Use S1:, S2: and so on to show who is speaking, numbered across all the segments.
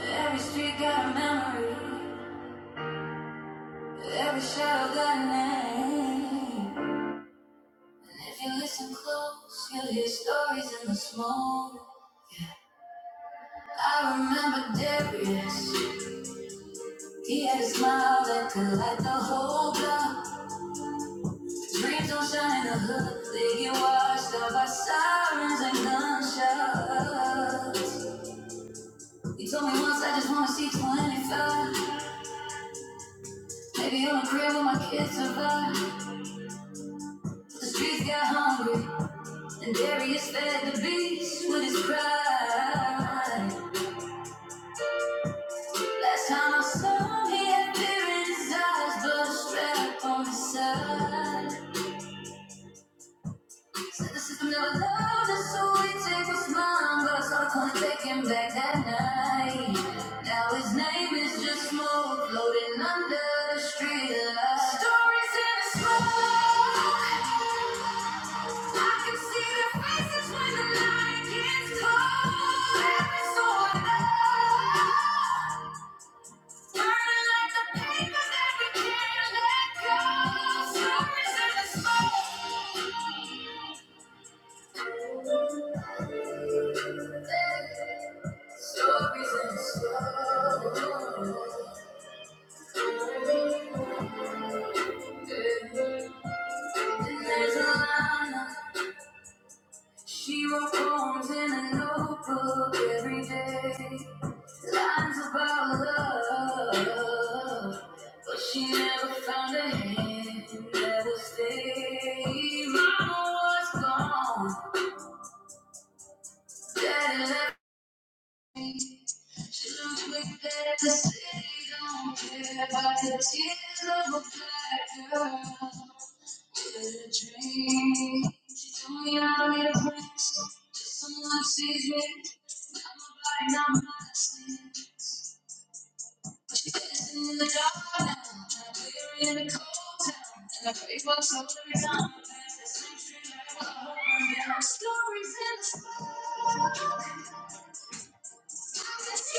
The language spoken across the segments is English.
S1: Every street got a memory. Every shadow got a name. If you listen close, you'll hear stories in the smoke. I remember Darius. He had a smile that could light the whole block. Dreams don't shine in the hood. They get washed out by sirens and gunshots. He told me once I just wanna see 25. Maybe on a crib with my kids survive. The streets got hungry. And Darius fed the beast with his pride. Last time I saw him, he had fear in his eyes, but a on his side. Said the system never loved us, so we take what's mine. But I started calling, taking back that night. Now his name is just smoke floating under the street lights. Stories in the smoke, I can see their faces when the night gets cold. Every sword, night, the papers, every Stories and stories. And there's a She wrote poems in a notebook every day. Lines about love. But she never found a hand that would stay. Mama was gone. daddy left. Shouldn't we better. to say don't care about the tears of a black girl with a dream? She told me I need a place till someone sees me. Not my body, not my sin. But she's dancing in the dark now, and we're in the cold town. And I pray for soul every time I pass this same street. like a home. There are stories in the sky. Stories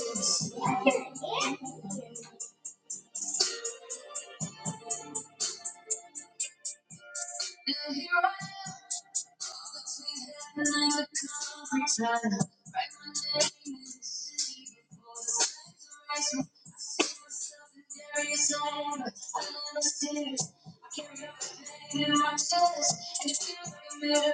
S1: in the spirit. And here I am. Between heaven and the concrete jungle, write my name in the sand before the sand erases me. I see myself in every song, but I don't understand. I can't help the pain in my chest, and it feels like a million.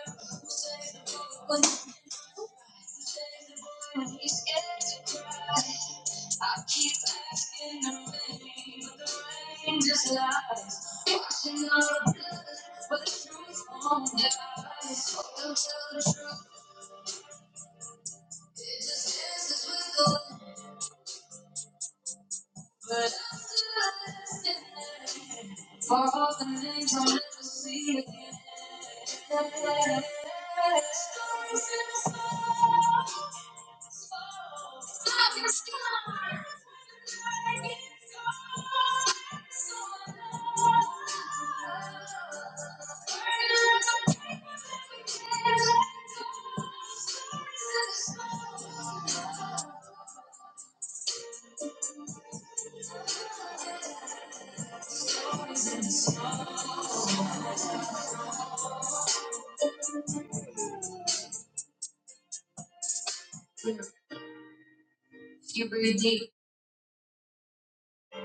S1: You breathe deep,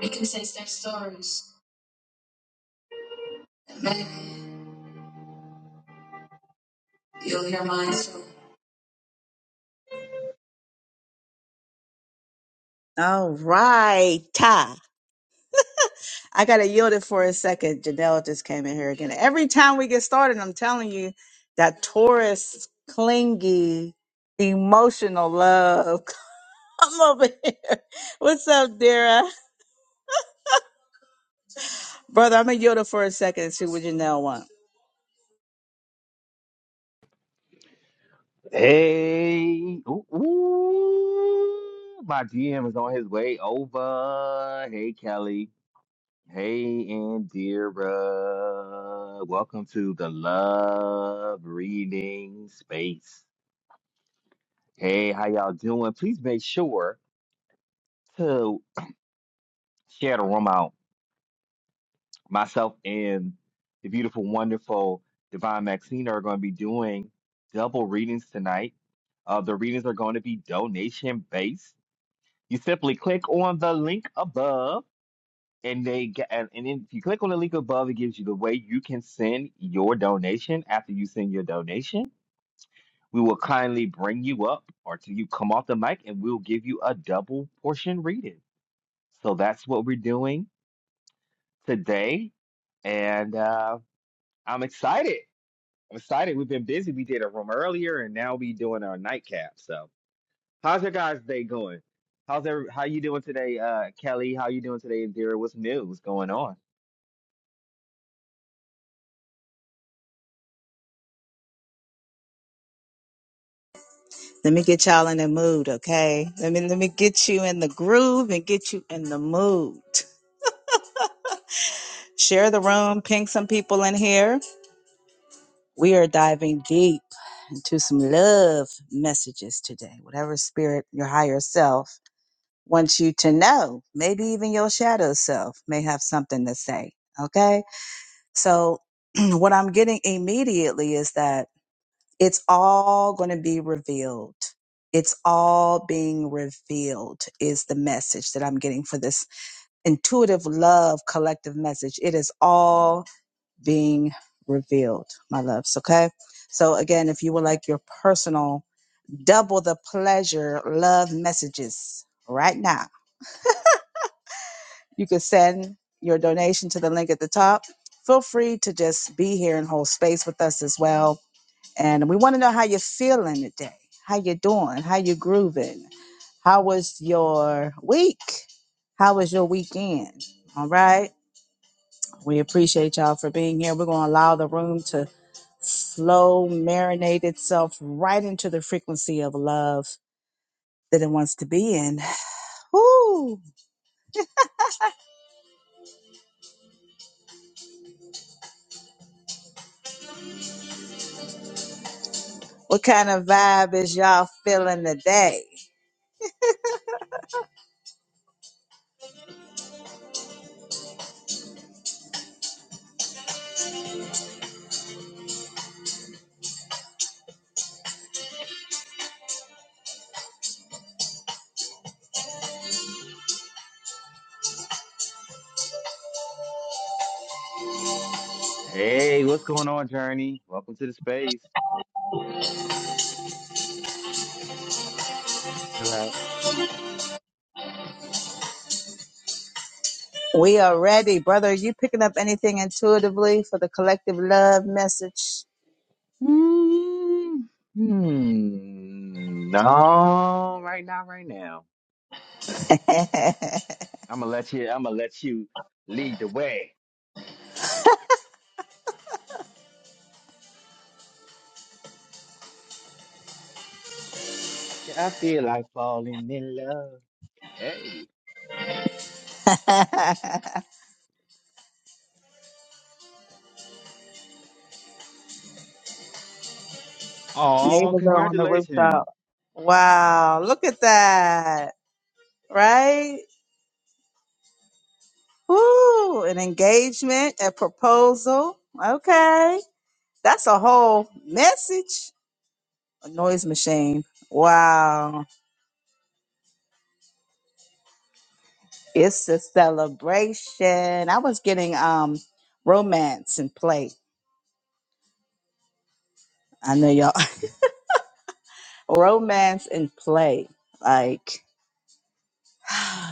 S1: you can taste their stories, and maybe you'll hear mine soon. All right, Ta. I gotta yield it for a second. Janelle just came in here again. Every time we get started, I'm telling you that Taurus clingy, emotional love. Come over here. What's up, Dara? Brother, I'm gonna yield it for a second and see what Janelle want.
S2: Hey, ooh, ooh, my GM is on his way over. Hey, Kelly. Hey, Indira. Welcome to the Love Reading Space. Hey, how y'all doing? Please make sure to share the room out. Myself and the beautiful, wonderful Divine Maxine are going to be doing double readings tonight. Uh, the readings are going to be donation based. You simply click on the link above, and they get, and, and then if you click on the link above, it gives you the way you can send your donation. After you send your donation, we will kindly bring you up or till you come off the mic, and we'll give you a double portion reading. So that's what we're doing today, and uh, I'm excited. I'm excited. We've been busy. We did a room earlier, and now we are doing our nightcap. So. How's your guys' day going? How's every, how you doing today, uh, Kelly? How you doing today, Indira? What's new? What's going on?
S1: Let me get y'all in the mood, okay? Let me let me get you in the groove and get you in the mood. Share the room, ping some people in here. We are diving deep into some love messages today. Whatever spirit your higher self wants you to know, maybe even your shadow self may have something to say. Okay. So, what I'm getting immediately is that it's all going to be revealed. It's all being revealed, is the message that I'm getting for this intuitive love collective message. It is all being revealed, my loves. Okay. So, again, if you would like your personal double the pleasure love messages right now, you can send your donation to the link at the top. Feel free to just be here and hold space with us as well. And we want to know how you're feeling today, how you're doing, how you're grooving. How was your week? How was your weekend? All right. We appreciate y'all for being here. We're going to allow the room to slow marinate itself right into the frequency of love that it wants to be in. Whoo! What kind of vibe is y'all feeling today?
S2: Hey, what's going on, Journey? Welcome to the space. You're Like,
S1: We are ready. Brother, are you picking up anything intuitively for the collective love message?
S2: mm, hmm, no, right now, right now.
S1: Neighbors
S2: I'm gonna let you. I'm gonna let you lead the way. I feel like falling in love. Hey, oh,
S1: are on the
S2: congratulations!
S1: rooftop. Wow, look at that, right? Ooh, an engagement, a proposal. Okay. That's a whole message. A noise machine. Wow. It's a celebration. I was getting um romance and play. I know y'all romance and play. Like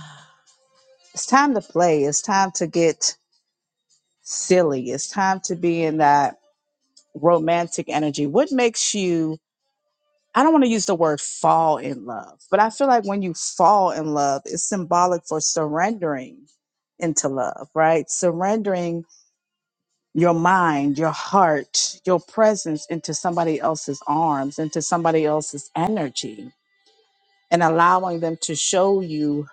S1: it's time to play. It's time to get silly. It's time to be in that romantic energy. What makes you I don't want to use the word fall in love, but I feel like when you fall in love, it's symbolic for surrendering into love, right? Surrendering your mind, your heart, your presence into somebody else's arms, into somebody else's energy, and allowing them to show you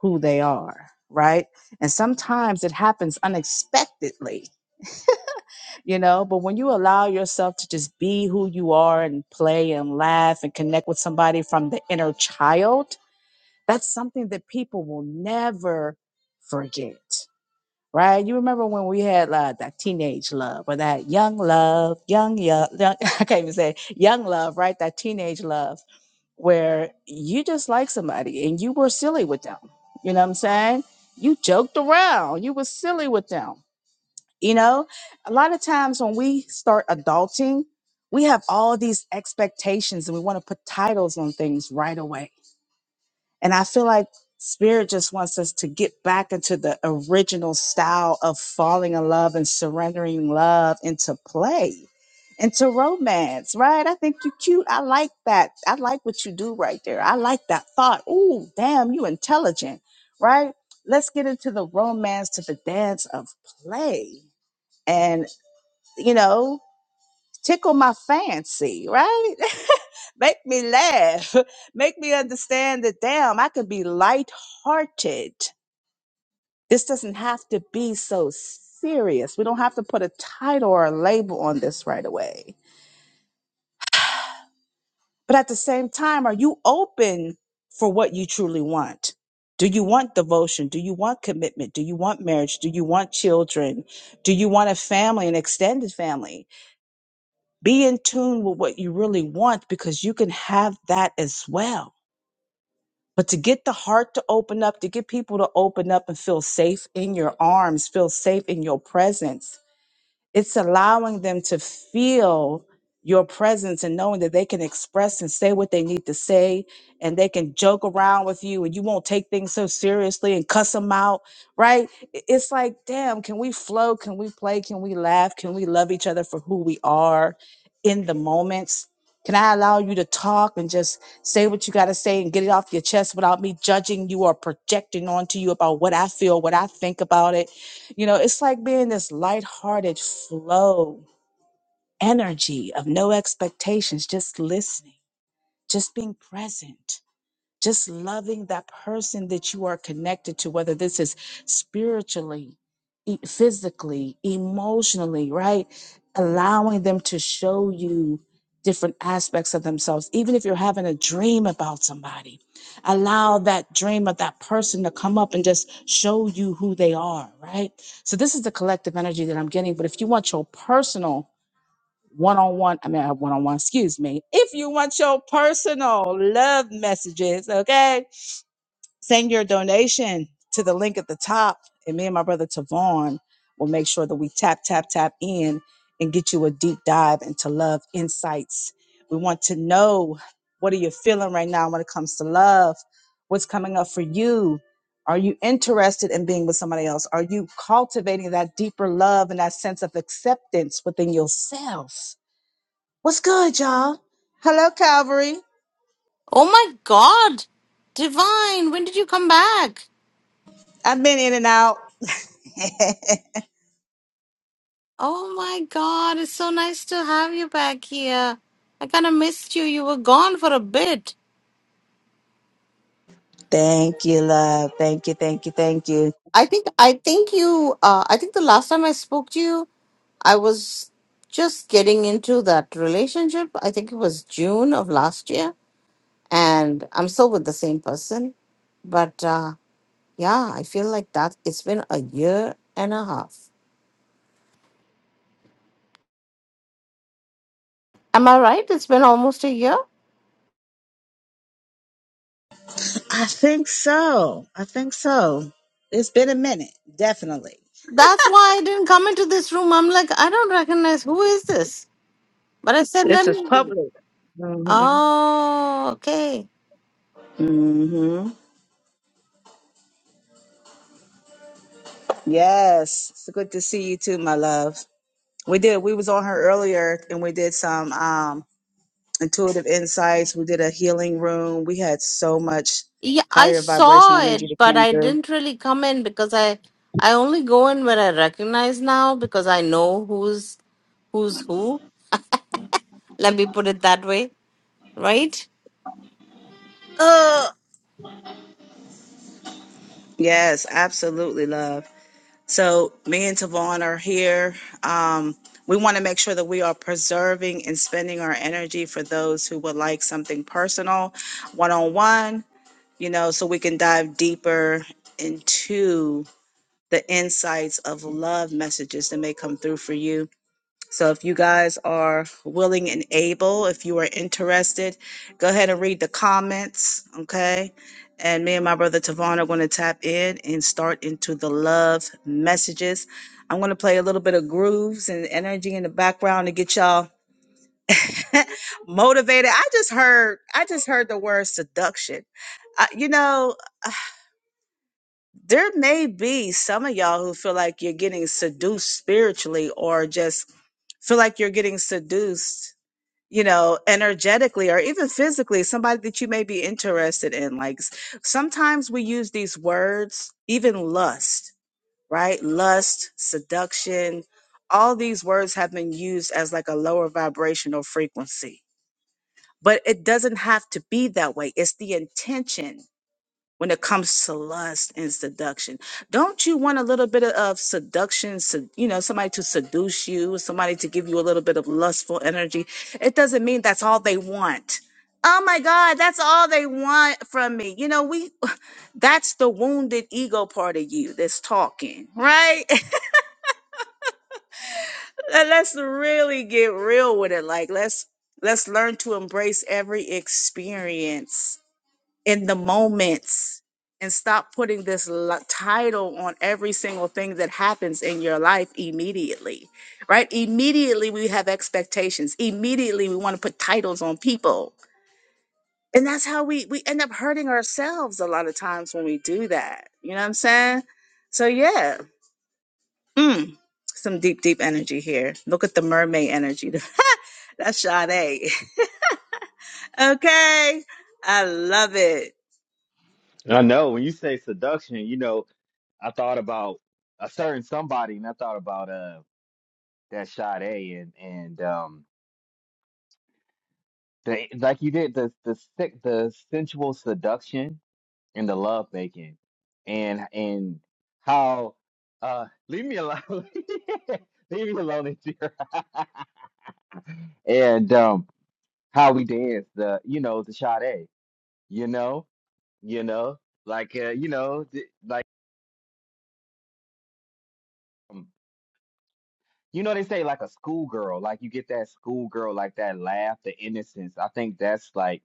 S1: who they are, right? And sometimes it happens unexpectedly, you know, but when you allow yourself to just be who you are and play and laugh and connect with somebody from the inner child, That's something that people will never forget, right? You remember when we had like that teenage love or that young love, young, young, young I can't even say it, young love, right? That teenage love where you just like somebody and you were silly with them. You know what I'm saying? You joked around, you were silly with them. You know, a lot of times when we start adulting, we have all these expectations and we want to put titles on things right away and I feel like spirit just wants us to get back into the original style of falling in love and surrendering love into play, into romance, right? I think you're cute. I like that. I like what you do right there. I like that thought. Ooh, damn, you intelligent, right? Let's get into the romance to the dance of play. And, you know, tickle my fancy, right? make me laugh, make me understand that damn, I can be lighthearted. This doesn't have to be so serious. We don't have to put a title or a label on this right away. But at the same time, are you open for what you truly want? Do you want devotion? Do you want commitment? Do you want marriage? Do you want children? Do you want a family, an extended family? Be in tune with what you really want because you can have that as well. But to get the heart to open up, to get people to open up and feel safe in your arms, feel safe in your presence, it's allowing them to feel your presence and knowing that they can express and say what they need to say and they can joke around with you and you won't take things so seriously and cuss them out right I- it's like damn can we flow can we play can we laugh can we love each other for who we are in the moments can i allow you to talk and just say what you got to say and get it off your chest without me judging you or projecting onto you about what i feel what i think about it you know, it's like being this lighthearted flow, energy of no expectations, just listening, just being present. Just loving that person that you are connected to, whether this is spiritually, e- physically, emotionally, right? Allowing them to show you different aspects of themselves. Even if you're having a dream about somebody, allow that dream of that person to come up and just show you who they are, right? So this is the collective energy that I'm getting. But if you want your personal one-on-one, I mean, uh, one-on-one, excuse me. If you want your personal love messages, okay? Send your donation to the link at the top, and me and my brother Tavon will make sure that we tap, tap, tap in and get you a deep dive into love insights. We want to know what are you feeling right now when it comes to love? What's coming up for you? Are you interested in being with somebody else? Are you cultivating that deeper love and that sense of acceptance within yourself? What's good, y'all? Hello, Calvary.
S3: Oh my God, Divine, when did you come back?
S1: I've been in and out.
S3: Oh my God, it's so nice to have you back here. I kind of missed you. You were gone for a bit.
S1: Thank you, love. Thank you, thank you, thank you.
S3: I think I think you uh, I think the last time I spoke to you, I was just getting into that relationship. I think it was June of last year, and I'm still with the same person. But uh, yeah, I feel like that it's been a year and a half. Am I right? It's been almost a year.
S1: I think so. I think so. It's been a minute, definitely.
S3: That's why I didn't come into this room. I'm like, I don't recognize who is this. But I said, let
S1: This is
S3: me.
S1: public. hmm
S3: Oh, okay.
S1: Mm-hmm. Yes. It's good to see you too, my love. We did. We was on her earlier and we did some um intuitive insights. We did a healing room. We had so much
S3: Yeah, I
S1: higher
S3: saw
S1: vibrational energy
S3: it,
S1: that
S3: but
S1: came
S3: I
S1: through.
S3: didn't really come in because I I only go in where I recognize now because I know who's who's who. Let me put it that way, right? Uh,
S1: Yes, absolutely, love. So me and Tavon are here. Um, we want to make sure that we are preserving and spending our energy for those who would like something personal, one on one, you know, so we can dive deeper into the insights of love messages that may come through for you so if you guys are willing and able, if you are interested, go ahead and read the comments, okay? And me and my brother Tavon are going to tap in and start into the love messages. I'm going to play a little bit of grooves and energy in the background to get y'all motivated. I just heard I just heard the word seduction. Uh, you know, there may be some of y'all who feel like you're getting seduced spiritually or just feel like you're getting seduced you know, energetically or even physically, somebody that you may be interested in. Like s- sometimes we use these words, even lust, right? Lust, seduction, all these words have been used as like a lower vibrational frequency. But it doesn't have to be that way. It's the intention when it comes to lust and seduction. Don't you want a little bit of of seduction, sed- you know, somebody to seduce you, somebody to give you a little bit of lustful energy? It doesn't mean that's all they want. Oh my God, that's all they want from me. You know, we that's the wounded ego part of you that's talking, right? And let's really get real with it. Like let's let's learn to embrace every experience in the moments and stop putting this li- title on every single thing that happens in your life immediately, right? Immediately we have expectations. Immediately we want to put titles on people. And that's how we we end up hurting ourselves a lot of times when we do that. You know what I'm saying? So yeah. Mm. Some deep, deep energy here. Look at the mermaid energy. That's Sade. Okay. I love it.
S2: I know when you say seduction, you know I thought about a certain somebody, and I thought about uh. that shot A and and um the like you did the the sick the sensual seduction and the love making and and how uh leave me alone leave me alone in here and um how we dance the you know the shot A you know you know like uh, you know th- like um, you know they say like a schoolgirl like you get that schoolgirl like that laugh the innocence I think that's like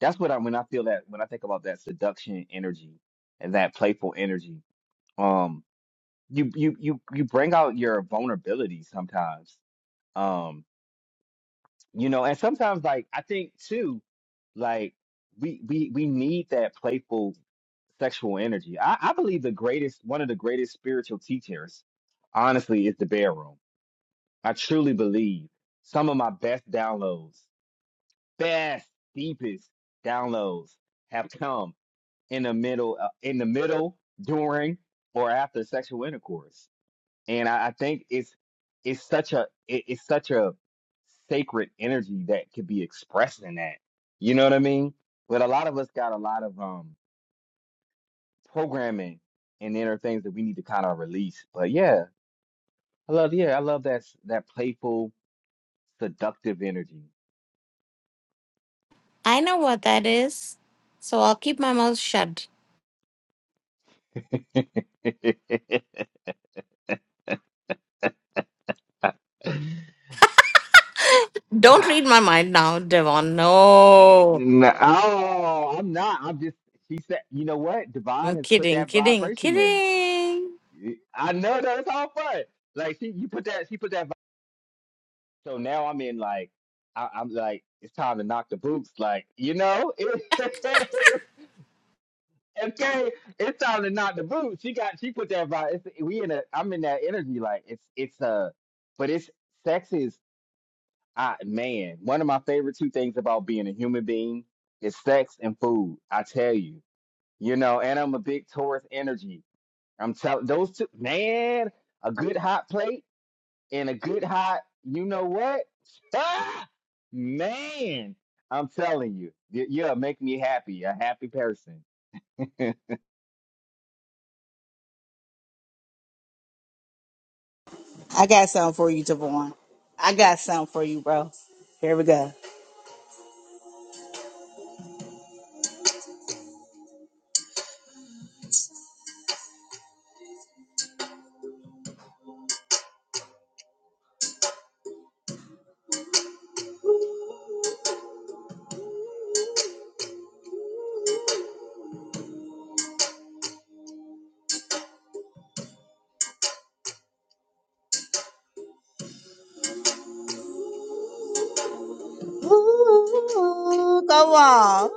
S2: that's what I when I feel that when I think about that seduction energy and that playful energy. Um, you you you you bring out your vulnerability sometimes. Um, you know, and sometimes like I think too, like we we we need that playful sexual energy. I, I believe the greatest one of the greatest spiritual teachers, honestly, is the bedroom. I truly believe some of my best downloads, best deepest downloads have come in the middle uh, in the middle during or after sexual intercourse and i, I think it's it's such a it, it's such a sacred energy that could be expressed in that you know what i mean but a lot of us got a lot of um programming and inner things that we need to kind of release but yeah i love yeah i love that s- that playful seductive energy
S3: I know what that is, so I'll keep my mouth shut. Don't read my mind now, Devon. No,
S2: No, oh, I'm not. I'm just. She said, you know what? Divine
S3: I'm
S2: has put
S3: kidding,
S2: that
S3: kidding,
S2: vibration in.
S3: kidding.
S2: I know that it's all fun. Like she, you put that. She put that. vi- So now I'm in like, I, I'm like, it's time to knock the boots. Like, you know, okay, it's time to knock the boots. She got. She put that. vibe. It's, we in a. I'm in that energy. Like it's. It's uh but it's sex is. I man, one of my favorite two things about being a human being is sex and food. I tell you you know, and I'm a big Taurus energy. I'm telling those two, man, a good hot plate and a good hot, you know what? Ah, man, I'm telling you, y- yeah, make me happy, a happy person. who
S1: I got something for you, Tavon. I got something for you, bro. Here we go. Ooh, go on.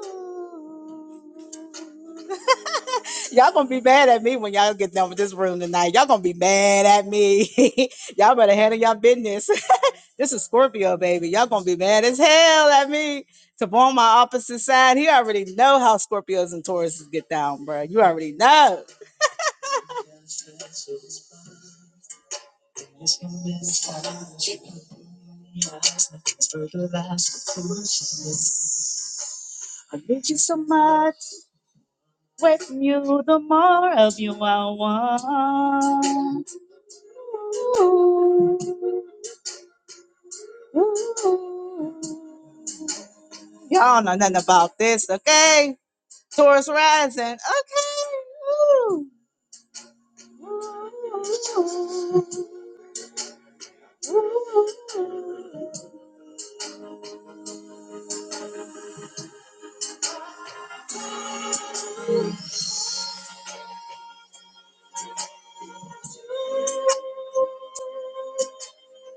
S1: Y'all gonna be mad at me when y'all get done with this room tonight. Y'all gonna be mad at me. y'all better handle y'all business. this is Scorpio, baby. Y'all gonna be mad as hell at me. To be on my opposite side, he already know how Scorpios and Tauruses get down, bro. You already know. I need you so much. With you, the more of you I want. Ooh, ooh. Y'all know nothing about this, okay? Taurus rising, okay? Ooh.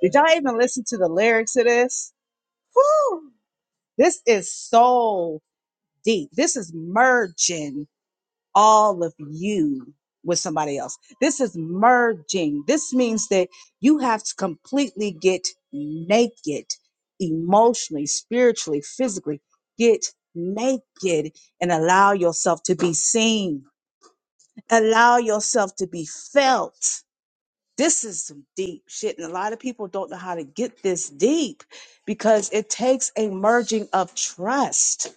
S1: Did y'all even listen to the lyrics of this? Whew! This is so deep. This is merging all of you with somebody else. This is merging. This means that you have to completely get naked emotionally, spiritually, physically. Get naked and allow yourself to be seen, allow yourself to be felt. This is some deep shit, and a lot of people don't know how to get this deep because it takes a merging of trust.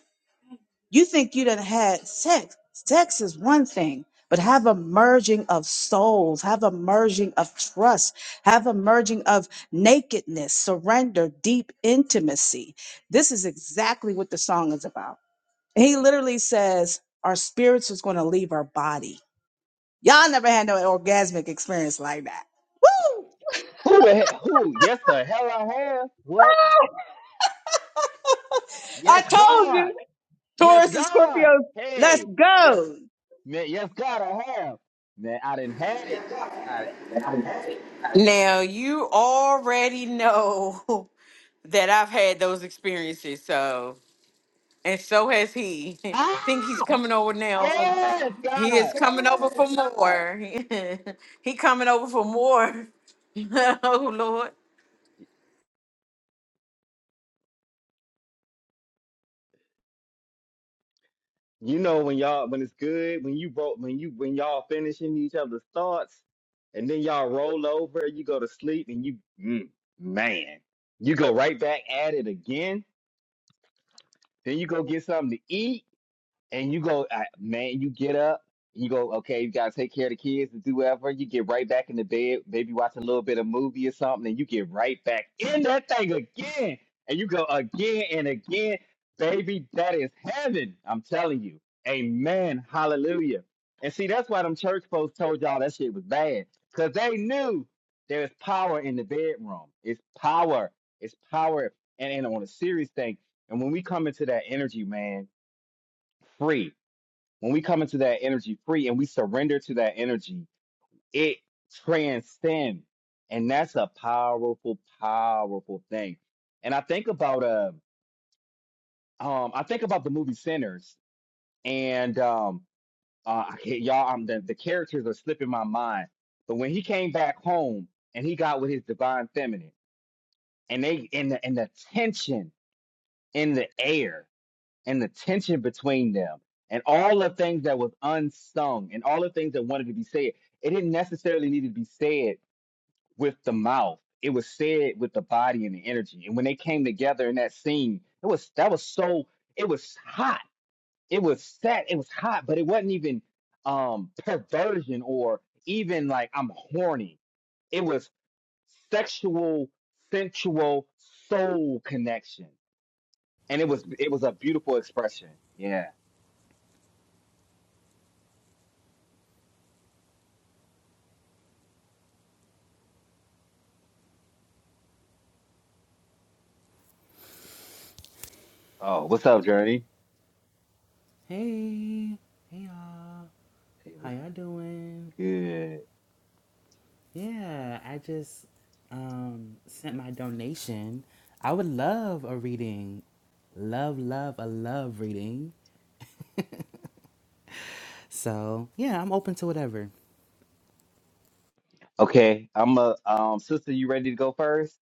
S1: You think you done had sex. Sex is one thing, but have a merging of souls, have a merging of trust, have a merging of nakedness, surrender, deep intimacy. This is exactly what the song is about. He literally says, Our spirits is going to leave our body. Y'all never had no orgasmic experience like that. Woo!
S2: the hell? Who? Yes, the hell I have. What?
S1: I
S2: Yes,
S1: told
S2: God.
S1: you,
S2: Yes,
S1: Taurus and Scorpio,
S2: God.
S1: let's
S2: Hey, yes,
S1: go.
S2: man, yes, God, I have. Man, I didn't had it. I, ah, yes, God. You know when y'all when it's good when you broke when you when y'all finishing each other's thoughts, and then y'all roll over, you go to sleep, and you mm, man, you go right back at it again. Then you go get something to eat and you go, I- man, you get up, you go, okay, you gotta take care of the kids and do whatever. You get right back in the bed, maybe watch a little bit of movie or something, and you get right back in that thing again, and you go again and again, baby. That is heaven. I'm telling you, Amen, Hallelujah. And see, that's why them church folks told y'all that shit was bad, cause they knew there is power in the bedroom. It's power. It's power, and, and on a serious thing. And when we come into that energy, man, free. When we come into that energy free and we surrender to that energy, it transcends. And that's a powerful, powerful thing. And I think about uh um I think about the movie Sinners and um uh I can't- y'all I'm the, the characters are slipping my mind. But when he came back home and he got with his divine feminine and they and the and the tension in the air and the tension between them and all the things that was unsung and all the things that wanted to be said it didn't necessarily need to be said with the mouth it was said with the body and the energy and when they came together in that scene it was that was so it was hot it was set it was hot but it wasn't even um perversion or even like i'm horny it was sexual sensual soul connection and it was it was a beautiful expression Yeah. Oh, what's up, Journey?
S4: Hey, hey y'all.
S2: Hey,
S4: How
S2: what's
S4: y'all doing?
S2: good?
S4: Yeah, I just um sent my donation. I would love a reading. Love, love, a love reading. So yeah, I'm open to whatever.
S2: Okay, I'm a um sister. You ready to go first?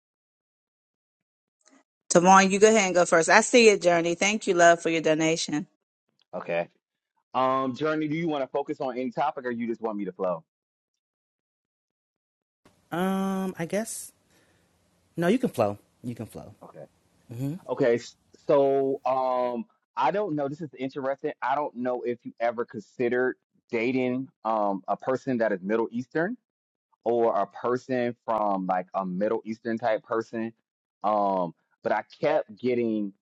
S1: Tomorrow, you go ahead and go first. I see it, Journey. Thank you, love, for your donation.
S2: Okay. Um, Journey, do you want to focus on any topic, or you just want me to flow?
S4: Um, I guess no, you can flow. You can flow.
S2: Okay.
S4: hmm
S2: Okay. s- So, um, I don't know. This is interesting. I don't know if you ever considered dating um a person that is Middle Eastern. or a person from like a Middle Eastern type person. Um, but I kept getting,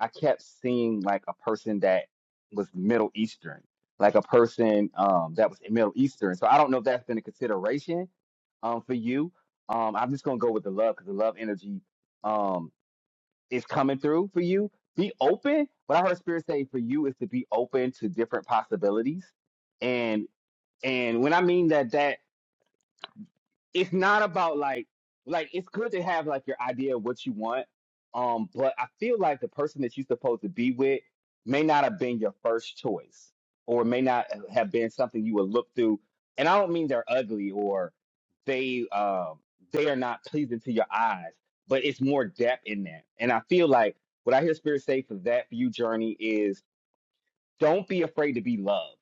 S2: I kept seeing like a person that was Middle Eastern, like a person um, that was Middle Eastern. So I don't know if that's been a consideration um, for you. Um, I'm just gonna go with the love because the love energy um, is coming through for you. Be open. What I heard Spirit say for you is to be open to different possibilities, and and when I mean that, that it's not about like like it's good to have like your idea of what you want um but i feel like the person that you're supposed to be with may not have been your first choice or may not have been something you would look through and i don't mean they're ugly or they um they are not pleasing to your eyes but it's more depth in that and i feel like what i hear spirit say for that for you journey is don't be afraid to be loved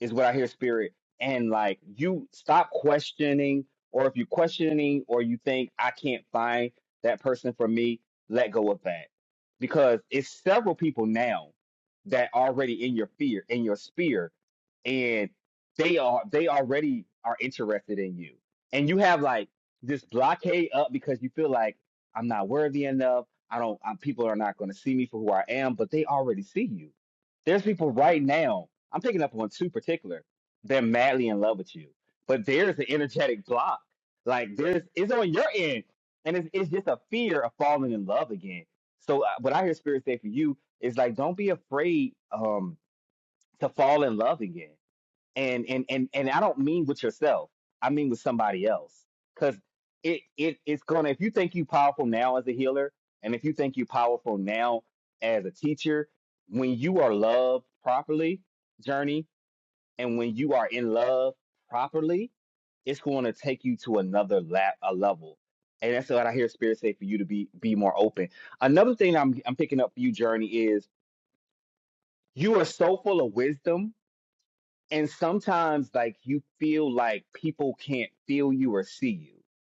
S2: is what I hear, spirit. And like you stop questioning, or if you're questioning, or you think I can't find that person for me, let go of that. Because it's several people now that already in your fear, in your sphere, and they are they already are interested in you. And you have like this blockade up because you feel like I'm not worthy enough. I don't. i people are not going to see me for who I am, but they already see you. There's people right now I'm picking up on two particular. They're madly in love with you, but there's an energetic block. Like there's, it's on your end, and it's it's just a fear of falling in love again. So uh, what I hear spirit say for you is like, don't be afraid um to fall in love again. And and and and I don't mean with yourself. I mean with somebody else, because it it it's gonna. If you think you powerful now as a healer, and if you think you powerful now as a teacher, when you are loved properly, journey. And when you are in love properly, it's going to take you to another la- a level. And that's what I hear Spirit say for you to be be more open. Another thing I'm I'm picking up for you, Journey, is you are so full of wisdom, and sometimes like you feel like people can't feel you or see you.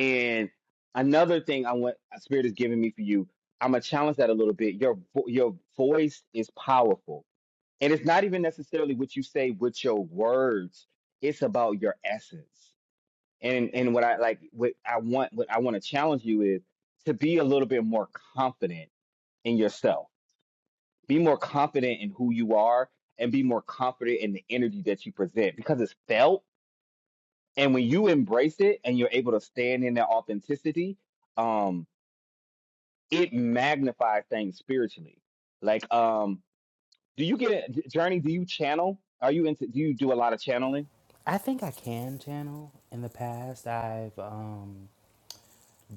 S2: And another thing I want Spirit is giving me for you, I'm gonna challenge that a little bit. Your vo- your voice is powerful and it's not even necessarily what you say with your words. It's about your essence. And and what I like what I want what I want to challenge you is to be a little bit more confident in yourself. Be more confident in who you are and be more confident in the energy that you present because it's felt. And when you embrace it and you're able to stand in that authenticity, um, it magnifies things spiritually. Like, um, do you get a Journey, do you channel? Are you into do you do a lot of channeling?
S4: I think I can channel. In the past, I've um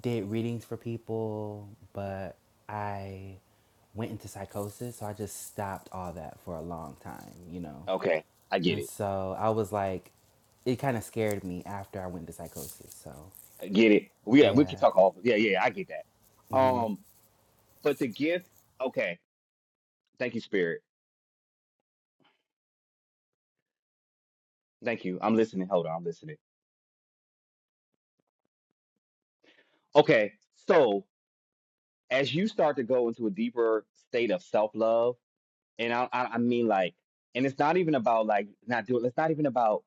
S4: did readings for people, but I went into psychosis, so I just stopped all that for a long time, you know.
S2: Okay, I get
S4: And
S2: it.
S4: so I was like, it kind of scared me after I went to psychosis. So
S2: I get it. We uh, we
S4: yeah,
S2: can talk all. Yeah, yeah, I get that.
S4: hmm
S2: Um, but the gift. Okay, thank you, Spirit. Thank you. I'm listening. Hold on, I'm listening. Okay, so as you start to go into a deeper state of self love, and I, I I mean like, and it's not even about like not doing. It's not even about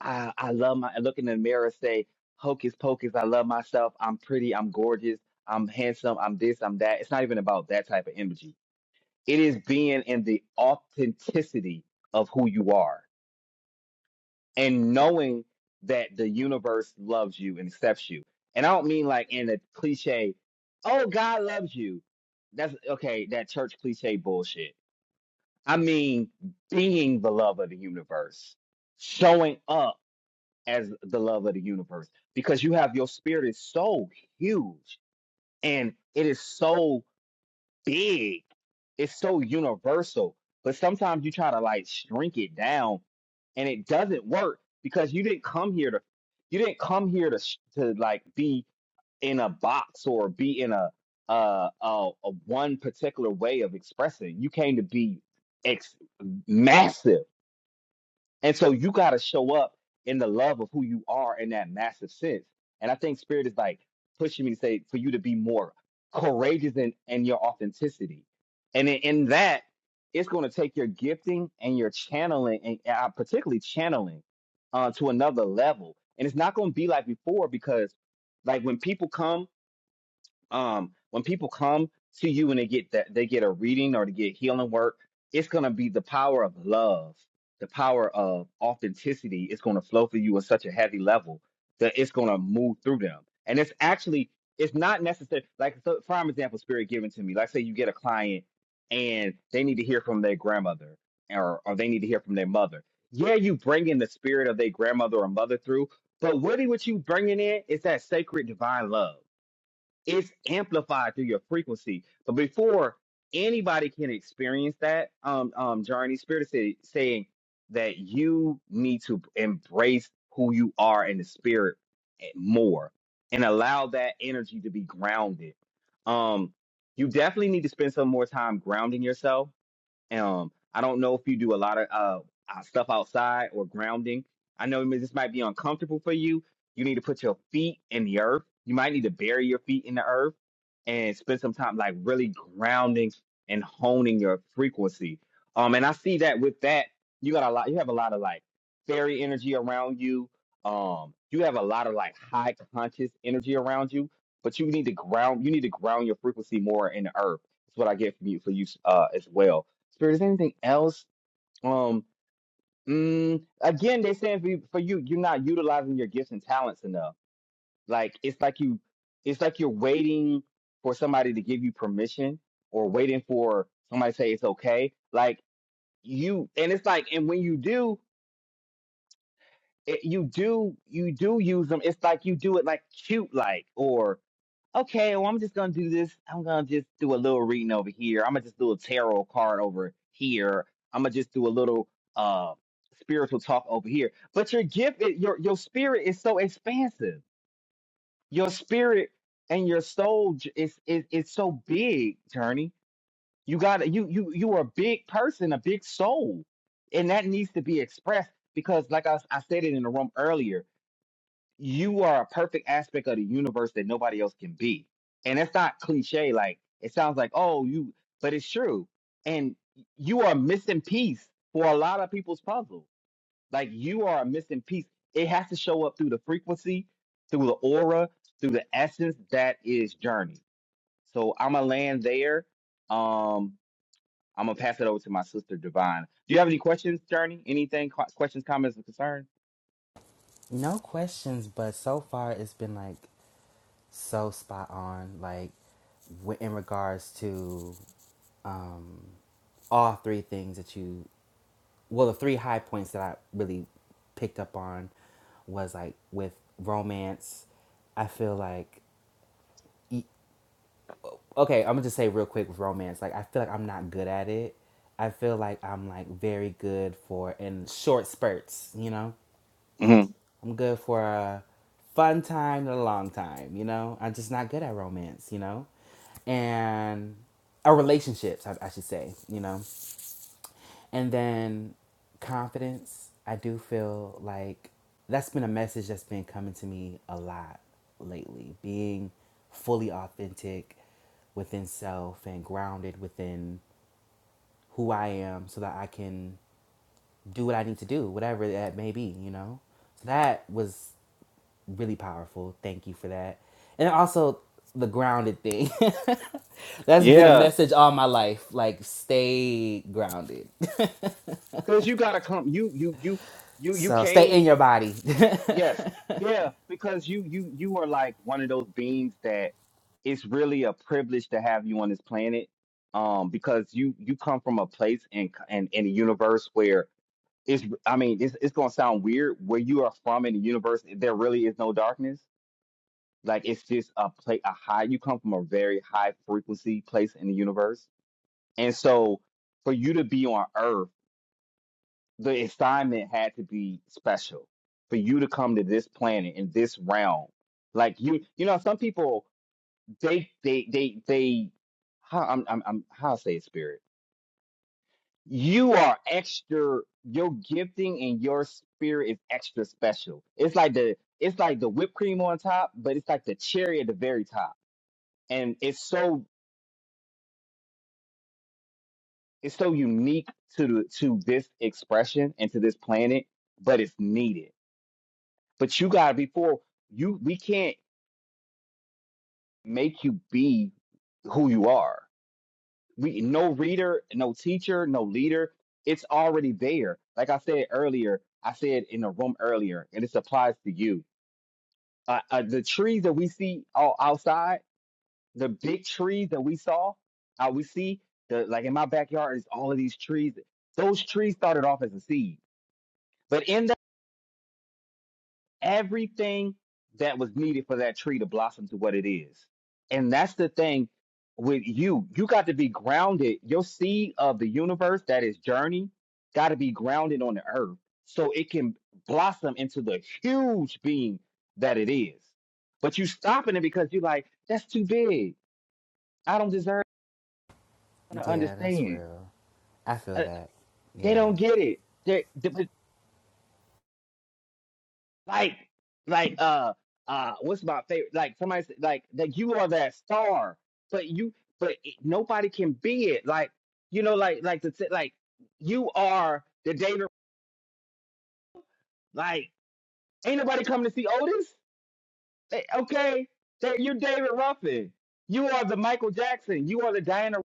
S2: I I love my look in the mirror say hocus pocus. I love myself. I'm pretty. I'm gorgeous. I'm handsome. I'm this. I'm that. It's not even about that type of energy It is being in the authenticity of who you are and knowing that the universe loves you and accepts you. And I don't mean like in a cliche, oh, God loves you. That's okay, that church cliche bullshit. I mean being the love of the universe, showing up as the love of the universe because you have your spirit is so huge and it is so big it's so universal. But sometimes you try to like shrink it down, and it doesn't work because you didn't come here to you didn't come here to sh- to like be in a box or be in a uh a, a one particular way of expressing. You came to be ex- massive. And so you got to show up in the love of who you are in that massive sense. And I think spirit is like pushing me to say for you to be more courageous in, in your authenticity. And in, in that, it's going to take your gifting and your channeling, and uh, particularly channeling, uh, to another level. And it's not going to be like before because, like, when people come um when people come to you and they get that they get a reading or they get healing work it's going to be the power of love the power of authenticity It's going to flow through you at such a heavy level that it's going to move through them and it's actually it's not necessary like so prime example spirit given to me like say you get a client and they need to hear from their grandmother or, or they need to hear from their mother yeah you bring in the spirit of their grandmother or mother through but really what you bringing in is that sacred divine love it's amplified through your frequency. So before anybody can experience that um um journey, Spirit is say- saying that you need to embrace who you are in the spirit more and allow that energy to be grounded. Um you definitely need to spend some more time grounding yourself um, I don't know if you do a lot of uh uh, stuff outside or grounding. I know this might be uncomfortable for you. You need to put your feet in the earth. You might need to bury your feet in the earth and spend some time like really grounding and honing your frequency. Um, and I see that with that, you got a lot. You have a lot of like fairy energy around you. Um, you have a lot of like high conscious energy around you, but you need to ground. You need to ground your frequency more in the earth. That's what I get from you for you uh, as well Spirit, is there anything else? Um, mm, again, they're saying for you, for you, you're not utilizing your gifts and talents enough. Like it's like you, it's like you're waiting for somebody to give you permission, or waiting for somebody to say it's okay. Like you, and it's like, and when you do, it, you do, you do use them. It's like you do it like cute, like, or okay, well, I'm just gonna do this. I'm gonna just do a little reading over here. I'm gonna just do a tarot card over here. I'm gonna just do a little uh spiritual talk over here. But your gift, it- your your spirit is so expansive. Your spirit and your soul j- is is is so big, Journey. You got you you you are a big person, a big soul, and that needs to be expressed because, like I, I said it in the room earlier, you are a perfect aspect of the universe that nobody else can be. And that's not cliche. Like it sounds like, oh, you, but it's true. And you are a missing piece for a lot of people's puzzle. Like you are a missing piece. It has to show up through the frequency, through the aura, through the essence that is journey. So I'm gonna land there. Um, I'm gonna pass it over to my sister Divine. Do you have any questions, Journey? Anything? Co- questions, comments, or concerns?
S4: no questions. But so far, it's been like so spot on, like in regards to um, all three things that you well the three high points that i really picked up on was like with romance i feel like e- okay i'm gonna just say real quick with romance like i feel like i'm not good at it i feel like i'm like very good for in short spurts you know
S2: hmm
S4: i'm good for a fun time and a long time you know i'm just not good at romance you know and or relationships I, I should say you know And then confidence, I do feel like that's been a message that's been coming to me a lot lately. Being fully authentic within self and grounded within who I am so that I can do what I need to do, whatever that may be, you know? So that was really powerful. Thank you for that. And also the grounded thing. that's been a
S2: Yeah.
S4: message all my life. Like stay grounded.
S2: Cause you gotta come. You you you you you
S4: So stay in
S2: came.
S4: your body.
S2: Yes, yeah. Because you you you are like one of those beings that it's really a privilege to have you on this planet. Um, because you you come from a place and and in in- in a universe where it's I mean it's it's gonna sound weird where you are from in the universe there really is no darkness. Like it's just a play a high. You come from a very high frequency place in the universe, and so for you to be on Earth the assignment had to be special for you to come to this planet in this realm. Like you, you know, some people they they they they how I'm I'm, I'm how I say it, spirit. You are extra. Your gifting and your spirit is extra special. It's like the it's like the whipped cream on top, but it's like the cherry at the very top, and it's so it's so unique to the, to this expression and to this planet, but it's needed. But you gotta before you we can't make you be who you are. We no reader, no teacher, no leader. It's already there. Like I said earlier, I said in the room earlier, and this applies to you. Uh, uh, the trees that we see all outside, the big trees that we saw, uh, we see the like in my backyard is all of these trees. Those trees started off as a seed, but in everything that was needed for that tree to blossom to what it is. And that's the thing with you. You got to be grounded. Your seed of the universe, that is journey, got to be grounded on the earth so it can blossom into the huge being that it is. But you stopping it because you're like, that's too big. I don't deserve to
S4: Yeah, that's
S2: understand.
S4: real. I feel
S2: Uh,
S4: that.
S2: they
S4: Yeah.
S2: don't get it. They, like like uh uh what's my favorite like somebody said like that you are that star but you but it, nobody can be it like you know like like the t- like you are the David like ain't nobody coming to see Otis Eh, okay that you're David Ruffin you are the Michael Jackson you are the Diana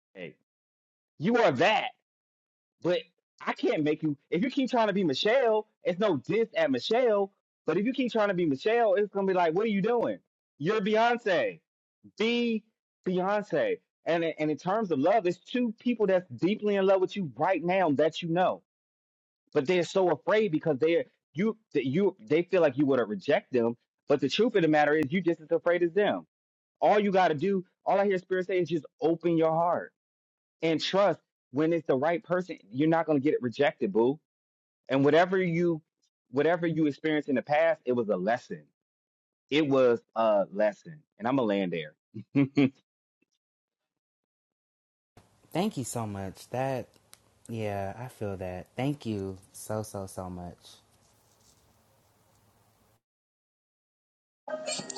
S2: Ross. you are that But I can't make you. If you keep trying to be Michelle, it's no diss at Michelle. But if you keep trying to be Michelle, it's gonna be like, what are you doing? You're Beyonce. Be Beyonce. And in- and in terms of love, it's two people that's deeply in love with you right now that you know, but they're so afraid because they're you that you they feel like you would have reject them. But the truth of the matter is, you just as afraid as them. All you got to do, all I hear Spirit say is just open your heart and trust. When it's the right person, you're not gonna get it rejected, boo and whatever you whatever you experienced in the past, it was a lesson. It was a lesson. And I'm gonna land there.
S4: Thank you so much. That yeah, I feel that. Thank you so so so much.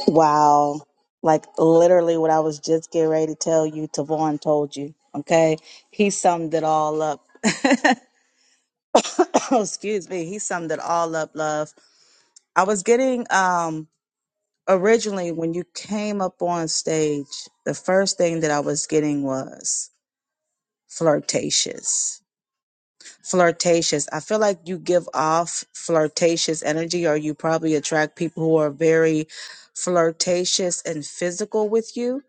S1: Wow. Like literally what I was just getting ready to tell you, Tavon told you. Okay. He summed it all up. Excuse me. He summed it all up, love. I was getting um originally when you came up on stage, the first thing that I was getting was flirtatious. flirtatious. I feel like you give off flirtatious energy, or you probably attract people who are very flirtatious and physical with you.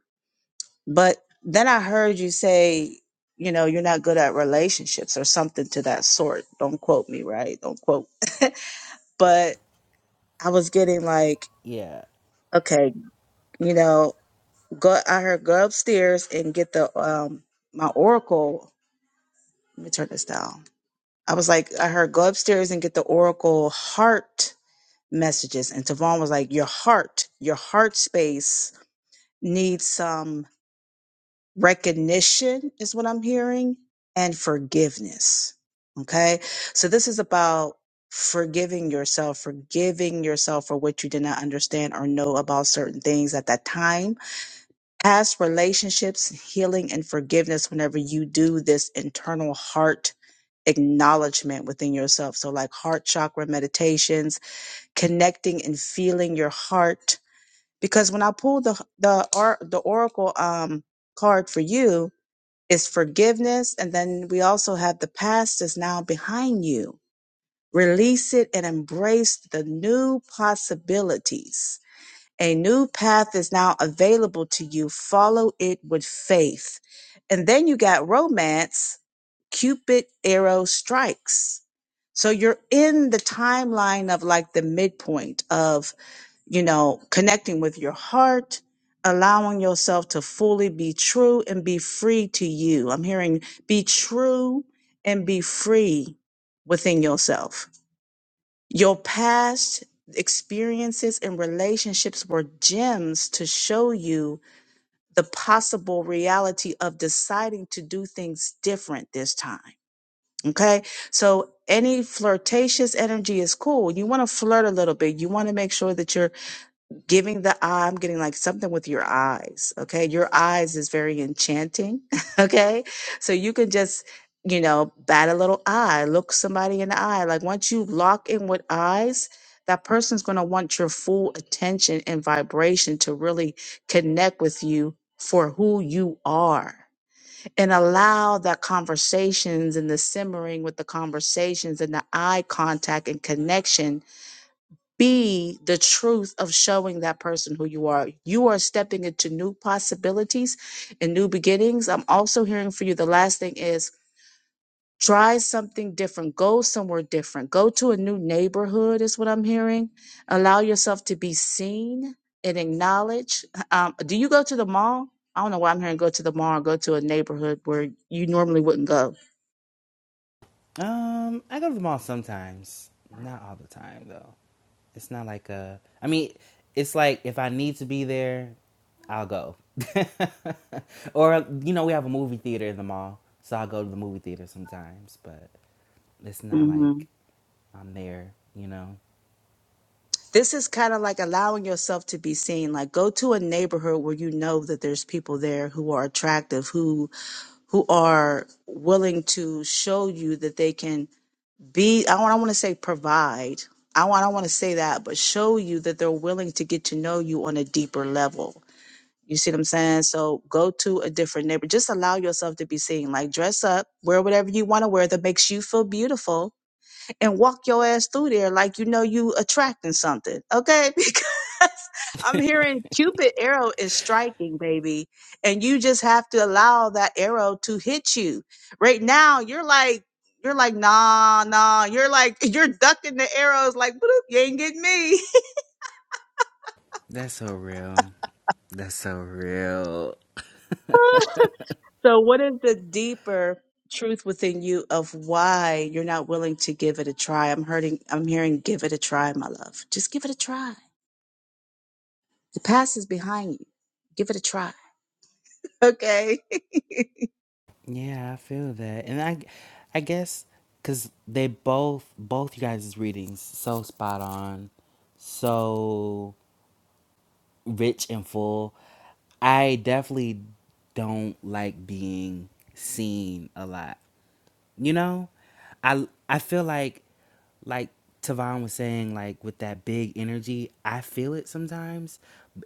S1: But then I heard you say, you know, you're not good at relationships or something to that sort. Don't quote me, right? Don't quote. But I was getting like,
S4: Yeah.
S1: okay, you know, go. I heard go upstairs and get the um my oracle. Let me turn this down. I was like, I heard go upstairs and get the oracle heart messages. And Tavon was like, Your heart, your heart space needs some recognition, is what I'm hearing, and forgiveness. Okay. So this is about forgiving yourself, forgiving yourself for what you did not understand or know about certain things at that time. Past relationships, healing, and forgiveness whenever you do this internal heart acknowledgement within yourself. So, like heart chakra meditations, connecting and feeling your heart because when I pull the the or the oracle um card for you is forgiveness, and then we also have the past is now behind you. Release it and embrace the new possibilities. A new path is now available to you. Follow it with faith. And then you got romance, Cupid arrow strikes. So you're in the timeline of like the midpoint of you know, connecting with your heart, allowing yourself to fully be true and be free to you. I'm hearing be true and be free within yourself. Your past experiences and relationships were gems to show you the possible reality of deciding to do things different this time. Okay. So any flirtatious energy is cool. You want to flirt a little bit. You want to make sure that you're giving the eye, I'm getting like something with your eyes. Okay. Your eyes is very enchanting. Okay. So you can just, you know, bat a little eye, look somebody in the eye. Like once you lock in with eyes, that person's going to want your full attention and vibration to really connect with you for who you are. And allow that conversations and the simmering with the conversations and the eye contact and connection be the truth of showing that person who you are. You are stepping into new possibilities and new beginnings. I'm also hearing for you the last thing is try something different, go somewhere different, go to a new neighborhood, is what I'm hearing. Allow yourself to be seen and acknowledged. Um, do you go to the mall? I don't know why I'm hearing go to the mall, go to a neighborhood where you normally wouldn't go
S4: Um I go to the mall sometimes. Not all the time though. It's not like a I mean, it's like if I need to be there, I'll go. or you know, we have a movie theater in the mall, so I'll go to the movie theater sometimes, but it's not
S1: hmm
S4: like I'm there, you know.
S1: This is kind of like allowing yourself to be seen. Like go to a neighborhood where you know that there's people there who are attractive, who who are willing to show you that they can be I want I want to say provide. I want I want to say that, but show you that they're willing to get to know you on a deeper level. You see what I'm saying? So go to a different neighbor. Just allow yourself to be seen. Like dress up, wear whatever you want to wear that makes you feel beautiful, and walk your ass through there like you know you attracting something. Okay? I'm hearing Cupid arrow is striking, baby, and you just have to allow that arrow to hit you. Right now, you're like you're like nah, nah. You're like you're ducking the arrows, like bloop, you ain't getting me.
S4: That's so real. That's so real.
S1: so, what is the deeper truth within you of why you're not willing to give it a try? I'm hurting. I'm hearing, give it a try, my love. Just give it a try. The past is behind you. Give it a try. Okay.
S4: Yeah, I feel that. And I I guess cuz they both both you guys' readings so spot on, so rich and full. I definitely don't like being seen a lot. You know? I I feel like like Tavon was saying like with that big energy, I feel it sometimes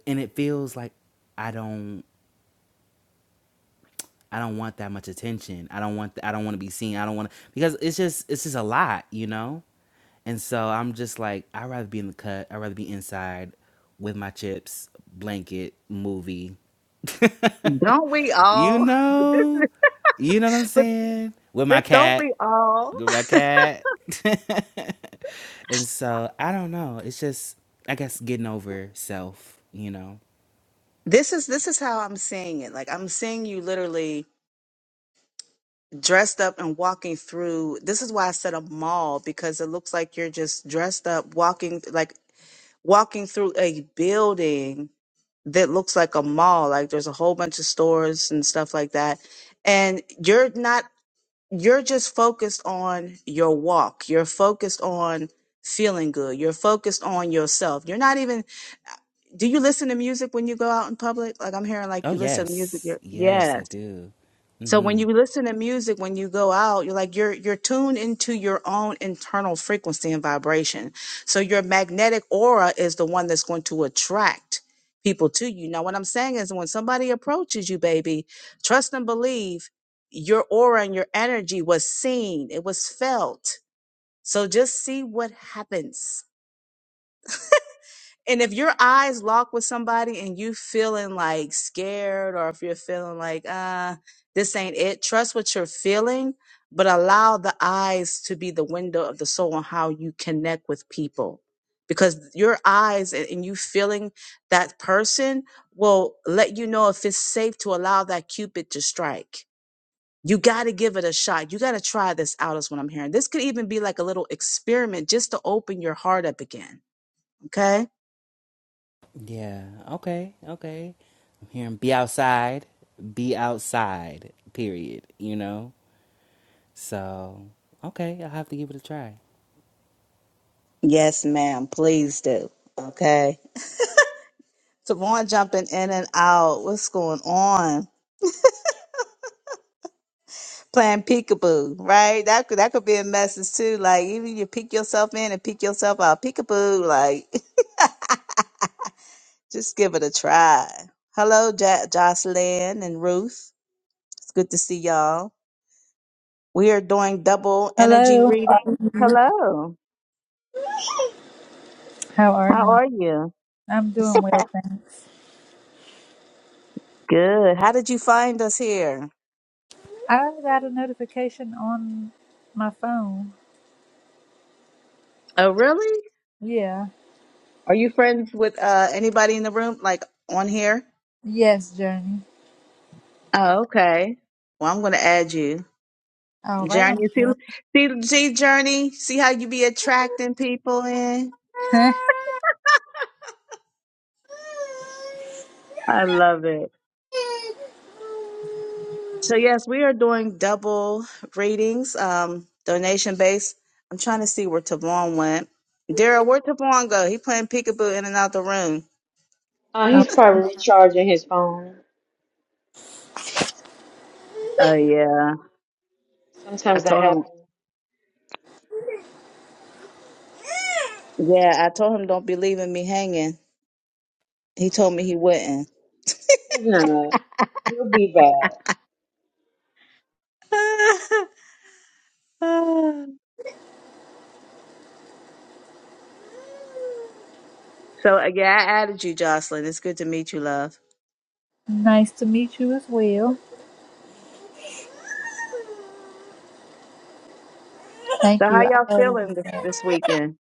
S4: and it feels like I don't I don't want that much attention. I don't want th- I don't want to be seen. I don't want to because it's just it's just a lot, you know? And so I'm just like I'd rather be in the cut. I'd rather be inside with my chips, blanket, movie.
S1: Don't we
S4: you
S1: all? But this
S4: know?
S1: is.
S4: You know what I'm saying? With my
S1: Th- Don't
S4: cat.
S1: we all?
S4: With my cat. and so I don't know. It's just I guess getting over self, you know.
S1: This is this is how I'm seeing it. Like I'm seeing you literally dressed up and walking through. This is why I said a mall because it looks like you're just dressed up walking like walking through a building that looks like a mall. Like there's a whole bunch of stores and stuff like that. And you're not you're just focused on your walk. You're focused on feeling good. You're focused on yourself. You're not even do you listen to music when you go out in public? Like I'm hearing like
S4: Oh
S1: you listen to music.
S4: yes.
S1: You're, yes.
S4: Yes, I do.
S1: So
S4: Mm-hmm.
S1: when you listen to music, when you go out, you're like you're you're tuned into your own internal frequency and vibration. So your magnetic aura is the one that's going to attract people to you. Now what I'm saying is when somebody approaches you, baby, trust and believe your aura and your energy was seen, it was felt. So just see what happens and if your eyes lock with somebody and you feeling like scared or if you're feeling like uh this ain't it trust what you're feeling but allow the eyes to be the window of the soul on how you connect with people because your eyes and and you feeling that person will let you know if it's safe to allow that cupid to strike you got to give it a shot you got to try this out is what i'm hearing this could even be like a little experiment just to open your heart up again okay
S4: Yeah. Okay. Okay. I'm hearing be outside. Be outside. Period. You know. So okay, I'll have to give it a try.
S1: Yes, ma'am. Please do. Okay. Tavon jumping in and out. What's going on? Playing peekaboo, right? That could that could be a message too. Like even you peek yourself in and peek yourself out. Peekaboo, like just give it a try. Hello, ja- Jocelyn and Ruth. It's good to see y'all. We are doing double energy
S5: Hello,
S1: reading. Hello.
S5: how are
S1: How
S5: you?
S1: are you?
S5: I'm doing well, thanks.
S1: Good. How did you find us here?
S5: I got a notification on my phone.
S1: Oh, really?
S5: Yeah.
S1: Are you friends with uh anybody in the room, like on here?
S5: Yes, Journey.
S1: Oh, okay. Well, I'm gonna add you,
S5: All right,
S1: Journey.
S5: I'm
S1: See,
S5: sure.
S1: see, see, Journey. See how you be attracting people in. I love it. So yes, we are doing double readings, um, donation based. I'm trying to see where Tavon went. Daryl, where Tavon go? He playing peekaboo in and out the room.
S6: Uh,
S5: oh,
S6: he's probably charging his phone.
S1: Oh yeah, I
S6: Sometimes that
S1: told him.
S6: happens.
S1: Yeah, I told him don't be leaving me hanging. He told me he wouldn't.
S6: He's not. He'll be back.
S1: So uh, yeah, I added you, Jocelyn. It's good to meet you, love.
S5: nice to meet you as well. Thank
S1: So how
S5: you. I
S1: y'all
S5: added you
S1: feeling this,
S5: back.
S1: this weekend?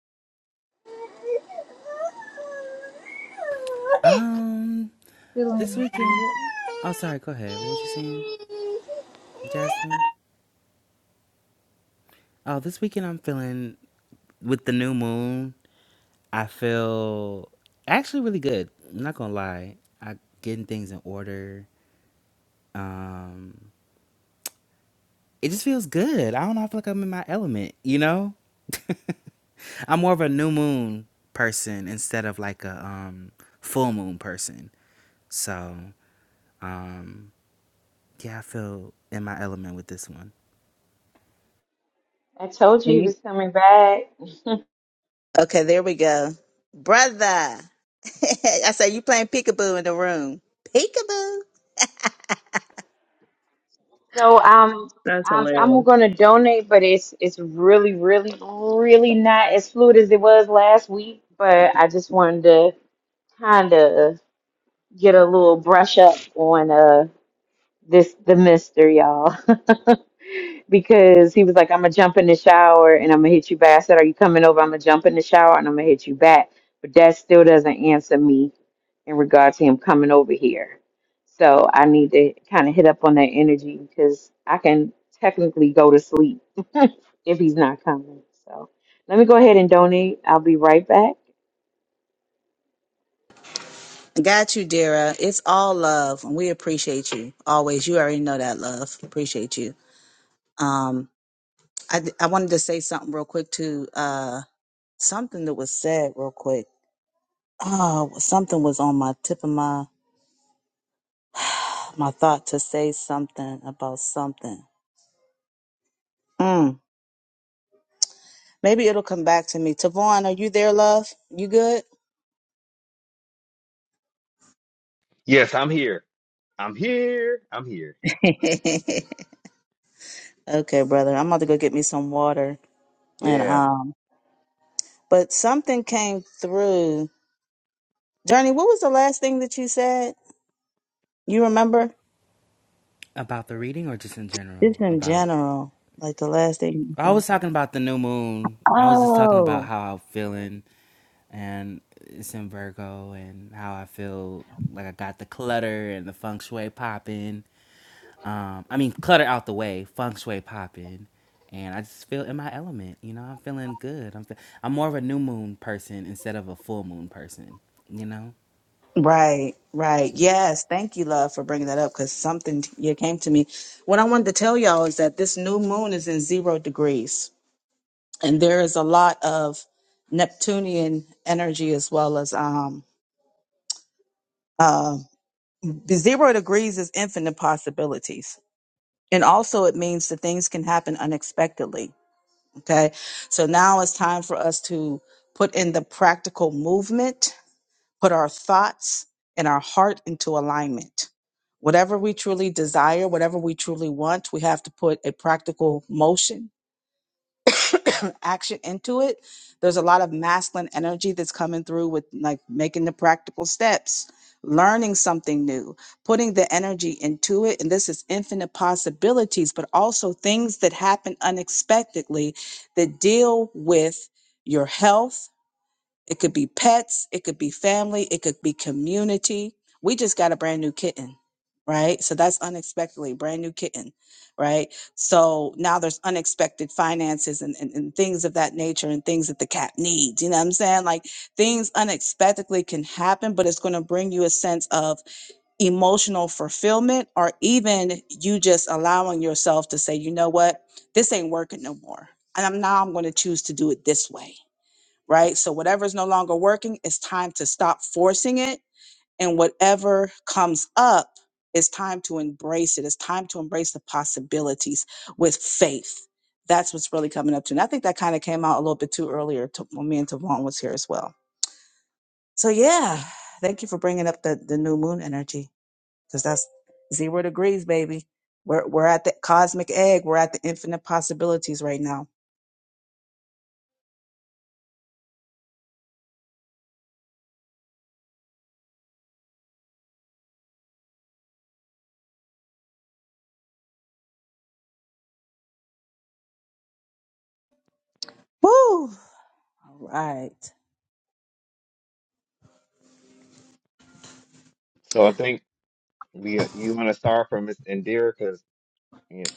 S4: Um,
S5: Feeling
S4: this
S5: good.
S4: weekend. Oh, sorry. Go ahead. What was you saying, Jaslyn? Oh, this weekend I'm feeling with the new moon. I feel actually really good. I'm not gonna lie. I getting things in order. Um, it just feels good. I don't know. I feel like I'm in my element. You know. I'm more of a new moon person instead of like a um full moon person. So, um yeah, I feel in my element with this one.
S6: I told you
S1: And
S6: he
S1: you-
S6: was coming back.
S1: okay, there we go, brother. I say you playing peekaboo in the room. Peekaboo.
S6: So um,
S1: That's
S6: I'm I'm
S1: hilarious.
S6: gonna donate, but it's it's really really really not as fluid as it was last week. But I just wanted to kind of get a little brush up on uh this the mister, y'all. because he was like, I'm gonna jump in the shower and I'm gonna hit you back. I said, Are you coming over? I'm gonna jump in the shower and I'm gonna hit you back. But that still doesn't answer me in regard to him coming over here. So I need to kind of hit up on that energy because I can technically go to sleep if he's not coming. So let me go ahead and donate. I'll be right back.
S1: Got you, Dara. It's all love, and we appreciate you always. You already know that, love. Appreciate you. Um, I d- I wanted to say something real quick to uh something that was said real quick. Oh, something was on my tip of my my thought to say something about something. Mm. Maybe it'll come back to me. Tavon, are you there, love? You good?
S2: yes, I'm here. I'm here. I'm here.
S1: Okay, brother. I'm about to go get me some water. And
S2: Yeah.
S1: um, but something came through. Journey, what was the last thing that you said? You remember?
S4: About the reading or just in general
S1: Just in
S4: about
S1: general, like the last thing. you
S4: I
S1: said.
S4: was talking about the new moon. I was just talking about
S1: Oh,
S4: how I'm feeling and it's in Virgo and how I feel like I got the clutter and the feng shui popping Um, I mean, clutter out the way, feng shui popping, and I just feel in my element. You know, I'm feeling good. I'm fe- I'm more of a new moon person instead of a full moon person. You know.
S1: right, right. Yes, thank you, love, for bringing that up because something you came to me. What I wanted to tell y'all is that this new moon is in zero degrees. and there is a lot of Neptunian energy as well as um, uh, the zero degrees is infinite possibilities, and also it means that things can happen unexpectedly. Okay, so now it's time for us to put in the practical movement, put our thoughts and our heart into alignment. Whatever we truly desire, whatever we truly want, we have to put a practical motion action into it, there's a lot of masculine energy that's coming through with like making the practical steps, learning something new, putting the energy into it. And this is infinite possibilities, but also things that happen unexpectedly that deal with your health it could be pets, it could be family, it could be community. We just got a brand new kitten, right? So that's unexpectedly brand new kitten, right? So now there's unexpected finances and, and, and things of that nature and things that the cat needs. You know what I'm saying? Like things unexpectedly can happen, but it's going to bring you a sense of emotional fulfillment or even you just allowing yourself to say, you know what? This ain't working no more. And I'm now I'm going to choose to do it this way right? So whatever is no longer working, it's time to stop forcing it. And whatever comes up, it's time to embrace it. It's time to embrace the possibilities with faith. That's what's really coming up to. And I think that kind of came out a little bit too earlier to, when me and Tavon was here as well. So yeah, thank you for bringing up the, the new moon energy because that's zero degrees, baby. We're, we're at the cosmic egg. We're at the infinite possibilities right now. Woo! All right.
S2: So I think we you want to start from Miss Indira because yeah.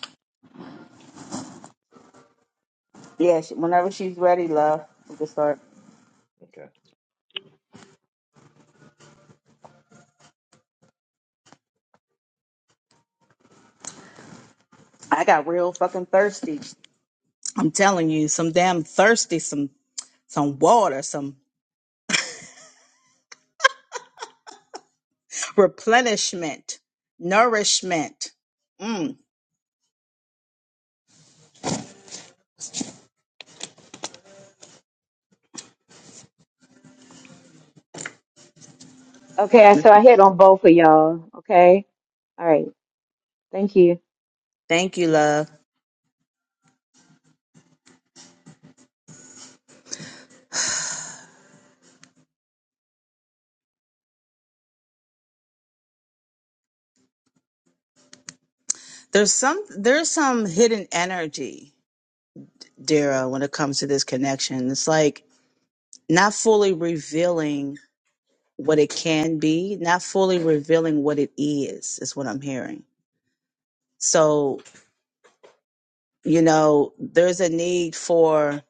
S1: Yeah, she, whenever she's ready, love, we can start.
S2: Okay.
S1: I got real fucking thirsty. I'm telling you, some damn thirsty, some some water, some replenishment, nourishment. Mm.
S6: Okay, so I hit on both of y'all. Okay. All right. Thank you.
S1: Thank you, love. There's some there's some hidden energy, Dara, when it comes to this connection. It's like not fully revealing what it can be, not fully revealing what it is, is what I'm hearing. So, you know, there's a need for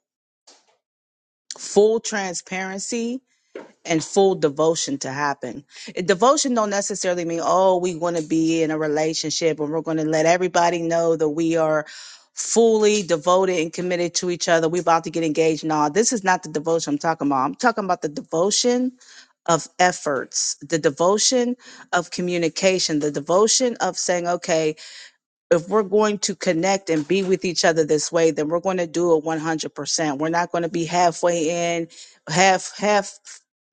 S1: full transparency and full devotion to happen. Eh, Devotion don't necessarily mean oh we want to be in a relationship and we're going to let everybody know that we are fully devoted and committed to each other. We're about to get engaged. No, this is not the devotion I'm talking about. I'm talking about the devotion of efforts, the devotion of communication, the devotion of saying okay if we're going to connect and be with each other this way, then we're going to do it 100%. We're not going to be halfway in, half, half,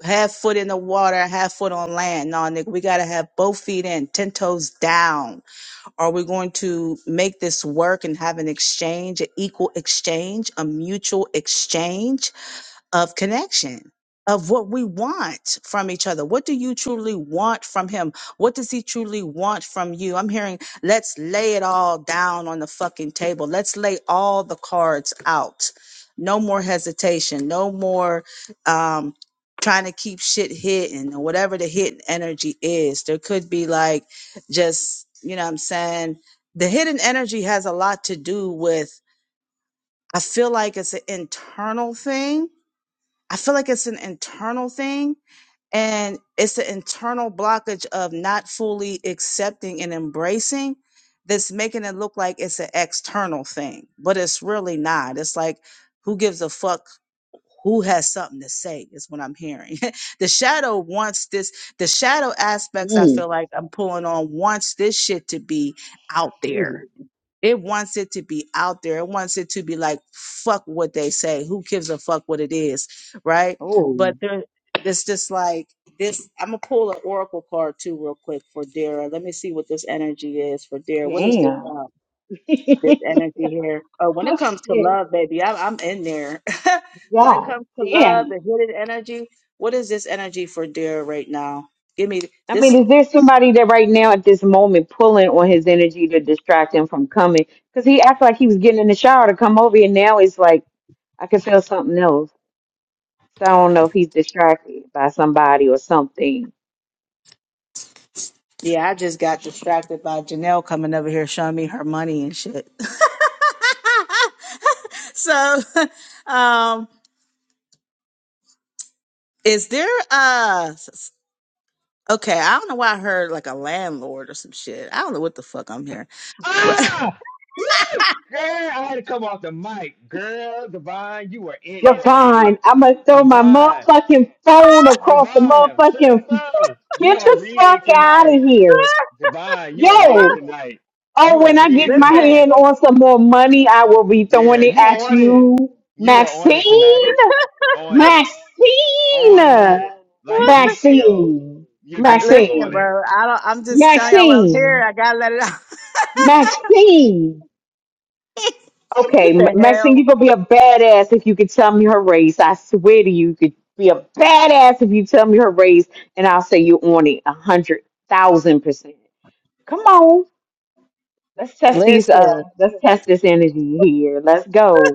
S1: half foot in the water, half foot on land. No, nigga, we got to have both feet in, 10 toes down. Are we going to make this work and have an exchange, an equal exchange, a mutual exchange? of connection of what we want from each other what do you truly want from him what does he truly want from you i'm hearing let's lay it all down on the fucking table let's lay all the cards out no more hesitation no more um trying to keep shit hidden or whatever the hidden energy is there could be like just you know what i'm saying the hidden energy has a lot to do with i feel like it's an internal thing I feel like it's an internal thing and it's an internal blockage of not fully accepting and embracing that's making it look like it's an external thing, but it's really not. It's like, who gives a fuck who has something to say is what I'm hearing. the shadow wants this, the shadow aspects I
S6: Mm.
S1: feel like I'm pulling on wants this shit to be out there. It wants it to be out there. It wants it to be like, fuck what they say. Who gives a fuck what it is? Right.
S6: Oh,
S1: But there, it's just like this. I'm going to pull an Oracle card too, real quick for Dara. Let me see what this energy is for Dara. What is this?
S6: damn.
S1: Um, this
S6: oh,
S1: energy here. Oh, when it comes to
S6: shit.
S1: love, baby, I, I'm in there. when it
S6: God
S1: comes to love,
S6: damn.
S1: the hidden energy, what is this energy for Dara right now? Give me
S6: I
S1: this.
S6: mean, is there somebody that right now at this moment pulling on his energy to distract him from coming? Because he acted like he was getting in the shower to come over, and now it's like I can feel something else. So I don't know if he's distracted by somebody or something.
S1: Yeah, I just got distracted by Janelle coming over here showing me her money and shit. so, um, is there uh s- s- okay, I don't know why I heard like a landlord or some shit. I don't know what the fuck I'm hearing. But
S2: Ah! Woo! Girl, I had to come off the mic. Girl, Divine, you are in it, baby.
S6: Divine, I'm gonna throw my
S2: Divine,
S6: motherfucking phone across the
S2: Divine,
S6: motherfucking.
S2: sister, you
S6: Get
S2: are
S6: the
S2: reading
S6: fuck out of
S2: tonight.
S6: here,
S2: Divine, you are reading
S6: yo!
S2: tonight.
S6: Oh,
S2: You are
S6: when I
S2: reading
S6: get my
S2: tonight.
S1: listen.
S6: hand on some more money, I will be
S2: Yeah,
S6: throwing it
S2: you
S6: at
S2: on it.
S6: you.
S2: You are on
S6: Maxine,
S2: it tonight. On it.
S6: Maxine,
S2: On it. Like detail.
S6: Maxine,
S2: You're
S1: I-
S2: detailed
S1: listen,
S2: on
S6: Maxine,
S2: it.
S1: bro. I don't I'm just telling y'all what I'm hearing.
S6: Maxine,
S1: I got to let it out.
S6: Maxine.
S1: what
S6: Okay, M-
S1: the
S6: Maxine,
S1: hell?
S6: you could be a badass if you could tell me her race. I swear to you, you could be a badass if you tell me her race, and I'll say you on it a hundred thousand percent. Come on, let's test these. Uh,
S1: Listen.
S6: let's test this energy here. Let's go.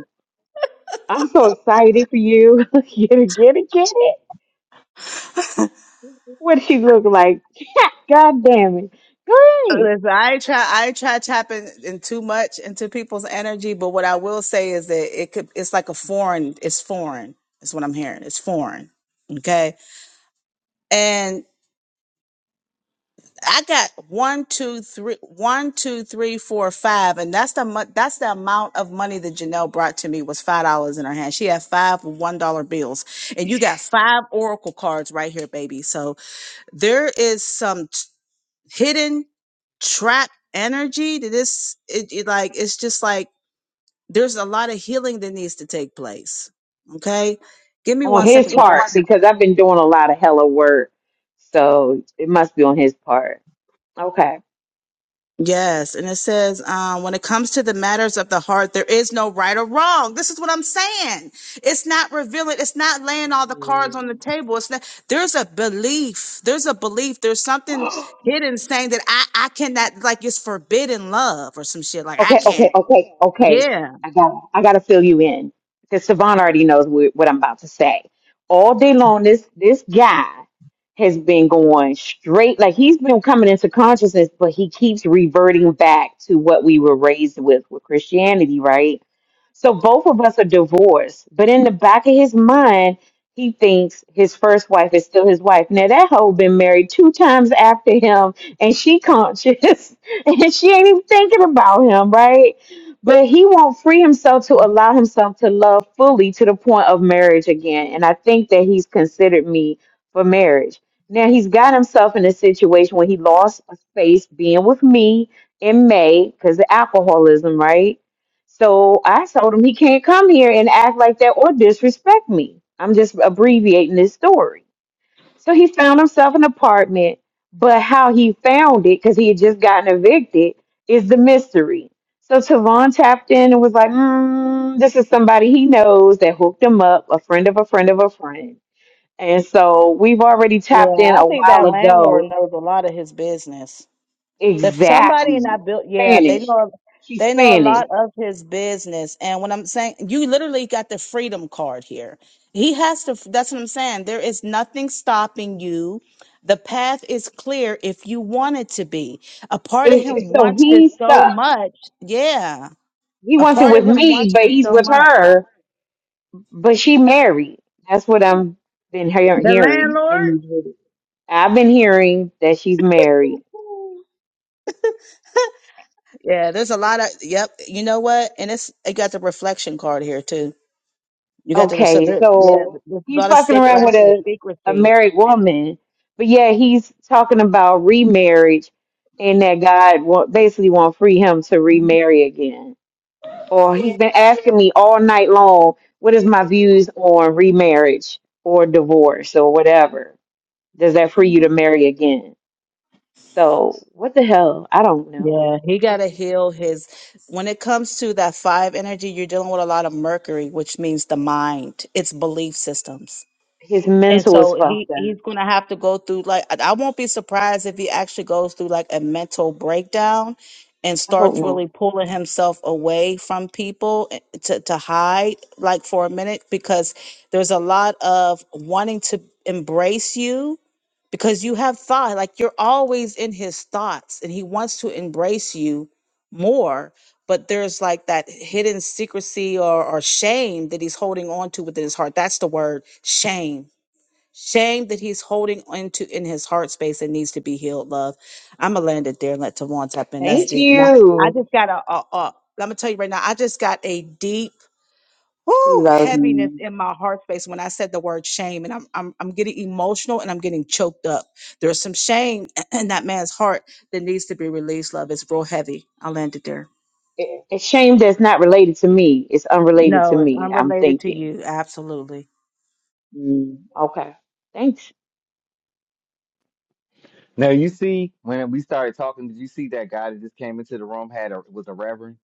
S6: I'm so excited for you. get it, get it, get it. What she look like? God damn it. Great.
S1: Listen, I ain't try I ain't try tapping in too much into people's energy, but what I will say is that it could it's like a foreign it's foreign. That's what I'm hearing. It's foreign. Okay. And I got one, two, three, one, two, three, four, five, and that's the mu- that's the amount of money that Janelle brought to me was five dollars in her hand. She had five one dollar bills, and you got five oracle cards right here, baby. So there is some. hidden trap energy that this it, it like it's just like there's a lot of healing that needs to take place okay give me
S6: On
S1: one second
S6: his
S1: 'cause
S6: part,
S1: I-
S6: because I've been doing a lot of hella work. So it must be on his part. Okay.
S1: yes and it says um, when it comes to the matters of the heart there is no right or wrong this is what i'm saying it's not revealing it's not laying all the cards on the table it's not there's a belief there's a belief there's something hidden saying that i i cannot like it's forbidden love or some shit like i
S6: Okay, okay,
S1: can't
S6: okay, okay.
S1: yeah
S6: I got I got to fill you in because Savon already knows wh- what I'm about to say. All day long, this this guy has been going straight like he's been coming into consciousness, but he keeps reverting back to what we were raised with with Christianity, right? So both of us are divorced, but in the back of his mind, he thinks his first wife is still his wife. Now that hoe been married two times after him, and she conscious. and she ain't even thinking about him, right? But he won't free himself to allow himself to love fully to the point of marriage again. And I think that he's considered me for marriage. Now he's got himself in a situation where he lost a space being with me in May because of alcoholism, right? So I told him he can't come here and act like that or disrespect me. I'm just abbreviating this story. So he found himself an apartment, but how he found it, because he had just gotten evicted, is the mystery. So Tavon tapped in and was like, mm, this is somebody he knows that hooked him up, a friend of a friend of a friend. And so we've already
S1: Yeah,
S6: tapped in
S1: I
S6: a
S1: think
S6: while
S1: that landlord
S6: ago.
S1: knows a lot of his business. If somebody
S6: Exactly.
S1: in that built, yeah, they
S6: Spanish.
S1: know
S6: She's
S1: they know a
S6: Spanish.
S1: lot of his business. And what I'm saying you literally got the freedom card here. He has to that's what I'm saying. There is nothing stopping you. The path is clear if you want it to be. A part of him
S6: It's, so
S1: wants this
S6: he's
S1: so
S6: stuck.
S1: much. Yeah.
S6: He
S1: A
S6: wants it
S1: part of
S6: with
S1: him
S6: me,
S1: wants
S6: but
S1: this
S6: he's
S1: so
S6: with
S1: much.
S6: her, but she married. That's what I'm been hear-
S1: The
S6: hearing.
S1: landlord?
S6: I've been hearing that she's married.
S1: Yeah, there's a lot of yep. You know what? And it's it got the reflection card here too. You got the so
S6: Okay,
S1: there, yeah,
S6: so
S1: there's a
S6: he's
S1: lot of
S6: fucking
S1: sec
S6: around
S1: like I
S6: with
S1: said,
S6: a, a
S1: secrecy.
S6: married woman, but yeah, he's talking about remarriage and that God wa- basically won't free him to remarry again. Or he's been asking me all night long, what is my views on remarriage or divorce or whatever? Does that free you to marry again? So what the hell? I don't know.
S1: Yeah, he got to
S6: Okay.
S1: heal his. When it comes to that five energy, you're dealing with a lot of Mercury, which means the mind, its belief systems.
S6: His
S1: And
S6: mental is
S1: so he
S6: fucked up.
S1: he's going to have to go through like I I won't be surprised if he actually goes through like a mental breakdown and
S6: I hope
S1: starts
S6: not.
S1: really pulling himself away from people eh, to to hide like for a minute because there's a lot of wanting to embrace you because you have thought like you're always in his thoughts and he wants to embrace you more but there's like that hidden secrecy or, or shame that he's holding on to within his heart that's the word shame Shame that he's holding into in his heart space that needs to be healed, love. I'm gonna land it there and let Tavon tap in. That's
S6: Thank
S1: deep. Now I
S6: you.
S1: just got a, a, a I'm gonna tell you right now, I just got a deep
S6: He
S1: whoo
S6: loves
S1: heaviness
S6: me.
S1: in my heart space when I said the word shame, and I'm I'm I'm getting emotional and I'm getting choked up. There's some shame in that man's heart that needs to be released, love. It's real heavy. I landed there.
S6: It, it's shame that's not related to me. It's unrelated to
S1: No, it's
S6: me. I'm
S1: unrelated to
S6: thinking.
S1: you. Absolutely.
S6: Mm, okay. Thanks.
S2: Now you see when we started talking, did you see that guy that just came into the room had a was a reverend?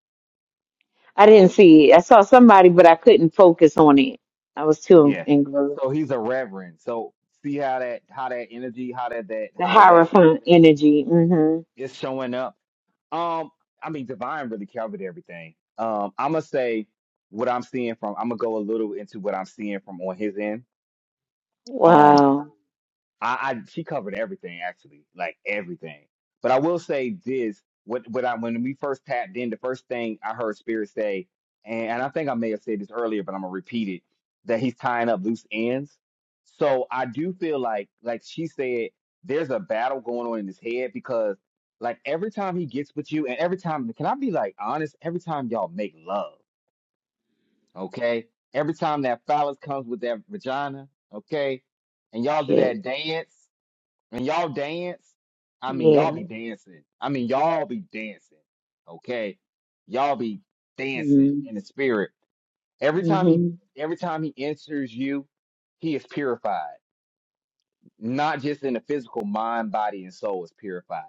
S6: I didn't see it. I saw somebody, but I couldn't focus on it. I was too
S2: Yeah.
S6: engrossed.
S2: So he's a reverend. So see how that how that energy, how that that
S6: The
S2: how did that
S6: Hierophant energy. hmm
S2: is showing up Um, I mean, Divine really covered everything. Um, I'm gonna say what I'm seeing from. I'm gonna go a little into what I'm seeing from on his end. Um,
S6: Wow.
S2: I, I she covered everything actually, like everything. But I will say this: what what I when we first tapped in, the first thing I heard Spirit say, and, and I think I may have said this earlier, but I'm gonna repeat it: that he's tying up loose ends. So I do feel like, like she said, there's a battle going on in his head because, like, every time he gets with you, and every time, can I be like honest? Every time y'all make love, okay? Every time that phallus comes with that vagina, okay? and y'all do
S6: Shit.
S2: that dance and y'all dance, I mean, y'all
S6: Yeah.
S2: be dancing. I mean, y'all be dancing. Okay, y'all be
S6: hmm
S2: dancing in the spirit. Every time he,
S6: hmm
S2: every time he enters you, he is purified. Not just in the physical, mind, body, and soul is purified.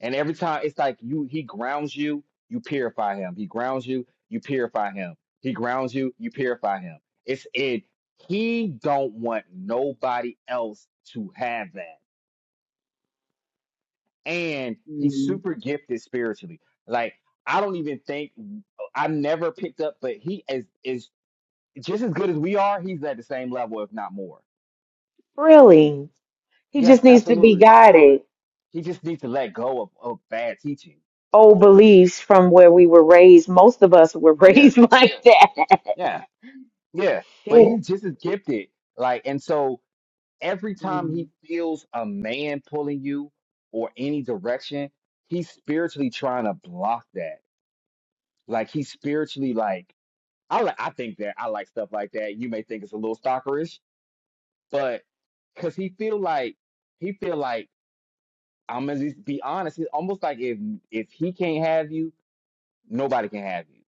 S2: And every time it's like you, he grounds you, you purify him. He grounds you, you purify him. He grounds you, you purify him. It's it. He don't want nobody else to have that. and he's
S6: hmm
S2: super gifted spiritually. Like I don't even think I never picked up, but he is is just as good as we are. He's at the same level, if not more.
S6: Really? He just
S2: Yes,
S6: needs to be
S2: absolutely.
S6: guided.
S2: He just needs to let go of, of bad teaching.
S6: Old beliefs from where we were raised. Most of us were
S2: Yeah,
S6: raised like that.
S2: yeah, yeah. But
S6: Shit.
S2: he's just as gifted. Like, and so every time
S6: Mm-hmm.
S2: he feels a man pulling you or any direction, he's spiritually trying to block that. Like he's spiritually like I like I think that I like stuff like that. You may think it's a little stalkerish, but because he feel like he feel like I'm gonna just be honest. It's almost like if if he can't have you, nobody can have you.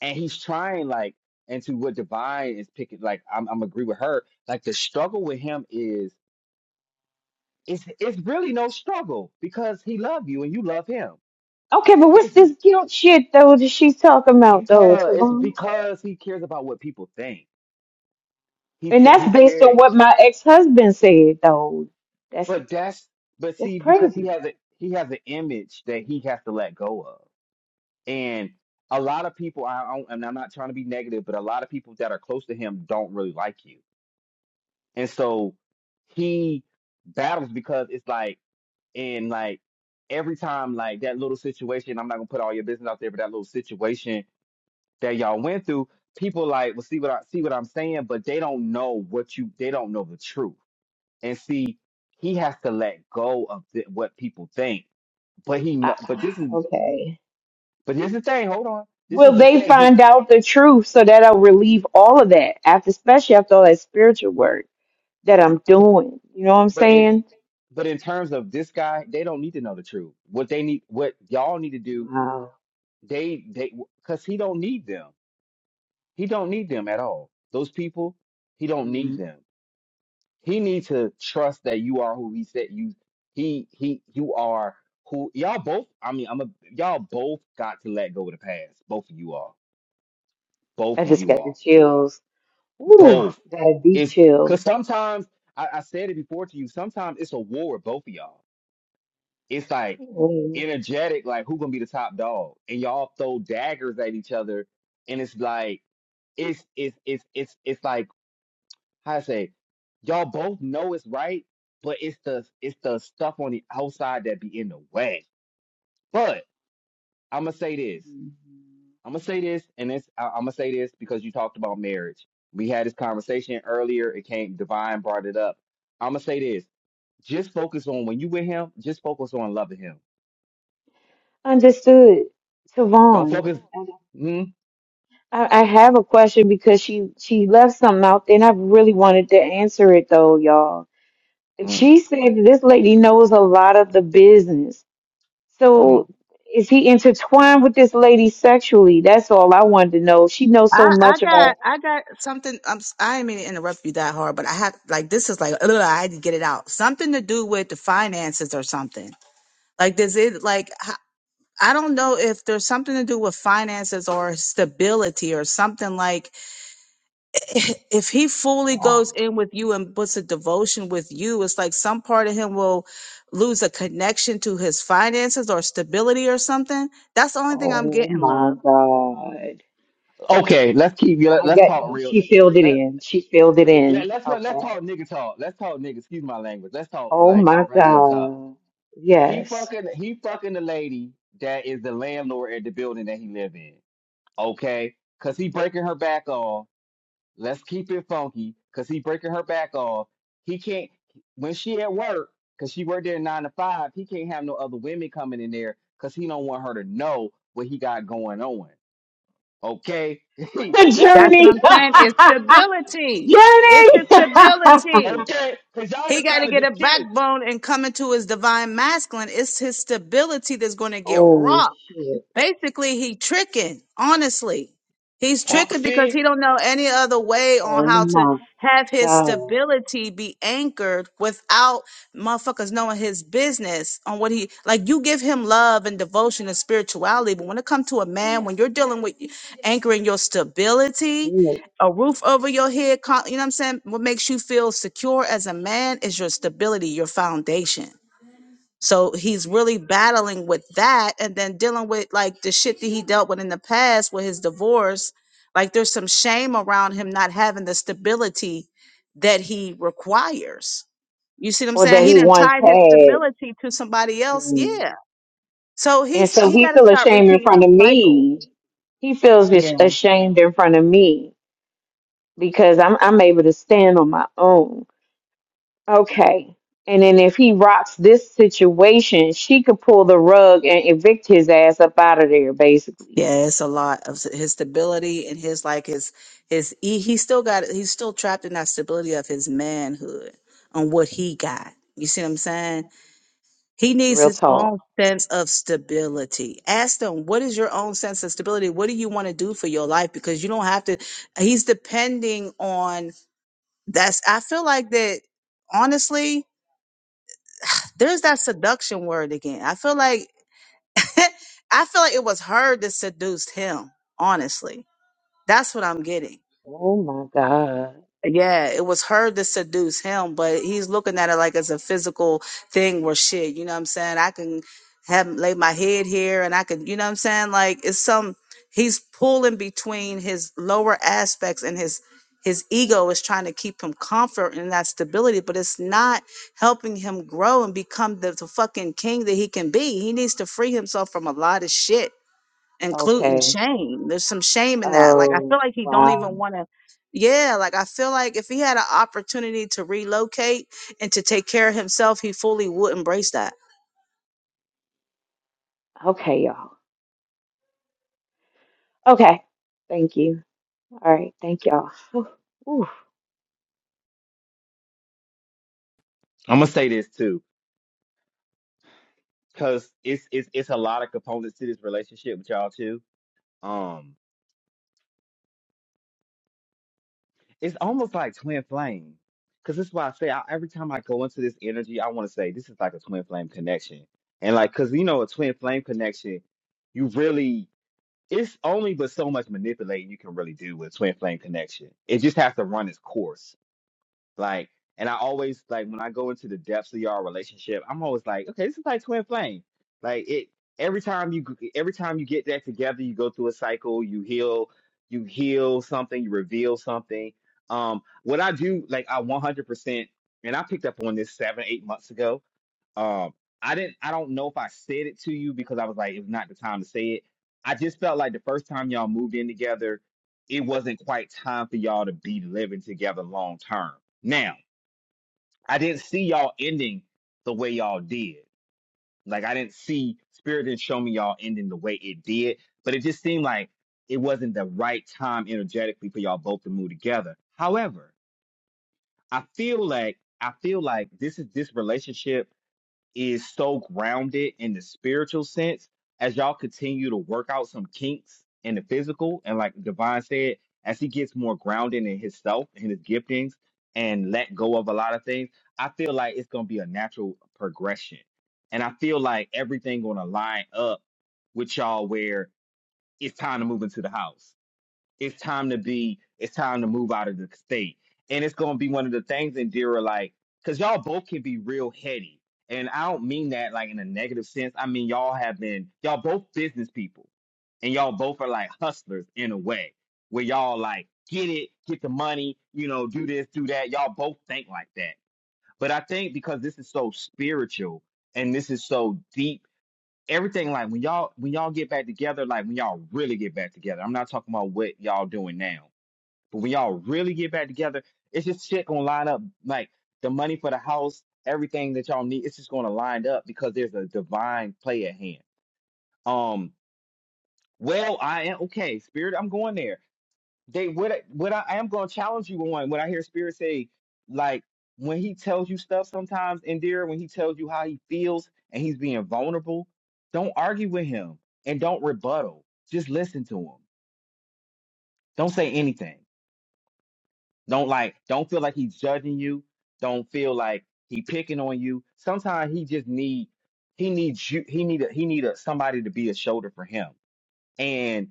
S2: And he's trying like and to what Divine is picking. Like I'm I'm agree with her. Like the struggle with him is it's it's really no struggle because he love you and you love him.
S6: Okay, but what's
S2: It's
S6: this guilt shit though that she's talking about though,
S2: because it's
S6: Tavon?
S2: because he cares about what people think. He
S6: And
S2: th-
S6: that's
S2: he
S6: based on
S2: cares.
S6: what my ex husband said though. That's
S2: But that's but
S6: that's
S2: see because he
S6: crazy.
S2: has a he has an image that he has to let go of, and a lot of people I I- and I'm not trying to be negative, but a lot of people that are close to him don't really like you, and so he battles because it's like and like every time like that little situation I'm not gonna put all your business out there, but that little situation that y'all went through, people like well see what I see what I'm saying, but they don't know what you they don't know the truth and see he has to let go of th- what people think but he kno-
S6: I,
S2: but this is
S6: okay.
S2: but here's the thing hold on this
S6: Will
S2: is the
S6: they
S2: thing he
S6: find out the truth so that I'll relieve all of that after, especially after all that spiritual work that I'm doing? You know what I'm
S2: but in
S6: saying?
S2: but in terms of this guy they don't need to know the truth what they need what y'all need to do
S6: Wow.
S2: they they because he don't need them he don't need them at all those people he don't need
S6: Mm.
S2: them he needs to trust that you are who he said you he he you are who y'all both i mean i'm a y'all both got to let go of the past both of you all both
S6: I
S2: of
S6: just
S2: you
S6: got
S2: all
S6: the chills. Ooh,
S2: both.
S6: got a deep
S2: It's because
S6: chill.
S2: sometimes I, I said it before to you. Sometimes it's a war with both of y'all. It's like
S6: Mm.
S2: energetic, like who gonna be the top dog, and y'all throw daggers at each other, and it's like it's it's it's it's it's like how I say, y'all both know it's right, but it's the it's the stuff on the outside that be in the way. But I'm gonna say this. I'm gonna say this, and this I, I'm gonna say this because you talked about marriage. We had this conversation earlier. It came divine brought it up. I'm gonna say this. Just focus on when you with him. Just focus on loving him.
S6: Understood.
S2: Don't
S6: Tavon.
S2: focus. Mm,
S6: I, I have a question because she she left something out there, and I really wanted to answer it though, y'all.
S2: mm,
S6: She said this lady knows a lot of the business.
S2: mm.
S6: So is he intertwined with this lady sexually? That's all I wanted to know. She knows so
S1: I, I
S6: much
S1: got
S6: about.
S1: I got something. I'm s- I didn't mean to interrupt you that hard, but I have like this is like ugh, I had to get it out. Something to do with the finances or something. Like does it like h- I don't know if there's something to do with finances or stability or something like if he fully goes
S6: Wow.
S1: in with you and puts a devotion with you, it's like some part of him will lose a connection to his finances or stability or something. That's the only thing I'm
S6: Oh
S1: getting,
S6: my
S1: love.
S6: God.
S2: Okay, let's keep. Let,
S6: I
S2: let's talk
S6: got.
S2: real.
S6: She filled it
S2: Let,
S6: in. She filled it
S2: let, let,
S6: in.
S2: let's let, let's
S6: Okay.
S2: talk nigga talk. Let's talk nigga. Excuse my language. Let's talk
S6: Oh
S2: like
S6: my
S2: regular talk.
S6: God.
S2: He
S6: Yes.
S2: fucking he fucking the lady that is the landlord at the building that he live in. Okay, cause he breaking her back off Let's keep it funky because he breaking her back off. He can't when she at work because she worked there nine to five. He can't have no other women coming in there because he don't want her to know what he got going on. Okay, that's
S1: That's
S2: what.
S1: what
S6: Journey.
S1: I'm saying. It's stability. It's his
S6: Journey.
S1: stability.
S2: Okay, because y'all
S1: He
S2: were
S1: got
S2: trying
S1: to
S2: to
S1: get
S2: be
S1: a
S2: cute.
S1: backbone and come into his divine masculine. It's his stability that's going to get
S6: Oh
S1: rocked
S6: shit.
S1: basically he tricking honestly he's
S2: Oh,
S1: tricking because
S2: see,
S1: he don't know any other way on
S6: Oh
S1: how to
S6: my
S1: have his
S6: God.
S1: stability be anchored without motherfuckers knowing his business on what he like you give him love and devotion and spirituality but when it comes to a man when you're dealing with anchoring your stability
S6: Mm.
S1: a roof over your head co- you know what i'm saying what makes you feel secure as a man is your stability your foundation so he's really battling with that and then dealing with like the shit that he dealt with in the past with his divorce. Like there's some shame around him not having the stability that he requires. You see what I'm
S6: Or
S1: saying?
S6: that
S1: He
S6: he
S1: didn't
S6: once
S1: tie his
S6: had.
S1: stability to somebody else.
S6: Mm.
S1: Yeah. So
S6: And
S1: he's
S6: so
S1: he
S6: he
S1: got to
S6: feel
S1: stop
S6: ashamed in
S1: repeating
S6: front of
S1: them cycles.
S6: me. He feels ash-
S1: Yeah.
S6: ashamed in front of me because I'm I'm able to stand on my own. Okay. And then if he rocks this situation, she could pull the rug and evict his ass up out of there, basically.
S1: Yeah, it's a lot of s- his stability and his like his his he, he still got he's still trapped in that stability of his manhood on what he got. You see what I'm saying? He needs
S6: Real
S1: his
S6: talk.
S1: own sense of stability. Ask them, what is your own sense of stability? What do you want to do for your life? Because you don't have to, he's depending on that's, I feel like that, honestly, there's that seduction word again. I feel like, I feel like it was her that seduced him, honestly. That's what I'm getting.
S6: Oh my God.
S1: Yeah, it was her to seduce him, but he's looking at it like it's a physical thing where shit, you know what I'm saying? I can have lay my head here and I can, you know what I'm saying? Like it's some he's pulling between his lower aspects and his his ego is trying to keep him comfort and that stability, but it's not helping him grow and become the, the fucking king that he can be. He needs to free himself from a lot of shit including
S6: Okay.
S1: shame. There's some shame in that. Like I feel
S6: Oh
S1: like he don't even
S6: wow.
S1: want to. Yeah, like I feel like if he had an opportunity to relocate and to take care of himself, he fully would embrace that.
S6: Okay, y'all. Okay. Thank you. All right, thank y'all. Ooh.
S2: I'm gonna say this too because it's it's it's a lot of components to this relationship with y'all too. Um. it's almost like twin flame because that's why i say I, every time i go into this energy i want to say this is like a twin flame connection and like because you know a twin flame connection you really it's only but so much manipulating you can really do with twin flame connection it just has to run its course like, and I always like when I go into the depths of y'all relationship, I'm always like, okay, this is like twin flame. Like it every time you every time you get that together, you go through a cycle, you heal, you heal something, you reveal something. Um, what I do, like I 100%, and I picked up on this seven, eight months ago um, I didn't. I don't know if I said it to you because I was like, it's not the time to say it. I just felt like the first time y'all moved in together, it wasn't quite time for y'all to be living together long term. Now, I didn't see y'all ending the way y'all did. Like I didn't see Spirit didn't show me y'all ending the way it did, but it just seemed like it wasn't the right time energetically for y'all both to move together. However, I feel like I feel like this is this relationship is so grounded in the spiritual sense as y'all continue to work out some kinks in the physical and like divine said as he gets more grounded in himself and his giftings and let go of a lot of things i feel like it's going to be a natural progression and i feel like everything going to line up with y'all where it's time to move into the house it's time to be it's time to move out of the state and it's going to be one of the things And Dira like because y'all both can be real heady and i don't mean that like in a negative sense i mean y'all have been y'all both business people and y'all both are like hustlers in a way where y'all like get it get the money you know do this do that y'all both think like that but i think because this is so spiritual and this is so deep everything like when y'all when y'all get back together, like when y'all really get back together. I'm not talking about what y'all doing now, but when y'all really get back together, it's just shit gonna line up. Like the money for the house, everything that y'all need, it's just gonna line up because there's a divine play at hand. Um, well, I am okay, spirit. I'm going there they what I- what I, I am going to challenge you on when I hear Spirit say like when he tells you stuff sometimes and dear when he tells you how he feels and he's being vulnerable, don't argue with him and don't rebuttal. Just listen to him. Don't say anything. Don't like don't feel like he's judging you. Don't feel like he picking on you. Sometimes he just need he needs you he need a, he need a, somebody to be a shoulder for him. and.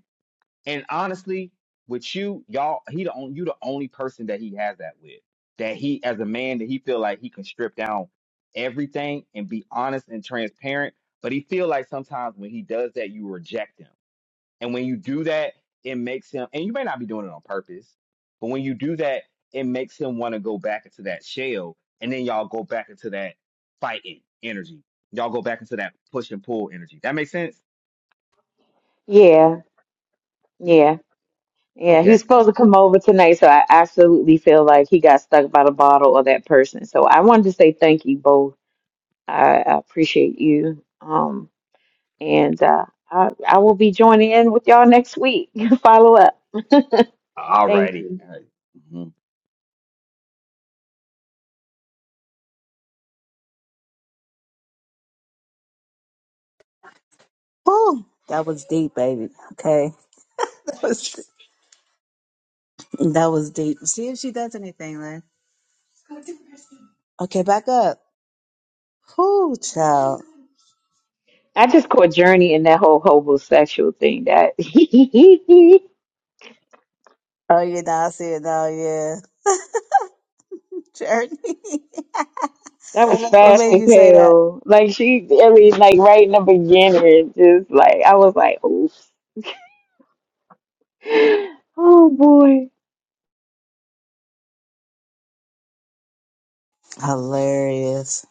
S2: And honestly, with you, y'all, he the only you the only person that he has that with. That he as a man that he feel like he can strip down everything and be honest and transparent. But he feel like sometimes when he does that, you reject him. And when you do that, it makes him and you may not be doing it on purpose, but when you do that, it makes him want to go back into that shell. And then y'all go back into that fighting energy. Y'all go back into that push and pull energy. That makes sense?
S6: Yeah,
S2: Yeah.
S6: yeah, yeah. He was
S2: Okay.
S6: supposed to come over tonight, so I absolutely feel like he got stuck by the bottle of that person. So I wanted to say thank you both. I, I appreciate you. Um, and uh, I I will be joining in with y'all next week. Follow up.
S2: All
S6: Thank
S2: righty.
S6: you.
S1: Oh, that was deep, baby. Okay. That was that was deep. See if she does anything, Lynn. Okay, back up. Whoo, child.
S6: I just caught Journey in that whole homosexual thing. That
S1: Oh, you I see it now, yeah. Journey.
S6: that was
S1: what
S6: fast
S1: made
S6: as
S1: you say that?
S6: hell. Like she, I mean, like right in the beginning, just like I was like, oof. Oh boy.
S1: Hilarious.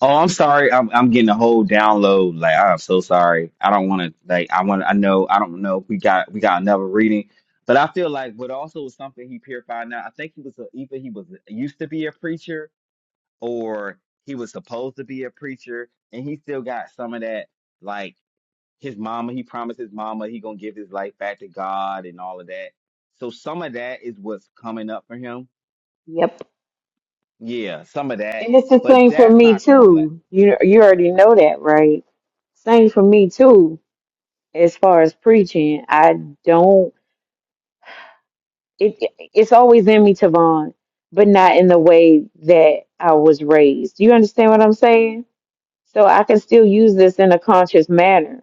S2: Oh, I'm sorry. I'm I'm getting a whole download. Like I'm so sorry. I don't want to. Like I want. I know. I don't know. We got we got another reading, but I feel like what also was something he purified. Now I think he was a, either he was used to be a preacher or he was supposed to be a preacher, and he still got some of that. Like his mama, he promised his mama he gonna give his life back to God and all of that. So some of that is what's coming up for him.
S6: Yep.
S2: Yeah, some of that,
S6: And it's the
S2: but
S6: same for
S2: that's
S6: me
S2: not going to last.
S6: too. You you already know that, right? Same for me too. As far as preaching, I don't. It it's always in me, Tavon, but not in the way that I was raised. You understand what I'm saying? So I can still use this in a conscious manner.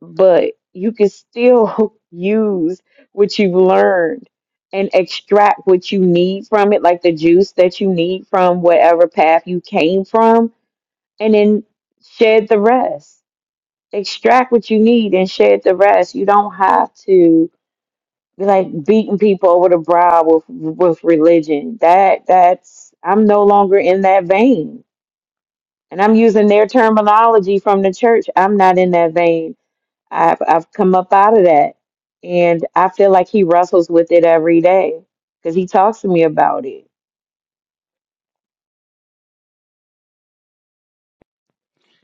S6: but you can still use what you've learned and extract what you need from it, like the juice that you need from whatever path you came from, and then shed the rest. Extract what you need and shed the rest. You don't have to be like beating people over the brow with with religion. That that's I'm no longer in that vein. And I'm using their terminology from the church. I'm not in that vein. I've I've come up out of that, and I feel like he wrestles with it every day because he talks to me about it.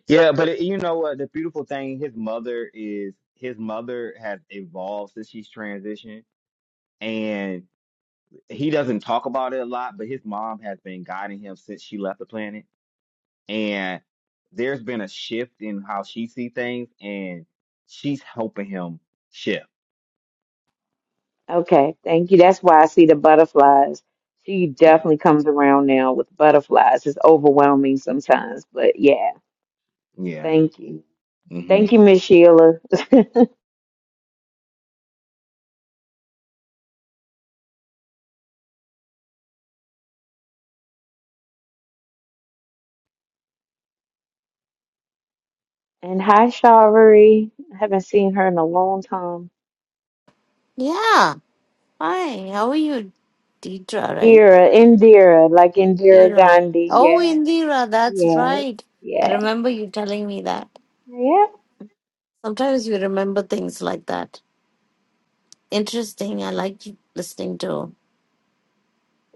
S2: Yeah, but it, you know what? The beautiful thing, his mother is his mother has evolved since she's transitioned, and he doesn't talk about it a lot. But his mom has been guiding him since she left the planet, and there's been a shift in how she sees things, and she's helping him shift.
S6: Okay, thank you. That's why I see the butterflies. She
S2: Yeah,
S6: definitely comes around now with butterflies. It's overwhelming sometimes, but yeah,
S2: yeah.
S6: thank you.
S2: hmm
S6: Thank you, Miss Sheila. and hi, Shawari. I haven't seen her in a long time.
S3: Yeah. Hi, how are you? Deidra, right?
S6: Indira, Indira, like Indira
S3: Deidra.
S6: Gandhi.
S3: Oh,
S6: Yeah,
S3: Indira, that's
S6: yeah,
S3: right. I
S6: yeah,
S3: remember you telling me that.
S6: yeah.
S3: Sometimes you remember things like that. Interesting. I liked listening to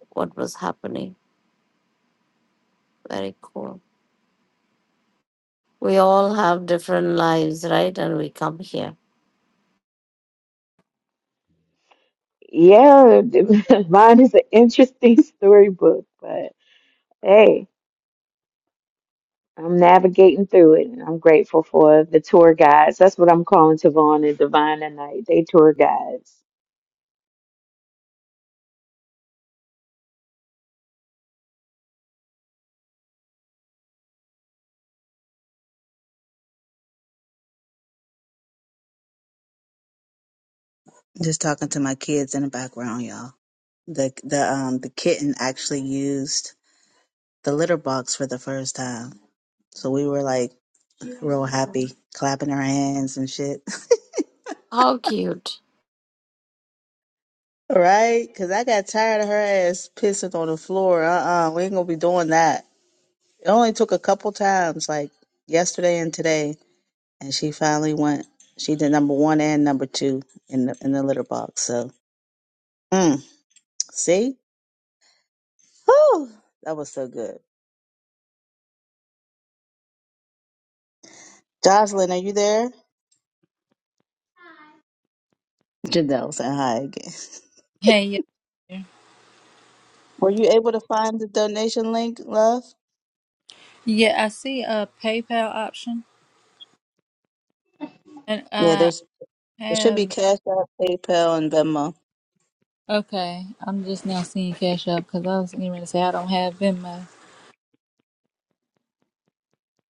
S3: what was happening. Very cool. We all have different lives, right? And we come here.
S6: Yeah, mine is an interesting storybook, but hey. I'm navigating through it, and I'm grateful for the tour guides. That's what I'm calling Tavon and Divine tonight. They tour guides.
S1: Just talking to my kids in the background, y'all. the the um the kitten actually used the litter box for the first time. So we were like real happy, clapping her hands and shit.
S3: How cute.
S1: right? Because I got tired of her ass pissing on the floor. Uh uh we ain't gonna be doing that. It only took a couple times, like yesterday and today, and she finally went. She did number one and number two in the in the litter box. So, mm, see, Whew, that was so good. Jocelyn, are you there? Janelle saying hi again.
S5: Hey, yeah,
S1: Were you able to find the donation link, love?
S5: yeah. I see a PayPal option, and
S1: Yeah,
S5: uh,
S1: there's it should be
S5: have
S1: Cash App, PayPal, and Venmo.
S5: okay. I'm just now seeing Cash App because I was getting ready to say I don't have Venmo.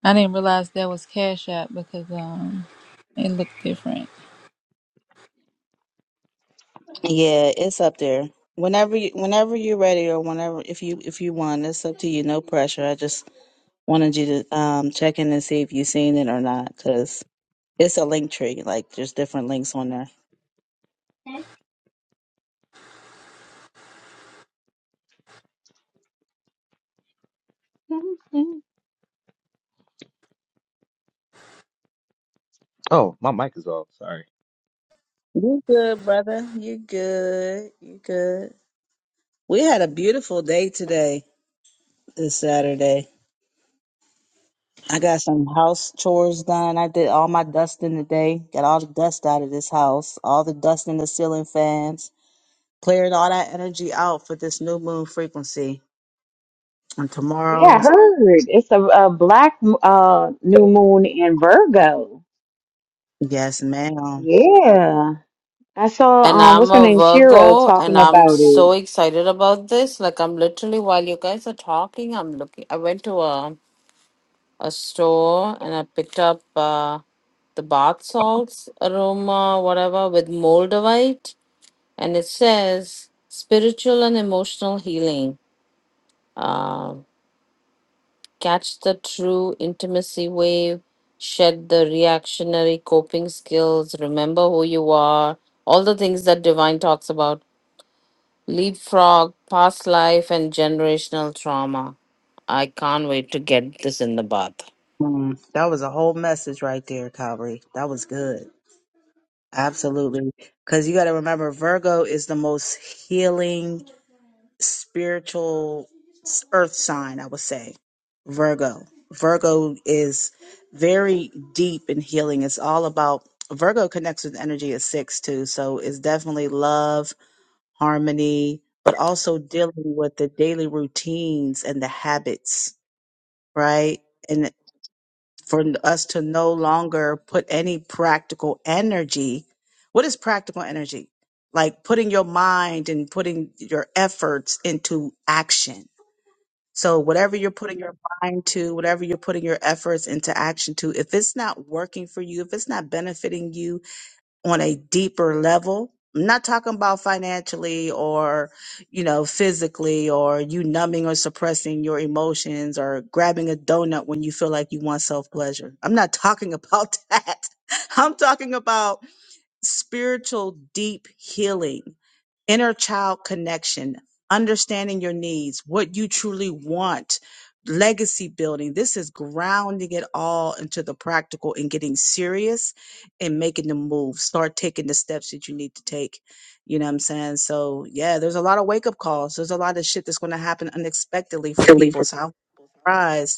S5: I didn't realize that was Cash App because um it looked different.
S1: Yeah, it's up there. Whenever you whenever you're ready or whenever if you if you want, it's up to you. No pressure. I just wanted you to um check in and see if you've seen it or not, because it's a link tree. Like there's different links on there.
S2: hmm Oh, my mic is off. Sorry.
S1: You good, brother. You good. You good. We had a beautiful day today, this Saturday. I got some house chores done. I did all my dusting today. Got all the dust out of this house, all the dust in the ceiling fans. Cleared all that energy out for this new moon frequency. And
S6: Yeah, I
S1: tomorrow's,
S6: heard. It's a, a black uh, new moon in Virgo.
S1: yes, ma'am.
S6: Yeah, I saw
S3: And
S6: um, what's
S3: I'm
S6: her
S3: a
S6: name, Shira,
S3: Virgo, and
S6: talking
S3: I'm
S6: about it.
S3: so excited about this. Like I'm literally while you guys are talking, I'm looking. I went to a a store and I picked up uh, the bath salts, aroma, whatever, with moldavite. And it says spiritual and emotional healing. Uh, catch the true intimacy wave, shed the reactionary coping skills, remember who you are, all the things that Divine talks about. Leapfrog, past life, and generational trauma. I can't wait to get this in the bath.
S1: Mm, that was a whole message right there, Calvary. That was good. Absolutely. Because you got to remember, Virgo is the most healing spiritual s- earth sign, I would say, Virgo. Virgo is very deep in healing. It's all about Virgo connects with energy at six too. So it's definitely love, harmony, but also dealing with the daily routines and the habits, right? And for us to no longer put any practical energy. What is practical energy? Like putting your mind and putting your efforts into action so whatever you're putting your mind to, whatever you're putting your efforts into action to, if it's not working for you, if it's not benefiting you on a deeper level, I'm not talking about financially or, you know, physically or you numbing or suppressing your emotions or grabbing a donut when you feel like you want self pleasure. I'm not talking about that. I'm talking about spiritual deep healing inner child connection, understanding your needs, what you truly want, legacy building. This is grounding it all into the practical and getting serious and making the move. Start taking the steps that you need to take. You know what I'm saying? So, yeah, there's a lot of wake up calls. There's a lot of shit that's going to happen unexpectedly for people. So, I'm surprised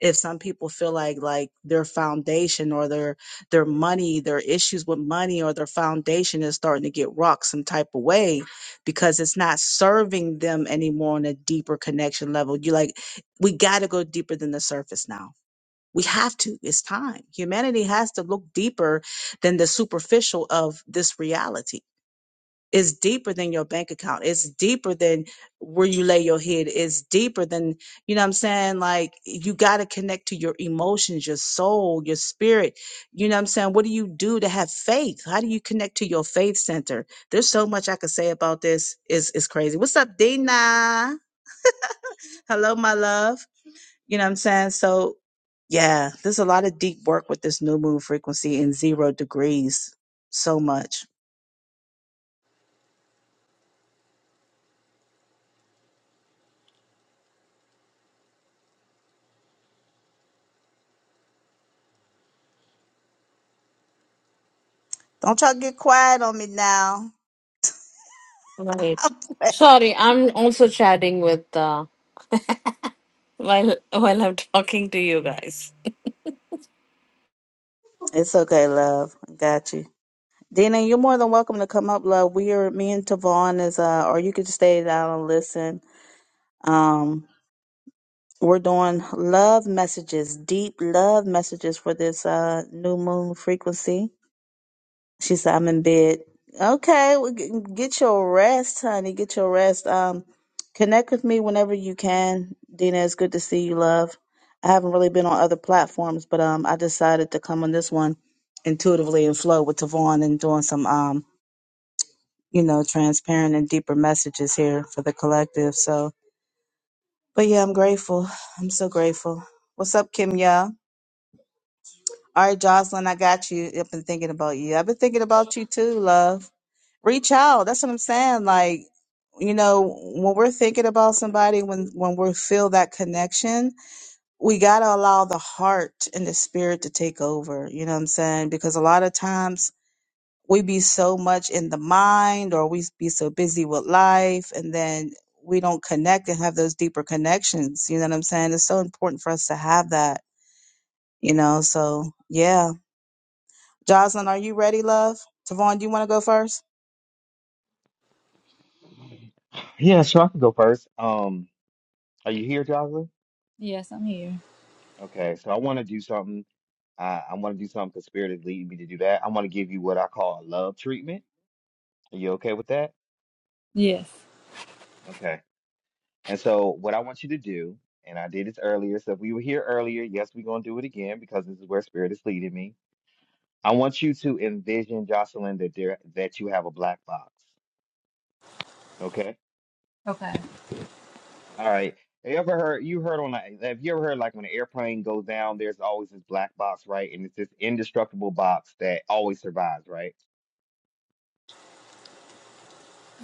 S1: if some people feel like like their foundation or their their money their issues with money or their foundation is starting to get rocked some type of way because it's not serving them anymore on a deeper connection level you like we got to go deeper than the surface now we have to it's time humanity has to look deeper than the superficial of this reality it's deeper than your bank account. It's deeper than where you lay your head. It's deeper than, you know what I'm saying? Like you got to connect to your emotions, your soul, your spirit. You know what I'm saying? What do you do to have faith? How do you connect to your faith center? There's so much I could say about this. It's, it's crazy. What's up, Dina? Hello, my love. You know what I'm saying? So yeah, there's a lot of deep work with this new moon frequency in zero degrees. So much. Don't try to get quiet on me now.
S3: Right. Sorry, I'm also chatting with uh while while I'm talking to you guys.
S1: It's okay, love. Got you. Dina, you're more than welcome to come up, love. We are me and Tavon is uh or you could stay down and listen. Um we're doing love messages, deep love messages for this uh new moon frequency. She said, I'm in bed. Okay, well, g- get your rest, honey. Get your rest. Um, connect with me whenever you can. Dina, it's good to see you, love. I haven't really been on other platforms, but um, I decided to come on this one intuitively and flow with Tavon and doing some um, you know, transparent and deeper messages here for the collective. So, but yeah, I'm grateful. I'm so grateful. What's up, Kimya? All right, Jocelyn, I got you. I've been thinking about you. I've been thinking about you too, love. Reach out. That's what I'm saying. Like, you know, when we're thinking about somebody, when when we feel that connection, we gotta allow the heart and the spirit to take over. You know what I'm saying? Because a lot of times we be so much in the mind, or we be so busy with life, and then we don't connect and have those deeper connections. You know what I'm saying? It's so important for us to have that. You know, so yeah Jocelyn, are you ready, love? Tavon, do you want to go first?
S2: Yeah, so I can go first. Um, are you here, Jocelyn?
S5: Yes, I'm here.
S2: Okay, so I want to do something. I, I want to do something conspirative leading me to do that. I want to give you what I call a love treatment. Are you okay with that?
S5: Yes.
S2: Okay. And so what I want you to do, and I did this earlier, so if we were here earlier, yes, we're gonna do it again because this is where spirit is leading me. I want you to envision, Jocelyn, that there that you have a black box. Okay?
S5: Okay.
S2: All right. Have You ever heard you heard on a- have you ever heard like when an airplane goes down, there's always this black box, right? And it's this indestructible box that always survives, right?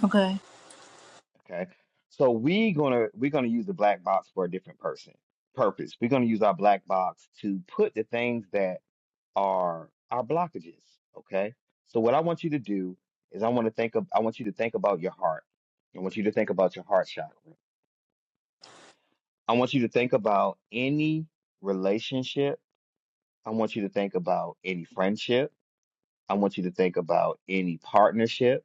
S5: Okay.
S2: Okay. So we gonna we're gonna use the black box for a different person purpose. We're gonna use our black box to put the things that are our blockages. Okay. So what I want you to do is I want to think of I want you to think about your heart. I want you to think about your heart chakra. I want you to think about any relationship. I want you to think about any friendship. I want you to think about any partnership.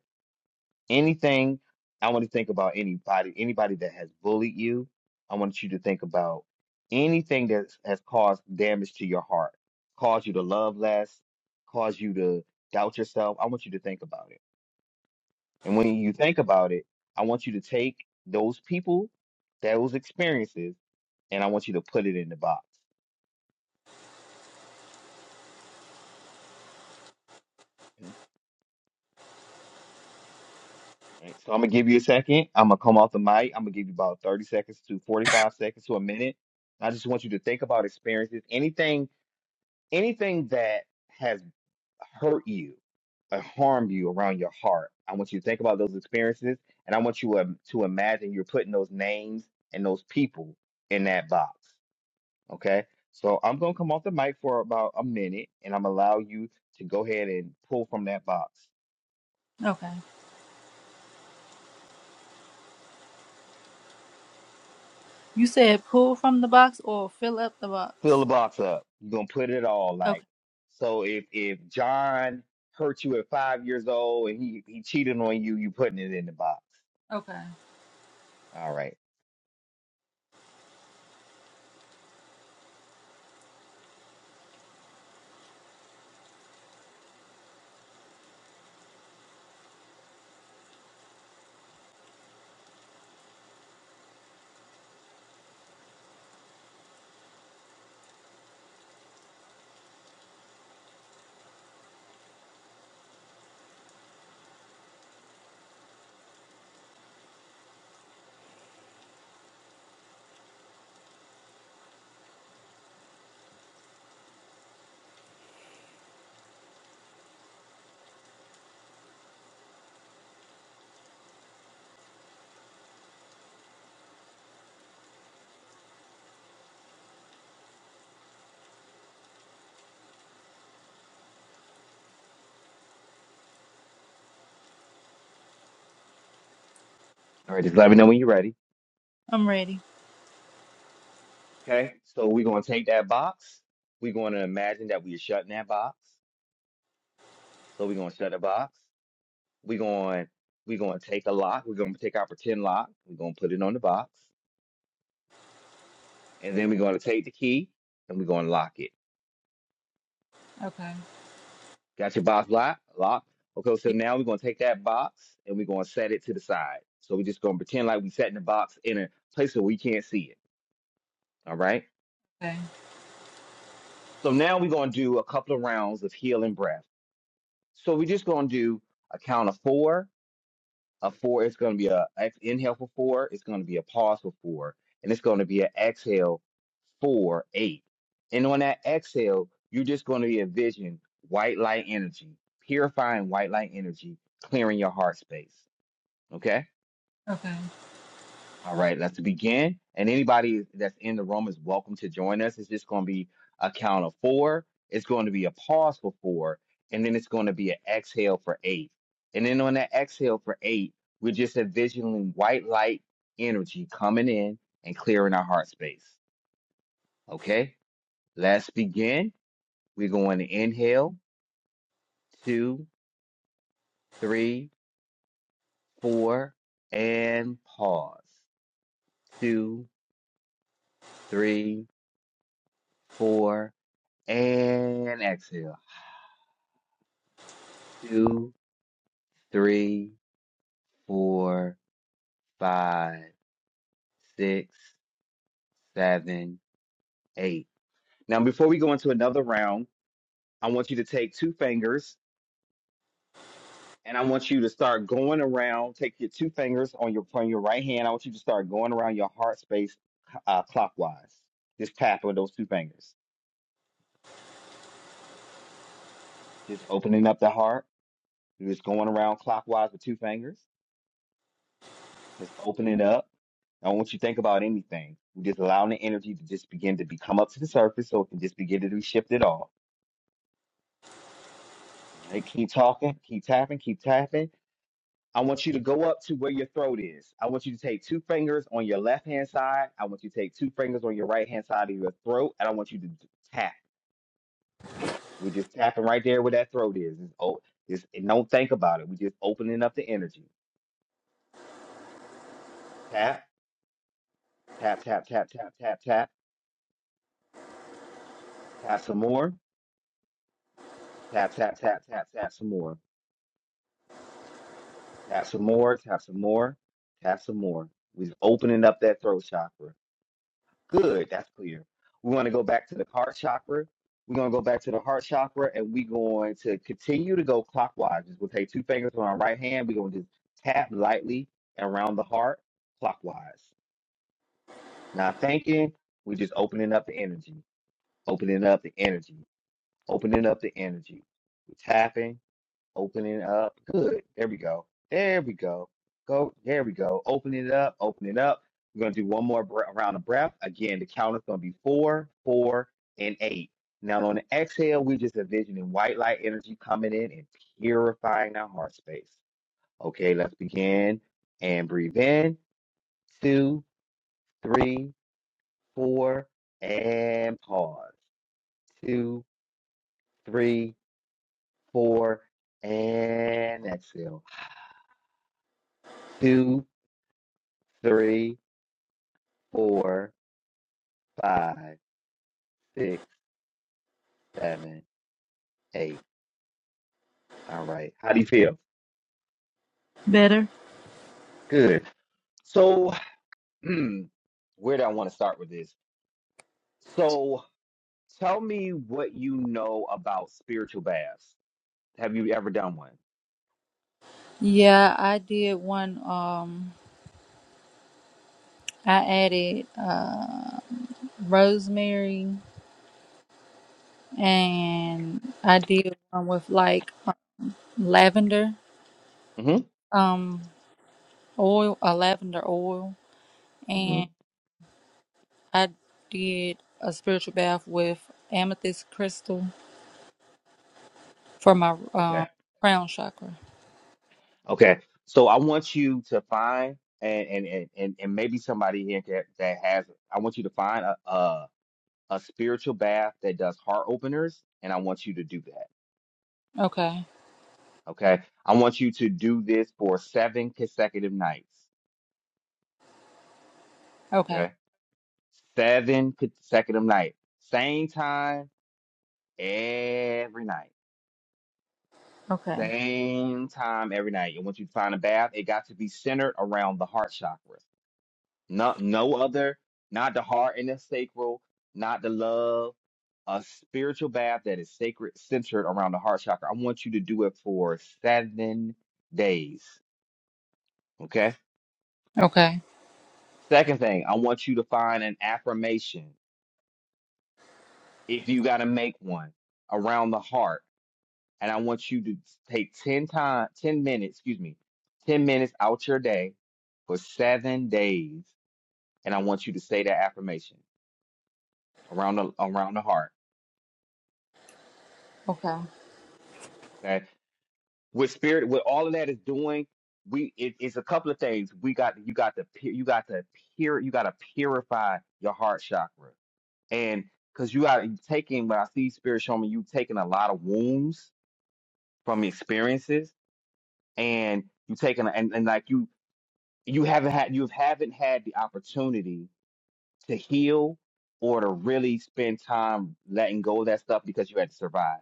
S2: anything i want to think about anybody anybody that has bullied you i want you to think about anything that has caused damage to your heart caused you to love less caused you to doubt yourself i want you to think about it and when you think about it i want you to take those people those experiences and i want you to put it in the box Okay. all right so i'm gonna give you a second i'm gonna come off the mic i'm gonna give you about 30 seconds to 45 seconds to a minute I just want you to think about experiences, anything anything that has hurt you or harmed you around your heart, I want you to think about those experiences and I want you um, to imagine you're putting those names and those people in that box. Okay. So I'm going to come off the mic for about a minute and I'm allow you to go ahead and pull from that box.
S5: Okay. You said pull from the box or fill up the
S2: Fill
S5: box.
S2: the box up. You're going to put it all
S5: Okay.
S2: like, so if, if John hurt you at five years old and he, he cheated on you, you putting it in the box.
S5: Okay.
S2: All right. All right. Just let me know when you're ready.
S5: I'm ready.
S2: Okay, so we're gonna take that box. We're gonna imagine that we're shutting that box. So we're gonna shut the box. We're going we're gonna take a lock. We're gonna take our pretend lock. We're gonna put it on the box, and then we're gonna take the key and we're gonna lock it.
S5: Okay.
S2: Got your box locked? Lock. Okay, so
S5: Yeah,
S2: now we're gonna take that box and we're gonna set it to the side. So we're just gonna pretend like we're setting the box in a place where we can't see it. All right.
S5: okay.
S2: So now we're gonna do a couple of rounds of heel and breath. So we're just gonna do a count of four a four. It's going to be a ex- inhale for four. It's going to be a pause for four, and it's going to be an exhale four eight. And on that exhale, you're just going to envision white light energy, purifying white light energy, clearing your heart space. Okay.
S5: Okay.
S2: All right, let's begin. And anybody that's in the room is welcome to join us. It's just going to be a count of four. It's going to be a pause for four, and then it's going to be an exhale for eight. And then on that exhale for eight, we're just envisioning white light energy coming in and clearing our heart space. Okay, let's begin. We're going to inhale, two, three, four, and pause. Two, three, four, And exhale. Two, three, four, five, six, seven, eight. Now, before we go into another round, I want you to take two fingers and I want you to start going around. Take your two fingers on your on your right hand. I want you to start going around your heart space uh, clockwise. Just tap with those two fingers. Just opening up the heart. You're just going around clockwise with two fingers. Just open it up. I don't want you to think about anything. We're just allowing the energy to just begin to be come up to the surface so it can just begin to be shifted off. Right? Keep talking, keep tapping, keep tapping. I want you to go up to where your throat is. I want you to take two fingers on your left hand side. I want you to take two fingers on your right hand side of your throat. And I want you to d- tap. We're just tapping right there where that throat is. It's, oh, it's, and don't think about it. We're just opening up the energy. Tap, tap, tap, tap, tap, tap, tap, tap some more. Tap, tap, tap, tap, tap some more Tap some more, tap some more, tap some more. We're opening up that throat chakra. Good, that's clear. We want to go back to the heart chakra. We're going to go back to the heart chakra and we're going to continue to go clockwise. We'll take two fingers on our right hand. We're going to just tap lightly around the heart clockwise. Not thinking, we're just opening up the energy, opening up the energy, opening up the energy. We're tapping, Opening up. Good. There we go. There we go. Go. There we go. Opening it up. Open it up. We're going to do one more bre- round of breath. Again, the count is going to be four, four, and eight. Now, on the exhale, we're just envisioning white light energy coming in and purifying our heart space. Okay, let's begin and breathe in. Two, three, four, and pause. Two, three, four, and exhale. Two, three four, five, six, seven, eight. All right. How do you feel?
S5: Better.
S2: Good. So, hmm, where do I want to start with this? So, tell me what you know about spiritual baths. Have you ever done one?
S5: Yeah, I did one. Um, I added uh rosemary. and I did one with like uh, lavender
S2: Mm-hmm.
S5: um oil, a lavender oil,
S2: hmm
S5: and I did a spiritual bath with amethyst crystal for my
S2: Okay.
S5: um crown chakra.
S2: Okay. So, I want you to find and and and and, and maybe somebody here that, that has. I want you to find a, a a spiritual bath that does heart openers, and I want you to do that.
S5: Okay,
S2: Okay. I want you to do this for seven consecutive nights.
S5: okay,
S2: Okay. Seven consecutive nights. Same time every night.
S5: okay,
S2: Same time every night. I want you to find a bath. It got to be centered around the heart chakra. No, no other, not the heart and the sacral, not the love. A spiritual bath that is sacred, centered around the heart chakra. I want you to do it for seven days. Okay.
S5: okay,
S2: Second thing, I want you to find an affirmation if you got to make one around the heart. And I want you to take 10 time, 10 minutes, excuse me, 10 minutes out your day for seven days. And I want you to say that affirmation around the around the heart.
S5: okay,
S2: Okay. With spirit, with all of that is doing, we it, it's a couple of things. We got you got to pu- you got to pure you got to purify your heart chakra. And because you are taking, when I see Spirit showing me, you taking a lot of wounds from experiences, and you taking, and, and like you, you haven't had, you haven't had the opportunity to heal or to really spend time letting go of that stuff because you had to survive.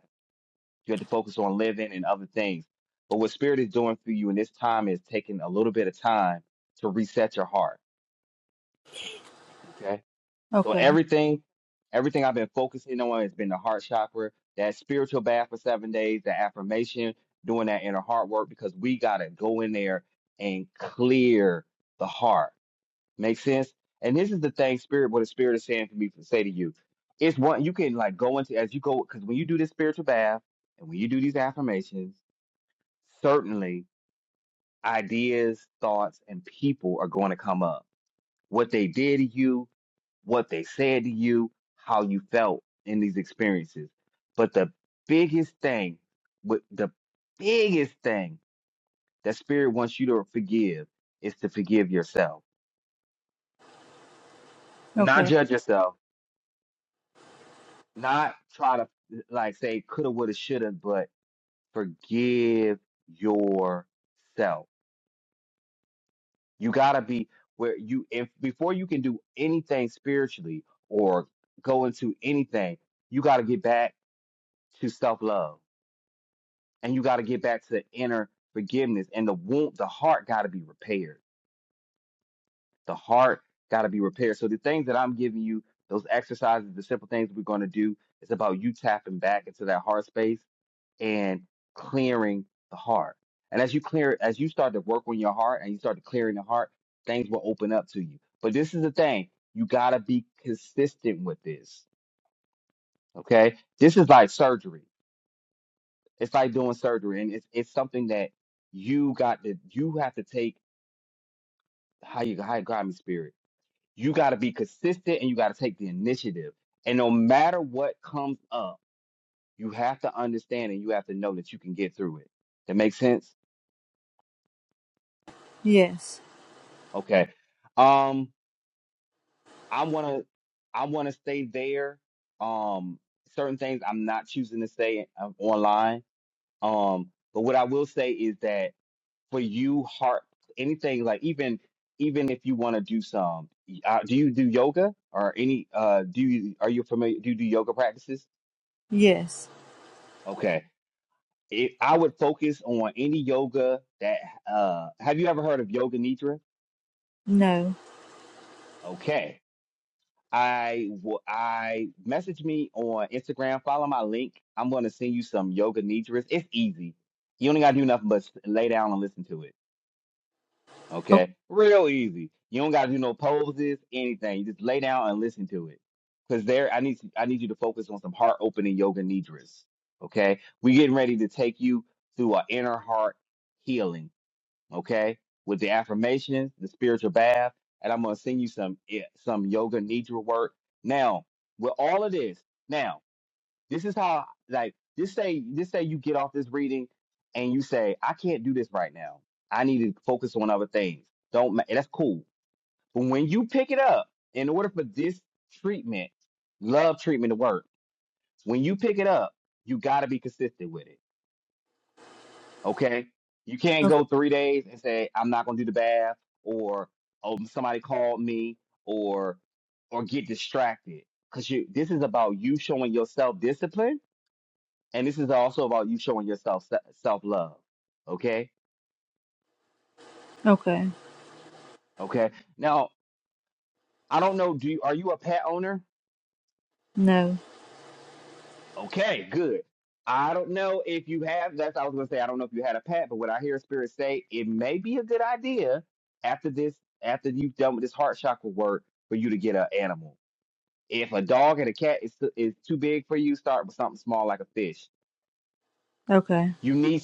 S2: You had to focus on living and other things. But what Spirit is doing for you in this time is taking a little bit of time to reset your heart. Okay So
S5: okay,
S2: everything, everything I've been focusing on has been the heart chakra, that spiritual bath for seven days, the affirmation, doing that inner heart work because we gotta go in there and clear the heart. Make sense? And this is the thing, spirit. What the spirit is saying for me to say to you, it's one you can like go into as you go because when you do this spiritual bath and when you do these affirmations, certainly ideas, thoughts, and people are going to come up. What they did to you, what they said to you, how you felt in these experiences. But the biggest thing, with the biggest thing that spirit wants you to forgive is to forgive yourself. Not
S5: okay.
S2: judge yourself, not try to like say coulda, woulda, shoulda, but forgive yourself. You gotta be where you if before you can do anything spiritually or go into anything, you gotta get back to self love and you got to get back to the inner forgiveness and the wound the heart got to be repaired the heart got to be repaired so the things that i'm giving you those exercises the simple things we're going to do is about you tapping back into that heart space and clearing the heart and as you clear as you start to work on your heart and you start to clearing the heart things will open up to you but this is the thing you got to be consistent with this okay this is like surgery It's like doing surgery, and it's it's something that you got to you have to take how you how you got me spirit. You got to be consistent, and you got to take the initiative. And no matter what comes up, you have to understand and you have to know that you can get through it. That makes sense.
S5: Yes,
S2: Okay. Um, I wanna I wanna stay there. Um, certain things I'm not choosing to say uh, online. Um, but what I will say is that for you heart anything like even even if you want to do some uh, do you do yoga or any uh do you are you familiar do you do yoga practices
S5: yes,
S2: okay it, i would focus on any yoga that uh have you ever heard of yoga nidra
S5: no.
S2: okay i will i message me on instagram follow my link i'm going to send you some yoga nidras it's easy you only got to do nothing but s- lay down and listen to it
S5: Okay,
S2: Okay, real easy. You don't gotta do no poses, anything. You just lay down and listen to it. Cause there, I need to, I need you to focus on some heart opening yoga nidras. Okay, we getting ready to take you through our inner heart healing. Okay, with the affirmations, the spiritual bath, and I'm gonna send you some eh, some yoga nidra work. Now, with all of this, now this is how like just say just say you get off this reading and you say I can't do this right now. I need to focus on other things. Don't ma- that's cool. But when you pick it up, in order for this treatment, love treatment to work, when you pick it up, you got to be consistent with it. Okay? You can't
S5: okay,
S2: go 3 days and say I'm not going to do the bath or oh somebody called me or or get distracted cuz you this is about you showing yourself discipline and this is also about you showing yourself self love. Okay,
S5: okay,
S2: okay. Now I don't know. Do you, are you a pet owner?
S5: no.
S2: Okay, good. I don't know if you have. That's I was gonna say. I don't know if you had a pet, but what I hear Spirit say, it may be a good idea after this, after you've done with this heart chakra work, for you to get an animal. If a dog and a cat is too- is too big for you, start with something small like a fish.
S5: Okay,
S2: You need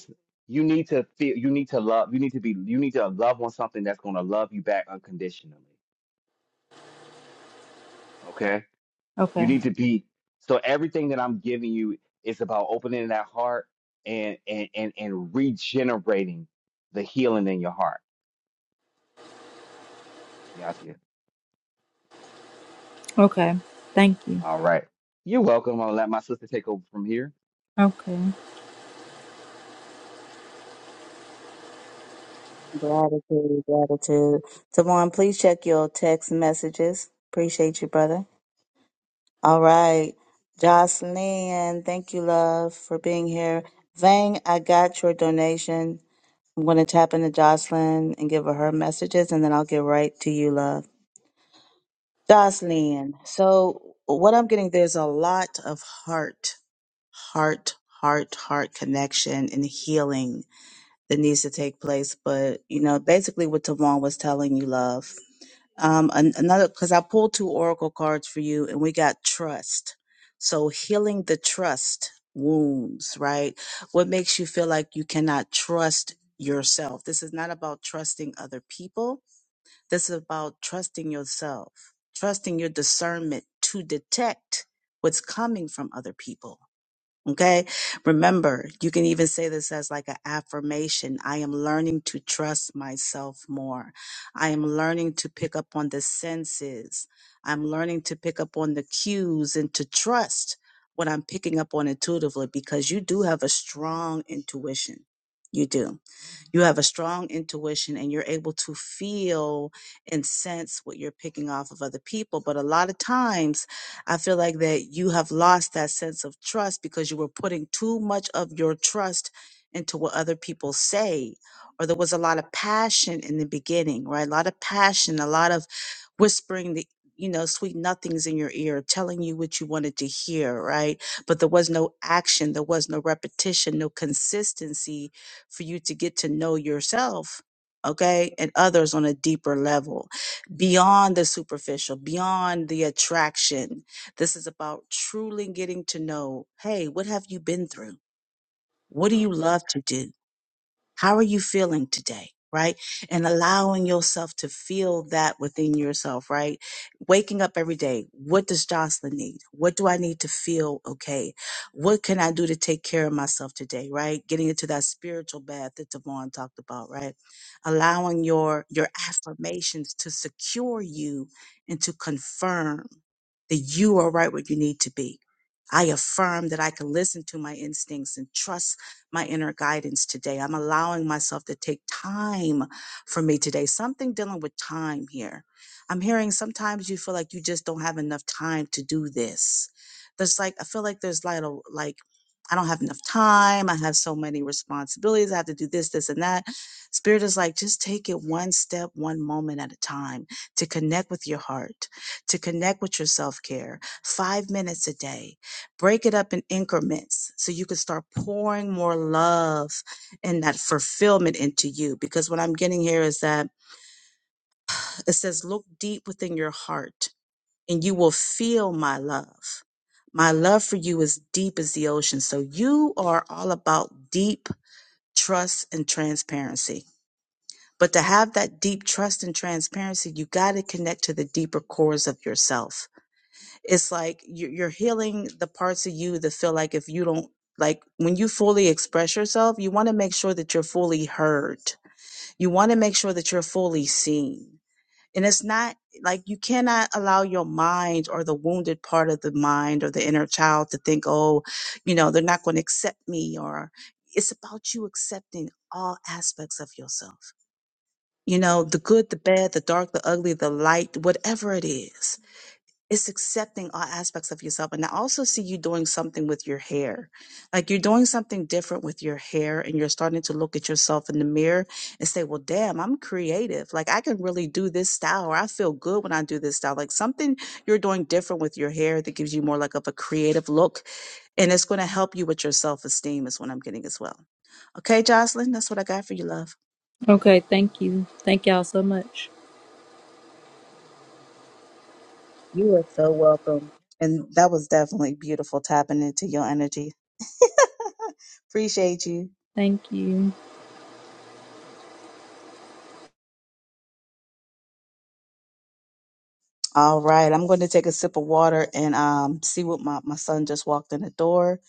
S2: you need to feel you need to love you need to be you need to love on something that's going to love you back unconditionally Okay. You
S5: okay,
S2: need to be so everything that I'm giving you is about opening that heart and and and, and regenerating the healing in your heart. Got you.
S5: okay. Thank you.
S2: All right. You're welcome. I'll let my sister take over from here.
S5: Okay,
S1: Gratitude, gratitude. Tavon, please check your text messages. Appreciate you, brother. All right. Jocelyn, thank you, love, for being here. Vang, I got your donation. I'm going to tap into Jocelyn and give her her messages, and then I'll get right to you, love. Jocelyn, so what I'm getting, there's a lot of heart, heart, heart, heart connection and healing that needs to take place. But you know, basically what Tavon was telling you, love. Um, an- another because I pulled two oracle cards for you, and we got trust. So healing the trust wounds, right? What makes you feel like you cannot trust yourself? This is not about trusting other people. This is about trusting yourself, trusting your discernment to detect what's coming from other people Okay. Remember, you can even say this as like an affirmation. I am learning to trust myself more. I am learning to pick up on the senses. I'm learning to pick up on the cues and to trust what I'm picking up on intuitively because you do have a strong intuition. You do. You have a strong intuition and you're able to feel and sense what you're picking off of other people. But a lot of times, I feel like that you have lost that sense of trust because you were putting too much of your trust into what other people say. Or there was a lot of passion in the beginning, right? A lot of passion, a lot of whispering the you know sweet nothings in your ear telling you what you wanted to hear right but there was no action there was no repetition no consistency for you to get to know yourself, okay, and others on a deeper level, beyond the superficial, beyond the attraction. This is about truly getting to know hey, what have you been through? What do you love to do? How are you feeling today? Right. And allowing yourself to feel that within yourself. Right. Waking up every day. What does Jocelyn need? What do I need to feel okay? What can I do to take care of myself today? Right. Getting into that spiritual bath that Devon talked about. Right. Allowing your, your affirmations to secure you and to confirm that you are right where you need to be. I affirm that I can listen to my instincts and trust my inner guidance today. I'm allowing myself to take time for me today. Something dealing with time here. I'm hearing sometimes you feel like you just don't have enough time to do this. There's like I feel like there's like a like I don't have enough time. I have so many responsibilities. I have to do this, this, and that. Spirit is like, just take it one step, one moment at a time to connect with your heart, to connect with your self care. Five minutes a day break it up in increments so you can start pouring more love and that fulfillment into you. Because what I'm getting here is that it says, look deep within your heart and you will feel my love. My love for you is deep as the ocean. So you are all about deep trust and transparency. But to have that deep trust and transparency, you got to connect to the deeper cores of yourself it's like you- you're healing the parts of you that feel like if you don't like when you fully express yourself you want to make sure that you're fully heard you want to make sure that you're fully seen and it's not like you cannot allow your mind or the wounded part of the mind or the inner child to think oh you know they're not going to accept me or it's about you accepting all aspects of yourself you know the good the bad the dark the ugly the light whatever it is it's accepting all aspects of yourself. And I also see you doing something with your hair. Like you're doing something different with your hair and you're starting to look at yourself in the mirror and say, well, damn, I'm creative. Like I can really do this style or I feel good when I do this style. Like something you're doing different with your hair that gives you more like of a creative look and it's going to help you with your self esteem is what I'm getting as well. Okay, Jocelyn, that's what I got for you, love.
S5: okay. Thank you. Thank y'all so much.
S1: You are so welcome. And that was definitely beautiful tapping into your energy. Appreciate you.
S5: Thank you.
S1: All right, I'm going to take a sip of water and um, see what my, my son just walked in the door.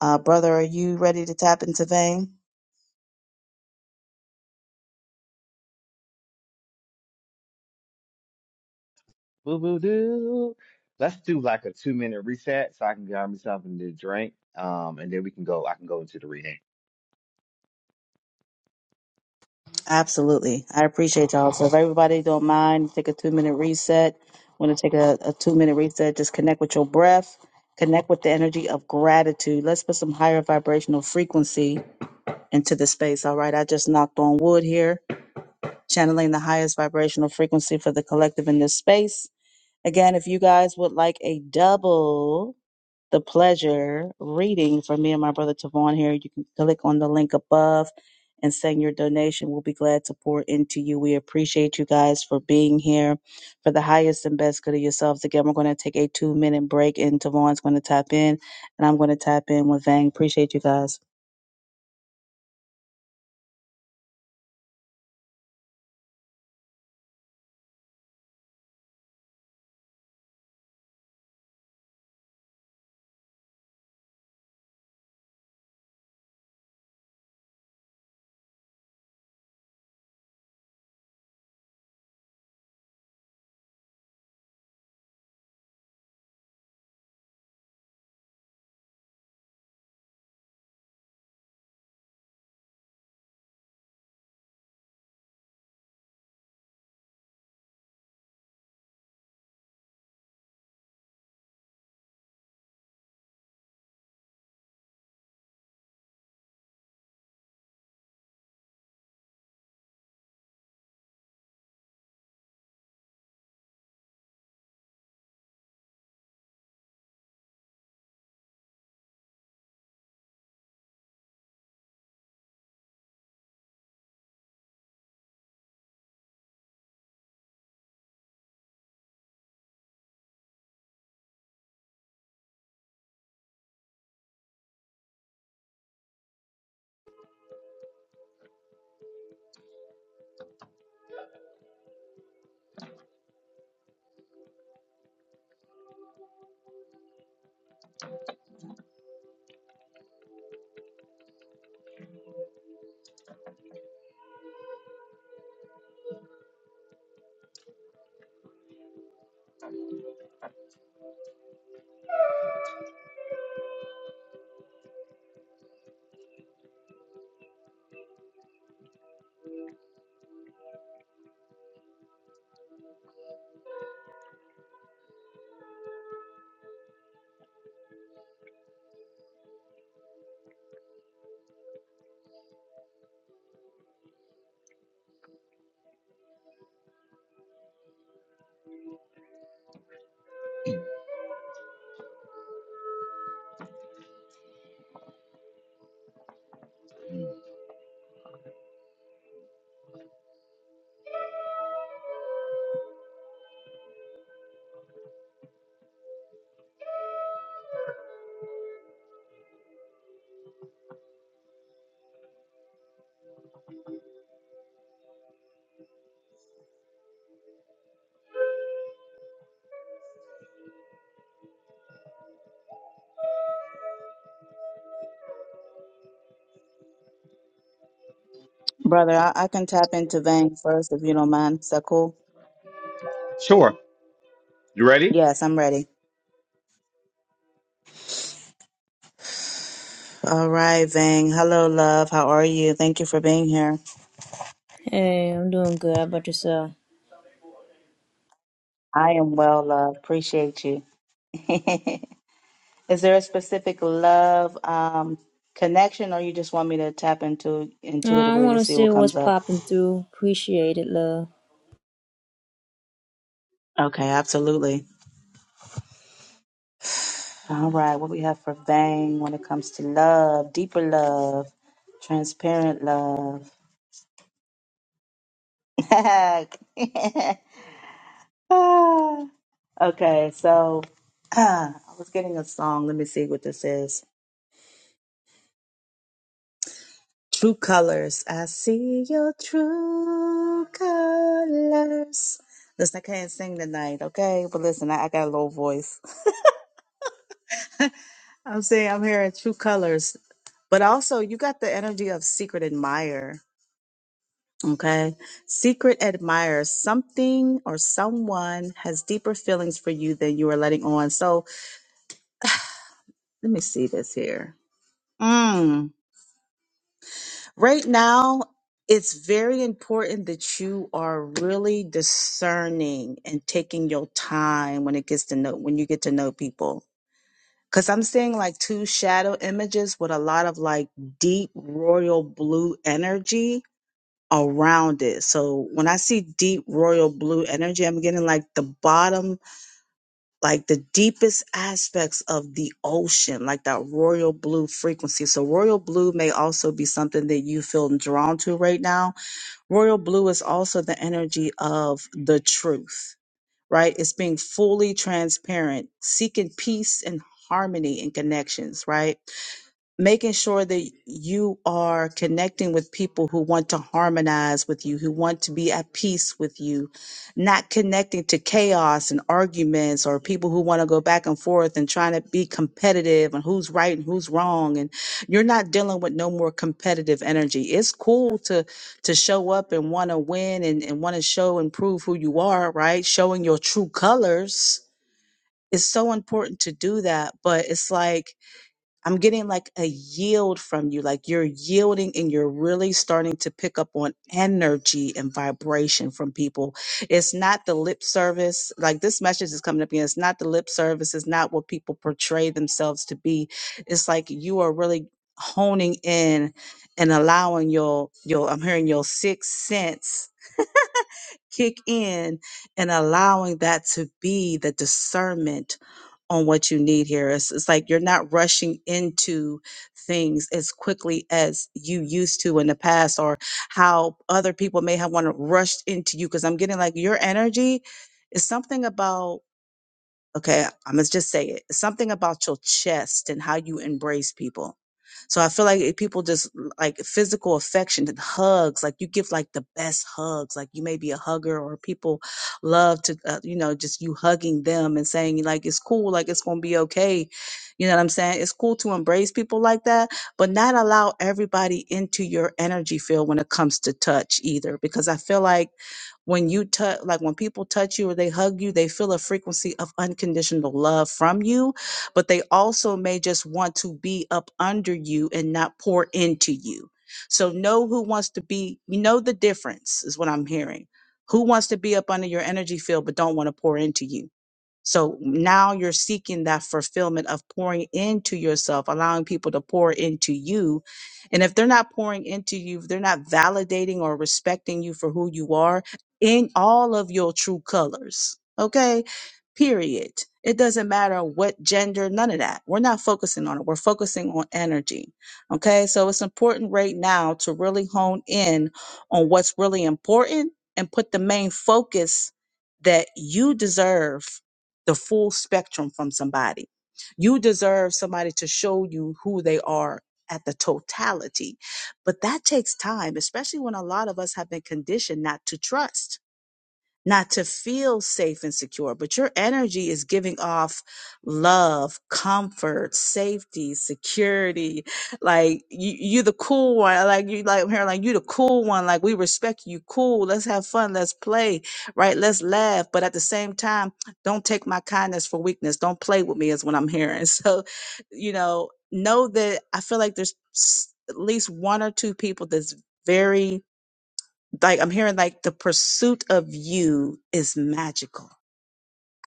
S1: Uh, brother, are you ready to tap into vein?
S2: Boo boo doo. Let's do like a two minute reset so I can grab me something to drink. Um, and then we can go. I can go into the reading.
S1: Absolutely. I appreciate y'all. So if everybody don't mind, take a two minute reset. Want to take a, a two minute reset, just connect with your breath, connect with the energy of gratitude. Let's put some higher vibrational frequency into the space. All right. I just knocked on wood here, channeling the highest vibrational frequency for the collective in this space. Again, if you guys would like a double the pleasure reading for me and my brother Tavon here. You can click on the link above and send your donation. We'll be glad to pour into you. We appreciate you guys for being here for the highest and best good of yourselves. Again, we're going to take a two minute break and Tavon's going to tap in and I'm going to tap in with Vang. Appreciate you guys.
S2: Mm.
S1: Brother, I, I can tap into Vang first if you don't mind. Is that cool?
S2: Sure. You ready?
S1: Yes, I'm ready. All right, Vang. Hello, love. How are you? Thank you for being here.
S7: Hey, I'm doing good. How about yourself?
S1: I am well, love. Appreciate you. Is there a specific love um, connection, or you just want me to tap into
S7: Uh, I
S1: intuitively to
S7: want to
S1: see
S7: see
S1: what
S7: what's
S1: comes up?
S7: popping through. Appreciate it, love.
S1: Okay, absolutely. All right, what we have for Vang when it comes to love, deeper love, transparent love. Ah, okay, so I was getting a song. Let me see what this is. True colors. I see your true colors. Listen, I can't sing tonight, okay? But listen, I, I got a low voice. I'm saying I'm hearing true colors. But also, you got the energy of secret admirer, okay? Secret admirer. Something or someone has deeper feelings for you than you are letting on. So let me see this here. Hmm. Right now, it's very important that you are really discerning and taking your time when it gets to know when you get to know people. Cause I'm seeing like two shadow images with a lot of like deep royal blue energy around it. So when I see deep royal blue energy, I'm getting like the bottom, like the deepest aspects of the ocean, like that royal blue frequency. So royal blue may also be something that you feel drawn to right now Royal blue is also the energy of the truth, right? It's being fully transparent, seeking peace and harmony in connections, right? making sure that you are connecting with people who want to harmonize with you, who want to be at peace with you, not connecting to chaos and arguments or people who want to go back and forth and trying to be competitive and who's right and who's wrong. And you're not dealing with no more competitive energy. It's cool to to show up and want to win and, and want to show and prove who you are, right? Showing your true colors. is so important to do that, but it's like I'm getting like a yield from you. Like you're yielding and you're really starting to pick up on energy and vibration from people. It's not the lip service. Like this message is coming up again. It's not the lip service. It's not what people portray themselves to be. It's like you are really honing in and allowing your, your, I'm hearing your sixth sense kick in and allowing that to be the discernment on what you need here. It's, it's like you're not rushing into things as quickly as you used to in the past, or how other people may have want to rush into you. Because I'm getting like your energy is something about Okay, I'm gonna just say it. It's Something about your chest and how you embrace people. So I feel like if people just like physical affection and hugs, like you give like the best hugs, like you may be a hugger or people love to, uh, you know, just you hugging them and saying like it's cool, like it's gonna be okay. You know what I'm saying? It's cool to embrace people like that, but not allow everybody into your energy field when it comes to touch either, because I feel like when you touch like when people touch you or they hug you they feel a frequency of unconditional love from you but they also may just want to be up under you and not pour into you so know who wants to be you know the difference is what i'm hearing who wants to be up under your energy field but don't want to pour into you so now you're seeking that fulfillment of pouring into yourself, allowing people to pour into you. And if they're not pouring into you, if they're not validating or respecting you for who you are in all of your true colors. Okay. Period. It doesn't matter what gender, none of that. We're not focusing on it. We're focusing on energy. Okay. So it's important right now to really hone in on what's really important and put the main focus that you deserve the full spectrum from somebody. You deserve somebody to show you who they are at the totality. But that takes time, especially when a lot of us have been conditioned not to trust not to feel safe and secure, but your energy is giving off love, comfort, safety, security. Like you, you the cool one. Like you, like her, like you the cool one. Like we respect you. Cool. Let's have fun. Let's play. Right. Let's laugh. But at the same time, don't take my kindness for weakness. Don't play with me is what I'm hearing. So, you know, know that I feel like there's s- at least one or two people that's very like I'm hearing like the pursuit of you is magical.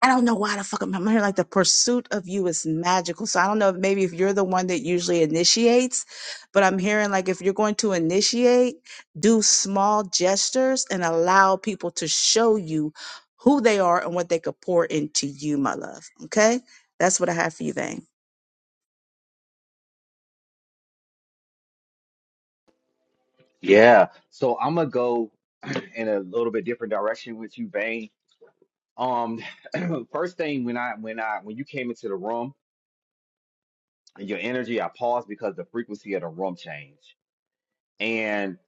S1: I don't know why the fuck I'm, I'm hearing like the pursuit of you is magical. So I don't know if maybe if you're the one that usually initiates, but I'm hearing like if you're going to initiate, do small gestures and allow people to show you who they are and what they could pour into you, my love. Okay? That's what I have for you, Vane.
S2: Yeah. So I'm gonna go in a little bit different direction with you, Vane. Um, first thing when I when I when you came into the room and your energy, I paused because the frequency of the room changed. And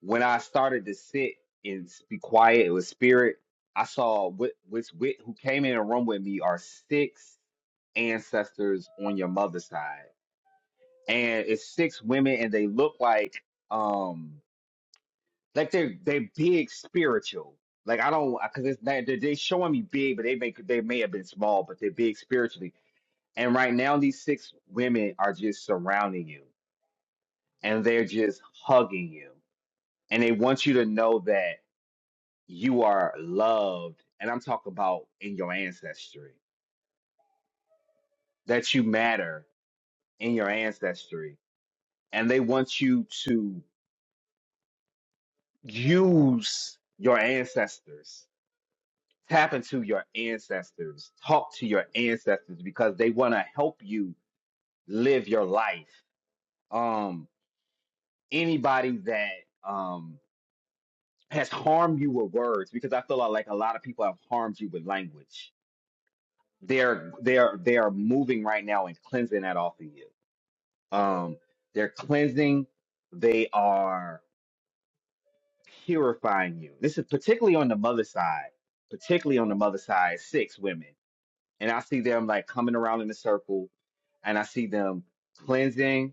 S2: when I started to sit and s- be quiet, it was spirit. I saw which which wit who came in the room with me are six ancestors on your mother's side, and it's six women, and they look like um like they're they big spiritual. Like I don't because it's not, they they showing me big, but they make they may have been small, but they're big spiritually And right now, these six women are just surrounding you and they're just hugging you. And they want you to know that you are loved. And I'm talking about in your ancestry, that you matter in your ancestry. And they want you to use your ancestors, tap into your ancestors, talk to your ancestors because they want to help you live your life. Um, anybody that, um has harmed you with words because I feel like a lot of people have harmed you with language. They're they're they are moving right now and cleansing that off of you. Um, they're cleansing. They are purifying you. This is particularly on the mother side. Particularly on the mother side, six women. and I see them like coming around in a circle, and I see them cleansing,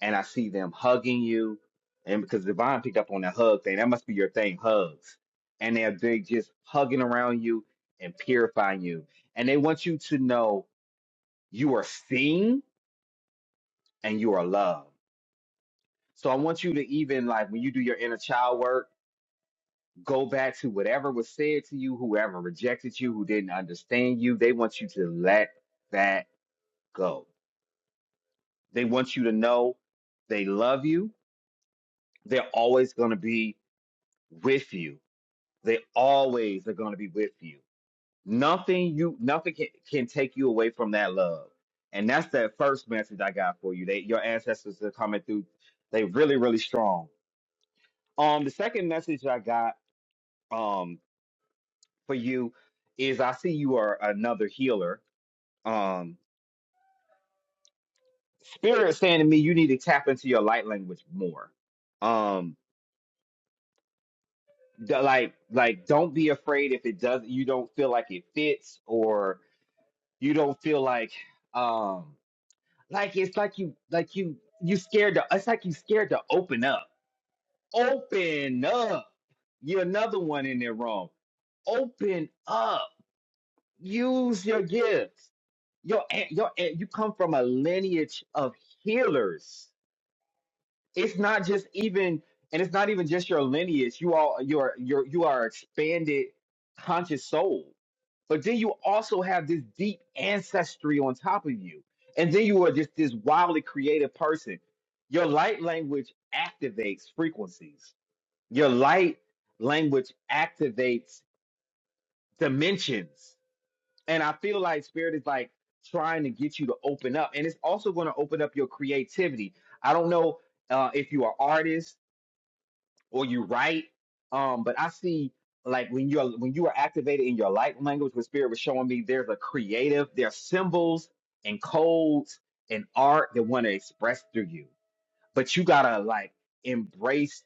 S2: and I see them hugging you, and because Divine picked up on that hug thing, that must be your thing, hugs, and they're they just hugging around you and purifying you, and they want you to know you are seen and you are loved. So I want you to even like when you do your inner child work. Go back to whatever was said to you, whoever rejected you, who didn't understand you. They want you to let that go They want you to know they love you. They're always going to be with you. They always are going to be with you. Nothing you nothing can, can take you away from that love. And that's that first message I got for you. They your ancestors are coming through. They really, really strong. Um, the second message I got um for you is I see you are another healer. Um, spirit is saying to me, you need to tap into your light language more. Um. d- like like don't be afraid if it does you don't feel like it fits or you don't feel like um like it's like you like you you scared to it's like you scared to open up open up you're another one in there wrong open up use your gifts your an- your an- you come from a lineage of healers it's not just even and it's not even just your lineage you all you're you're you are expanded conscious soul but then you also have this deep ancestry on top of you and then you are just this wildly creative person your light language activates frequencies your light language activates dimensions and i feel like spirit is like trying to get you to open up and it's also going to open up your creativity i don't know uh, if you are artists or you write. Um, but I see like when you're when you are activated in your light language, what spirit was showing me there's a creative, there's symbols and codes and art that want to express through you. But you gotta like embrace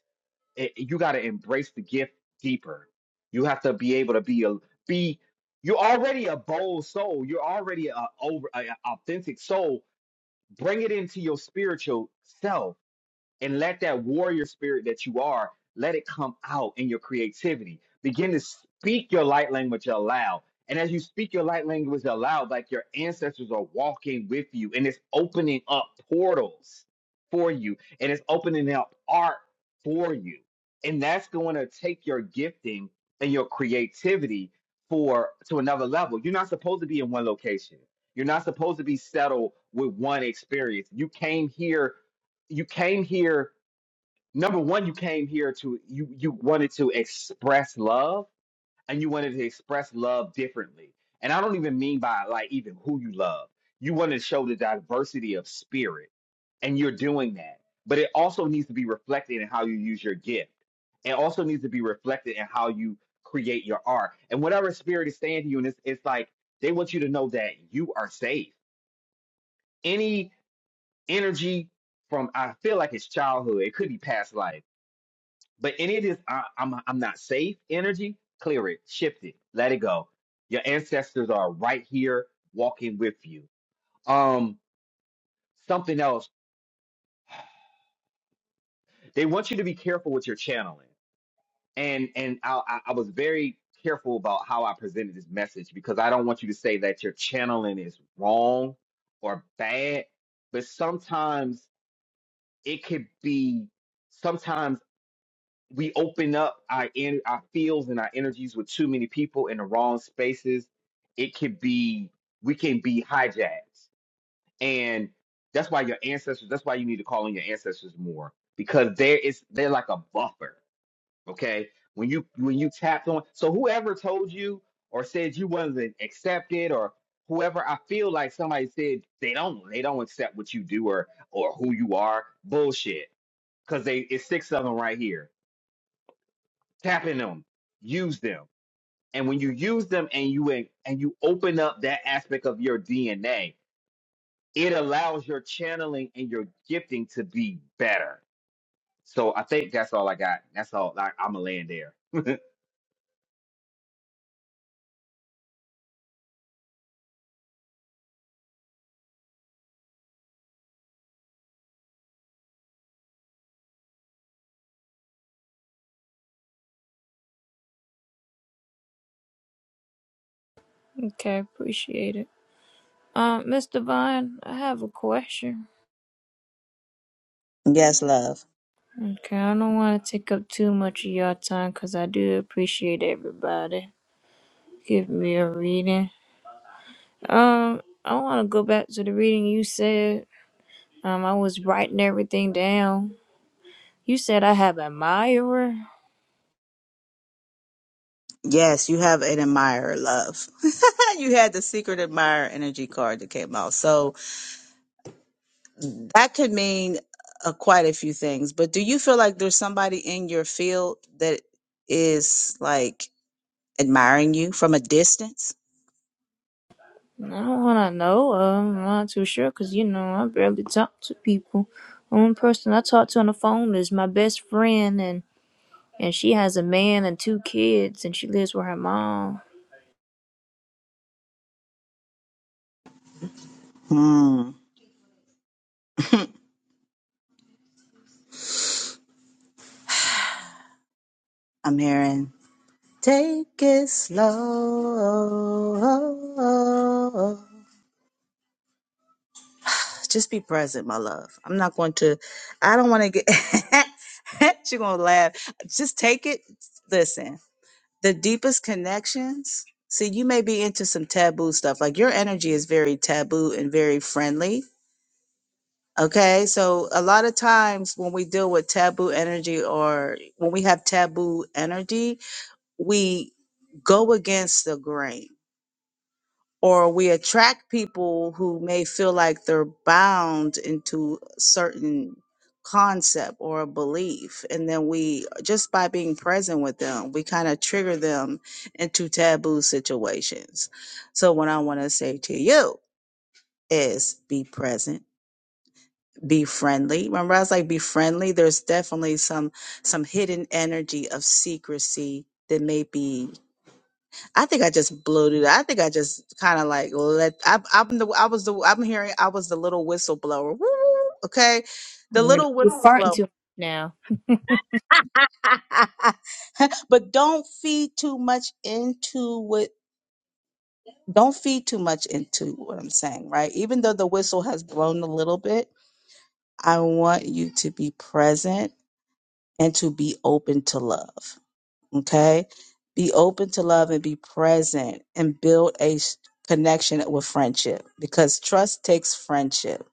S2: it, you gotta embrace the gift deeper. You have to be able to be a be you're already a bold soul. You're already a over a, a authentic soul. Bring it into your spiritual self and let that warrior spirit that you are let it come out in your creativity begin to speak your light language aloud and as you speak your light language aloud like your ancestors are walking with you and it's opening up portals for you and it's opening up art for you and that's going to take your gifting and your creativity for to another level you're not supposed to be in one location you're not supposed to be settled with one experience you came here you came here number one you came here to you you wanted to express love and you wanted to express love differently and i don't even mean by like even who you love you want to show the diversity of spirit and you're doing that but it also needs to be reflected in how you use your gift it also needs to be reflected in how you create your art and whatever spirit is saying to you and it's, it's like they want you to know that you are safe any energy from i feel like it's childhood it could be past life But any of this, I, I'm I'm not safe. Energy, clear it, shift it, let it go. Your ancestors are right here walking with you. Um, something else. They want you to be careful with your channeling. And and I, I I was very careful about how I presented this message because I don't want you to say that your channeling is wrong or bad. But sometimes it could be. Sometimes we open up our en- our fields and our energies with too many people in the wrong spaces, it could be we can be hijacked. And that's why your ancestors, that's why you need to call on your ancestors more because there is they're like a buffer, okay? When you when you tapped on so whoever told you or said you wasn't accepted or whoever I feel like somebody said they don't they don't accept what you do or or who you are, bullshit. Cause they it's six of them right here tap in them, use them. And when you use them and you and you open up that aspect of your DNA, it allows your channeling and your gifting to be better. So I think that's all I got. That's all I, I'm gonna land there.
S7: Okay, appreciate it. Uh, Mr. Vine, I have a question.
S1: Yes, love.
S7: Okay, I don't want to take up too much of your time because I do appreciate everybody. Give me a reading. Um, I want to go back to the reading you said. Um, I was writing everything down. You said I have an admirer.
S1: Yes, you have an admirer, love. you had the secret admirer energy card that came out. So that could mean uh, quite a few things, but do you feel like there's somebody in your field that is like admiring you from a distance?
S7: I don't want to know. Um, I'm not too sure because, you know, I barely talk to people. One person I talk to on the phone is my best friend, and, and she has a man and two kids, and she lives with her mom.
S1: Hmm. I'm hearing take it slow. Just be present, my love. I'm not going to, I don't want to get, you're going to laugh. Just take it. Listen, the deepest connections see you may be into some taboo stuff like your energy is very taboo and very friendly okay so a lot of times when we deal with taboo energy or when we have taboo energy we go against the grain or we attract people who may feel like they're bound into a certain concept or a belief and then we just by being present with them we kind of trigger them into taboo situations so what i want to say to you is be present be friendly remember i was like be friendly there's definitely some some hidden energy of secrecy that may be I think I just bloated. it. I think I just kind of like let. I, I'm the. I was the. I'm hearing. I was the little whistleblower. Woo! Okay, the
S7: You know,
S1: little
S7: you're farting
S1: whistleblower.
S7: too much now.
S1: but don't feed too much into what. Don't feed too much into what I'm saying. Right. Even though the whistle has blown a little bit, I want you to be present and to be open to love. Okay. Be open to love and be present and build a s- connection with friendship because trust takes friendship.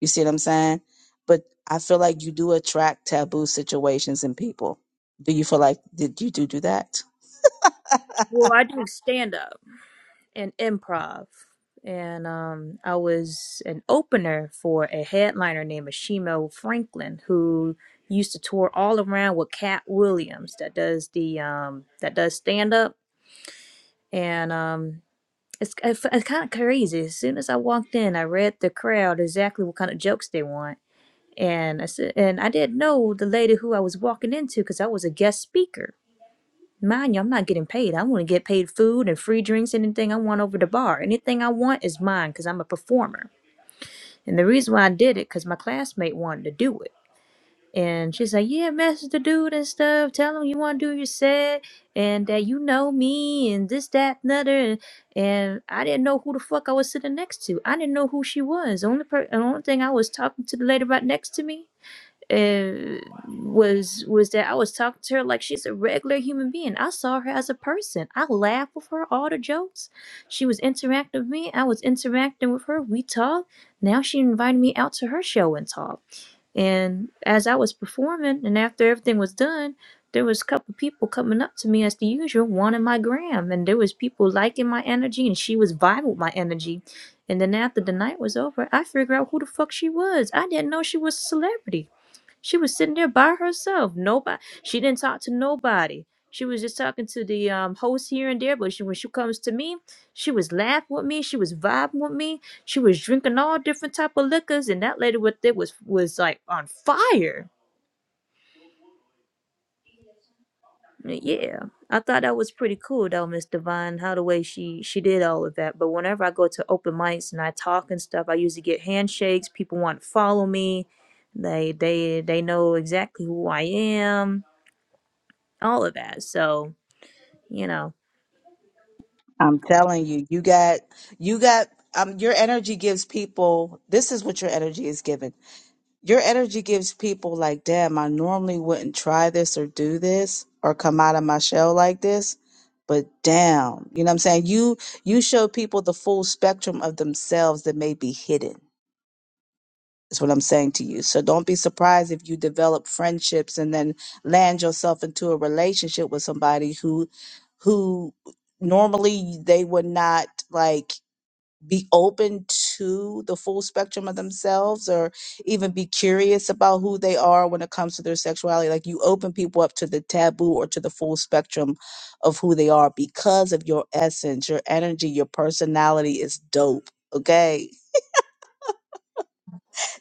S1: You see what I'm saying? But I feel like you do attract taboo situations and people. Do you feel like did you do do that?
S7: Well, I do stand up and improv. And um, I was an opener for a headliner named Ashimo Franklin, who used to tour all around with Cat Williams, that does the um, that does stand up and um It's, it's, it's kind of crazy. As soon as I walked in, I read the crowd exactly what kind of jokes they want, and I said, and I didn't know the lady who I was walking into because I was a guest speaker. Mind you, I'm not getting paid. I want to get paid food and free drinks, anything I want over the bar. Anything I want is mine because I'm a performer. And the reason why I did it because my classmate wanted to do it. And she's like, Yeah, message the dude and stuff. Tell him you want to do your set and that you know me and this, that, and other. And, and I didn't know who the fuck I was sitting next to. I didn't know who she was. The only, per- the only thing I was talking to the lady right next to me uh, was was that I was talking to her like she's a regular human being. I saw her as a person. I laughed with her, all the jokes. She was interacting with me. I was interacting with her. We talked. Now she invited me out to her show and talk. And as I was performing, and after everything was done, there was a couple people coming up to me as the usual, wanting my gram, and there was people liking my energy, and she was vibing with my energy. And then after the night was over, I figured out who the fuck she was. I didn't know she was a celebrity. She was sitting there by herself. Nobody. She didn't talk to nobody. She was just talking to the um, host here and there. But she, when she comes to me, she was laughing with me. She was vibing with me. She was drinking all different type of liquors, and that lady with it was was like on fire. Yeah, I thought that was pretty cool though, Miss Divine. How the way she she did all of that. But whenever I go to open mics and I talk and stuff, I usually get handshakes. People want to follow me. They they they know exactly who I am all of that. So, you know,
S1: I'm telling you, you got you got um your energy gives people this is what your energy is giving. Your energy gives people like, damn, I normally wouldn't try this or do this or come out of my shell like this, but damn, you know what I'm saying? You you show people the full spectrum of themselves that may be hidden. Is what I'm saying to you. So don't be surprised if you develop friendships and then land yourself into a relationship with somebody who who normally they would not like be open to the full spectrum of themselves or even be curious about who they are when it comes to their sexuality like you open people up to the taboo or to the full spectrum of who they are because of your essence your energy your personality is dope okay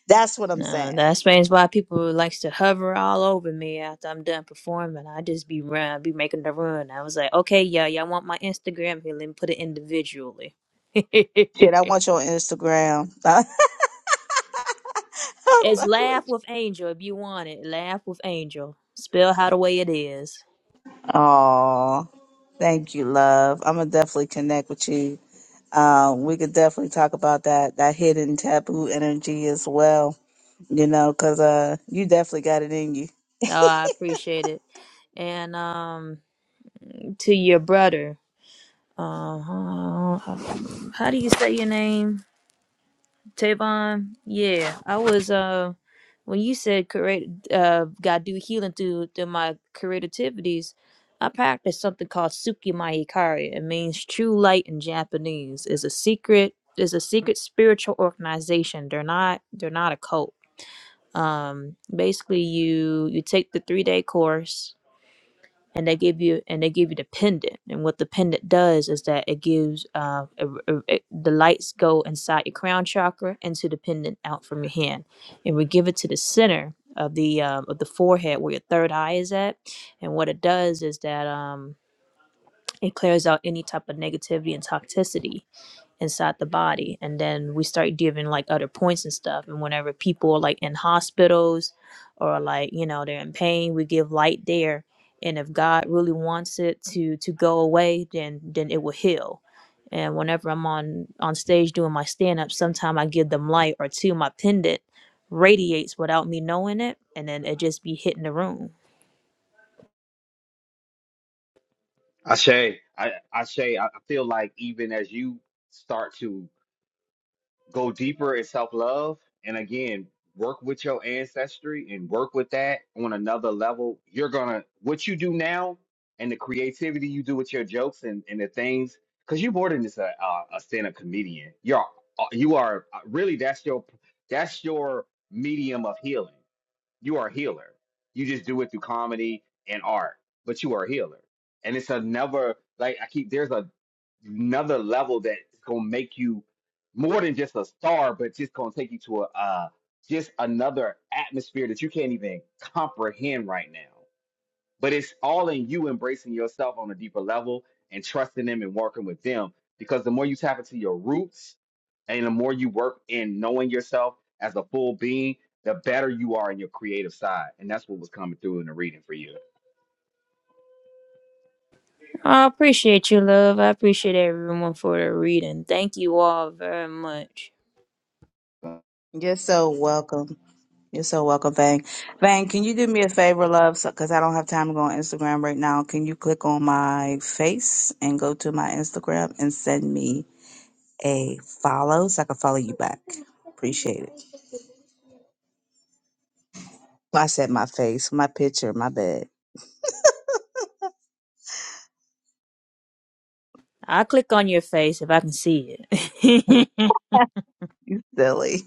S1: that's what i'm
S7: nah,
S1: saying
S7: that explains why people likes to hover all over me after I'm done performing. I just be run, be making the run. I was like, okay, yeah, y'all want my Instagram here? Let me put it individually.
S1: shit i
S7: it's
S1: want your instagram i'm fucking
S7: laugh
S1: with
S7: with angel if you want it. Laugh with angel. Spell how the way it is.
S1: you oh thank you love i'm gonna definitely connect with you Um, we could definitely talk about that that hidden taboo energy as well. You know, because uh, you definitely got it in you.
S7: No, I appreciate it. And um, to your brother, uh, how do you say your name? Tavon, yeah, I was uh when you said create uh God do healing through through my creativities, I practiced something called Tsukima Ikari. It means true light in Japanese. Is a secret is a secret spiritual organization. They're not they're not a cult. Um basically you you take the three day course and they give you and they give you the pendant and what the pendant does is that it gives uh, a, a- a- the lights go inside your crown chakra into the pendant out from your hand and we give it to the center of the um, of the forehead where your third eye is at and what it does is that um, it clears out any type of negativity and toxicity inside the body and then we start giving like other points and stuff and whenever people are like in hospitals or like you know they're in pain we give light there and if god really wants it to to go away then then it will heal and whenever i'm on on stage doing my stand-up sometime i give them light or two my pendant radiates without me knowing it and then it just be hitting the room
S2: Ashe, I, Ashe, I I feel like even as you start to Go deeper in self love. And again, work with your ancestry and work with that on another level. You're going to, what you do now and the creativity you do with your jokes and, and the things, because you're more than just a, a, a stand up comedian. You're, uh, you are uh, really, that's your, that's your medium of healing. You are a healer. You just do it through comedy and art, but you are a healer. And it's another like I keep there's a another level that's gonna make you more than just a star, but just gonna take you to a uh, just another atmosphere that you can't even comprehend right now but it's all in you embracing yourself on a deeper level and trusting them and working with them because the more you tap into your roots and the more you work in knowing yourself as a full being the better you are in your creative side and that's what was coming through in the reading for you
S7: i appreciate you love i appreciate everyone for the reading thank you all very much
S2: So,
S1: You're so welcome. You're so welcome, Vang. Vang, can you do me a favor, love? So, Because I don't have time to go on Instagram right now. Can you click on my face and go to my Instagram and send me a follow so I can follow you back? Appreciate it. Well, I said my face, my picture, my bed.
S7: I'll click on your face if I can see it.
S1: You silly.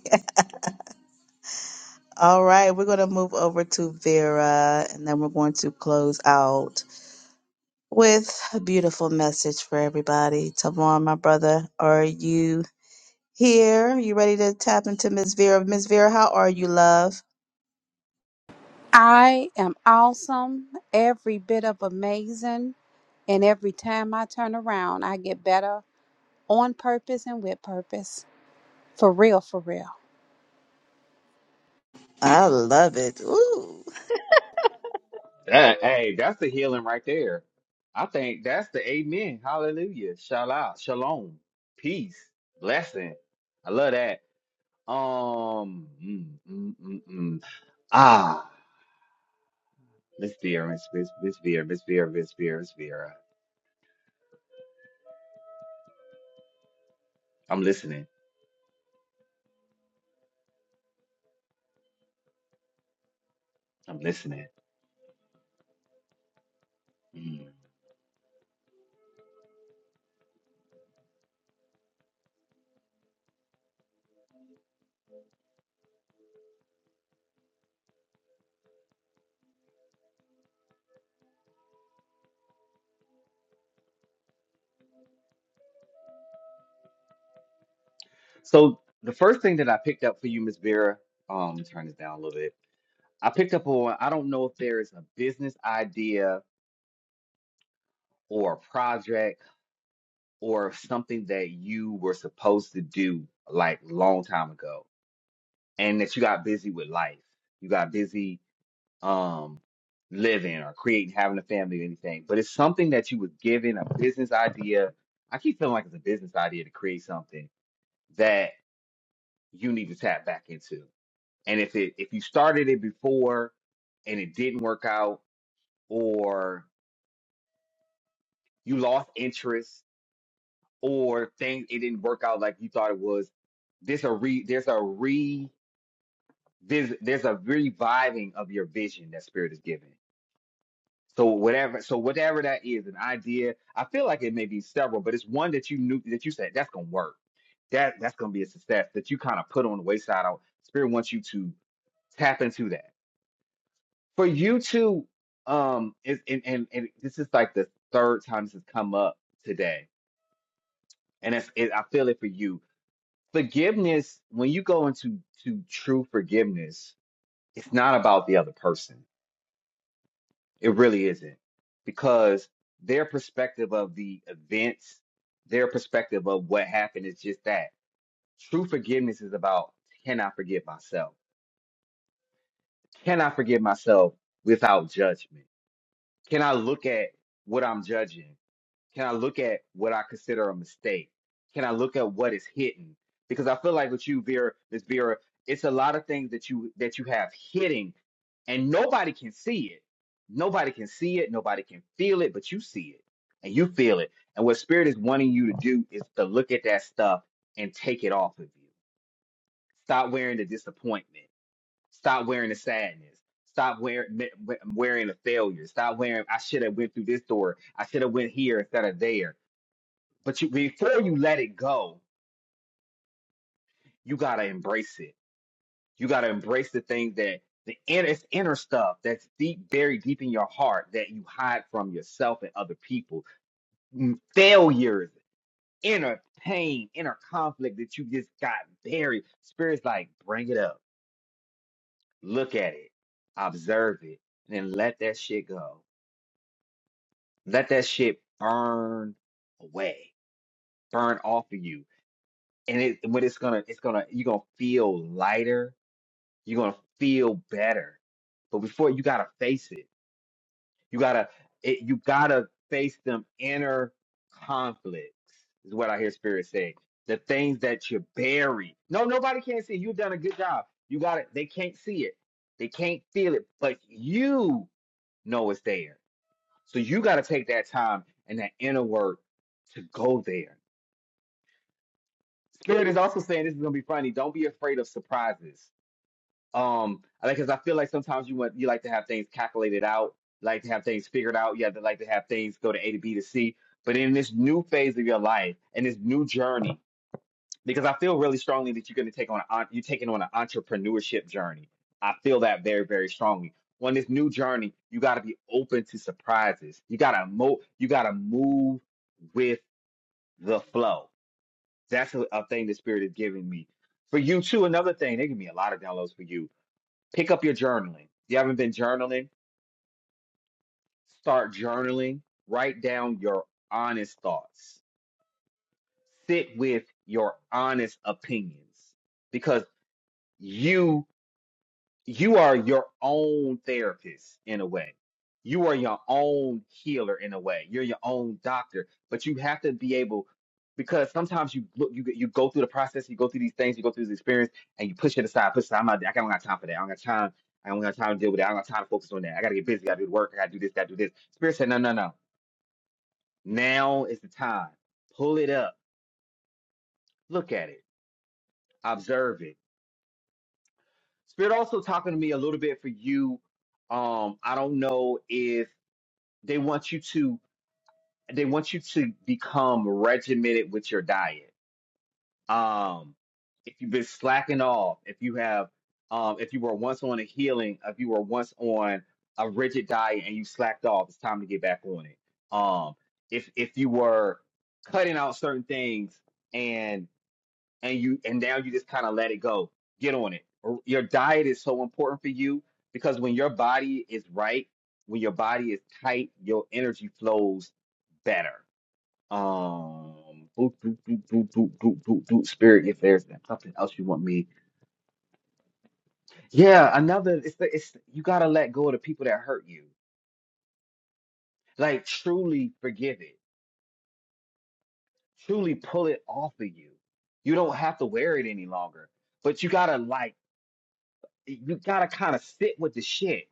S1: All right, we're going to move over to Vera and then we're going to close out with a beautiful message for everybody. Tavon, my brother, are you here? You ready to tap into Miss Vera? Miss Vera, how are you, love?
S8: I am awesome, every bit of amazing, and every time I turn around, I get better on purpose and with purpose. For real, for real.
S1: I love it. Ooh.
S2: that, hey that's the healing right there i think that's the amen hallelujah shalom shalom peace blessing i love that um mm, mm, mm, mm. mm. Ah. Miss Vera, Miss Miss Miss Vera, Miss Vera, Miss Vera, Miss Vera. I'm listening. I'm listening. Mm. So the first thing that I picked up for you, Miss Vera, um, turn this down a little bit. I picked up on I don't know if there is a business idea or a project or something that you were supposed to do like long time ago and that you got busy with life. You got busy um living or creating having a family or anything but it's something that you was given a business idea i keep feeling like it's a business idea to create something that you need to tap back into and if it if you started it before and it didn't work out or you lost interest or things it didn't work out like you thought it was there's a re there's a re there's, there's a reviving of your vision that spirit is giving So whatever, so whatever that is, an idea, I feel like it may be several, but it's one that you knew that you said that's gonna work. That that's gonna be a success that you kind of put on the wayside. Out Spirit wants you to tap into that. For you to um is and, and and this is like the third time this has come up today. And it's it, I feel it for you. Forgiveness, when you go into to true forgiveness, it's not about the other person It really isn't because their perspective of the events, their perspective of what happened is just that. True forgiveness is about can I forgive myself? Can I forgive myself without judgment? Can I look at what I'm judging? Can I look at what I consider a mistake? Can I look at what is hidden? Because I feel like with you, Vera, Miss Vera, it's a lot of things that you that you have hidden, and nobody can see it. Nobody can see it. Nobody can feel it, but you see it and you feel it. And what Spirit is wanting you to do is to look at that stuff and take it off of you. Stop wearing the disappointment. Stop wearing the sadness. Stop wearing wearing the failure. Stop wearing I should have went through this door. I should have went here instead of there but you before you let it go, you gotta embrace it. You gotta embrace the thing that the inner it's inner stuff that's deep, buried deep in your heart that you hide from yourself and other people. Mm, Failures, inner pain, inner conflict that you just got buried. Spirit's like, bring it up, look at it, observe it, and then let that shit go. Let that shit burn away, burn off of you. And it, when it's gonna, it's gonna, you're gonna feel lighter You're gonna feel better. But before you gotta face it. You gotta it, you gotta face them inner conflicts, is what I hear spirit say. The things that you bury. No, nobody can see. You've done a good job. You got it. They can't see it. They can't feel it. But you know it's there. So you gotta take that time and that inner work to go there. Spirit is also saying this is gonna be funny. Don't be afraid of surprises Um, I like because I feel like sometimes you want you like to have things calculated out, like to have things figured out. You have to like to have things go to A to B to C. But in this new phase of your life and this new journey, because I feel really strongly that you're going to take on an, you're taking on an entrepreneurship journey. I feel that very very strongly. On this new journey, you got to be open to surprises. You got to mo you got to move with the flow. That's a, a thing the spirit is giving me. For you too, another thing, they give me a lot of downloads for you Pick up your journaling. If you haven't been journaling, start journaling. Write down your honest thoughts. Sit with your honest opinions because you you are your own therapist in a way. You are your own healer in a way. You're your own doctor, but you have to be able because sometimes you look, you you go through the process, you go through these things, you go through this experience, and you push it aside. Push it aside. I'm not, I don't got time for that. I don't got time. I don't got time to deal with that. I don't got time to focus on that. I gotta get busy. I gotta do the work. I gotta do this. Gotta do this. Spirit said, no, no, no. Now is the time. Pull it up. Look at it. Observe it. Spirit also talking to me a little bit for you um, I don't know if they want you to they want you to become regimented with your diet. Um, if you've been slacking off, if you have, um, if you were once on a healing, if you were once on a rigid diet and you slacked off, it's time to get back on it. Um, if if you were cutting out certain things and and you and now you just kind of let it go. Get on it. Or Your diet is so important for you because when your body is right, when your body is tight, your energy flows better. Um, boop, boop, boop, boop, boop, boop, boop, boop. Spirit, if there's something else you want me, yeah, another. It's the, it's you gotta let go of the people that hurt you. Like truly forgive it. Truly pull it off of you. You don't have to wear it any longer, but you gotta like you gotta kind of sit with the shit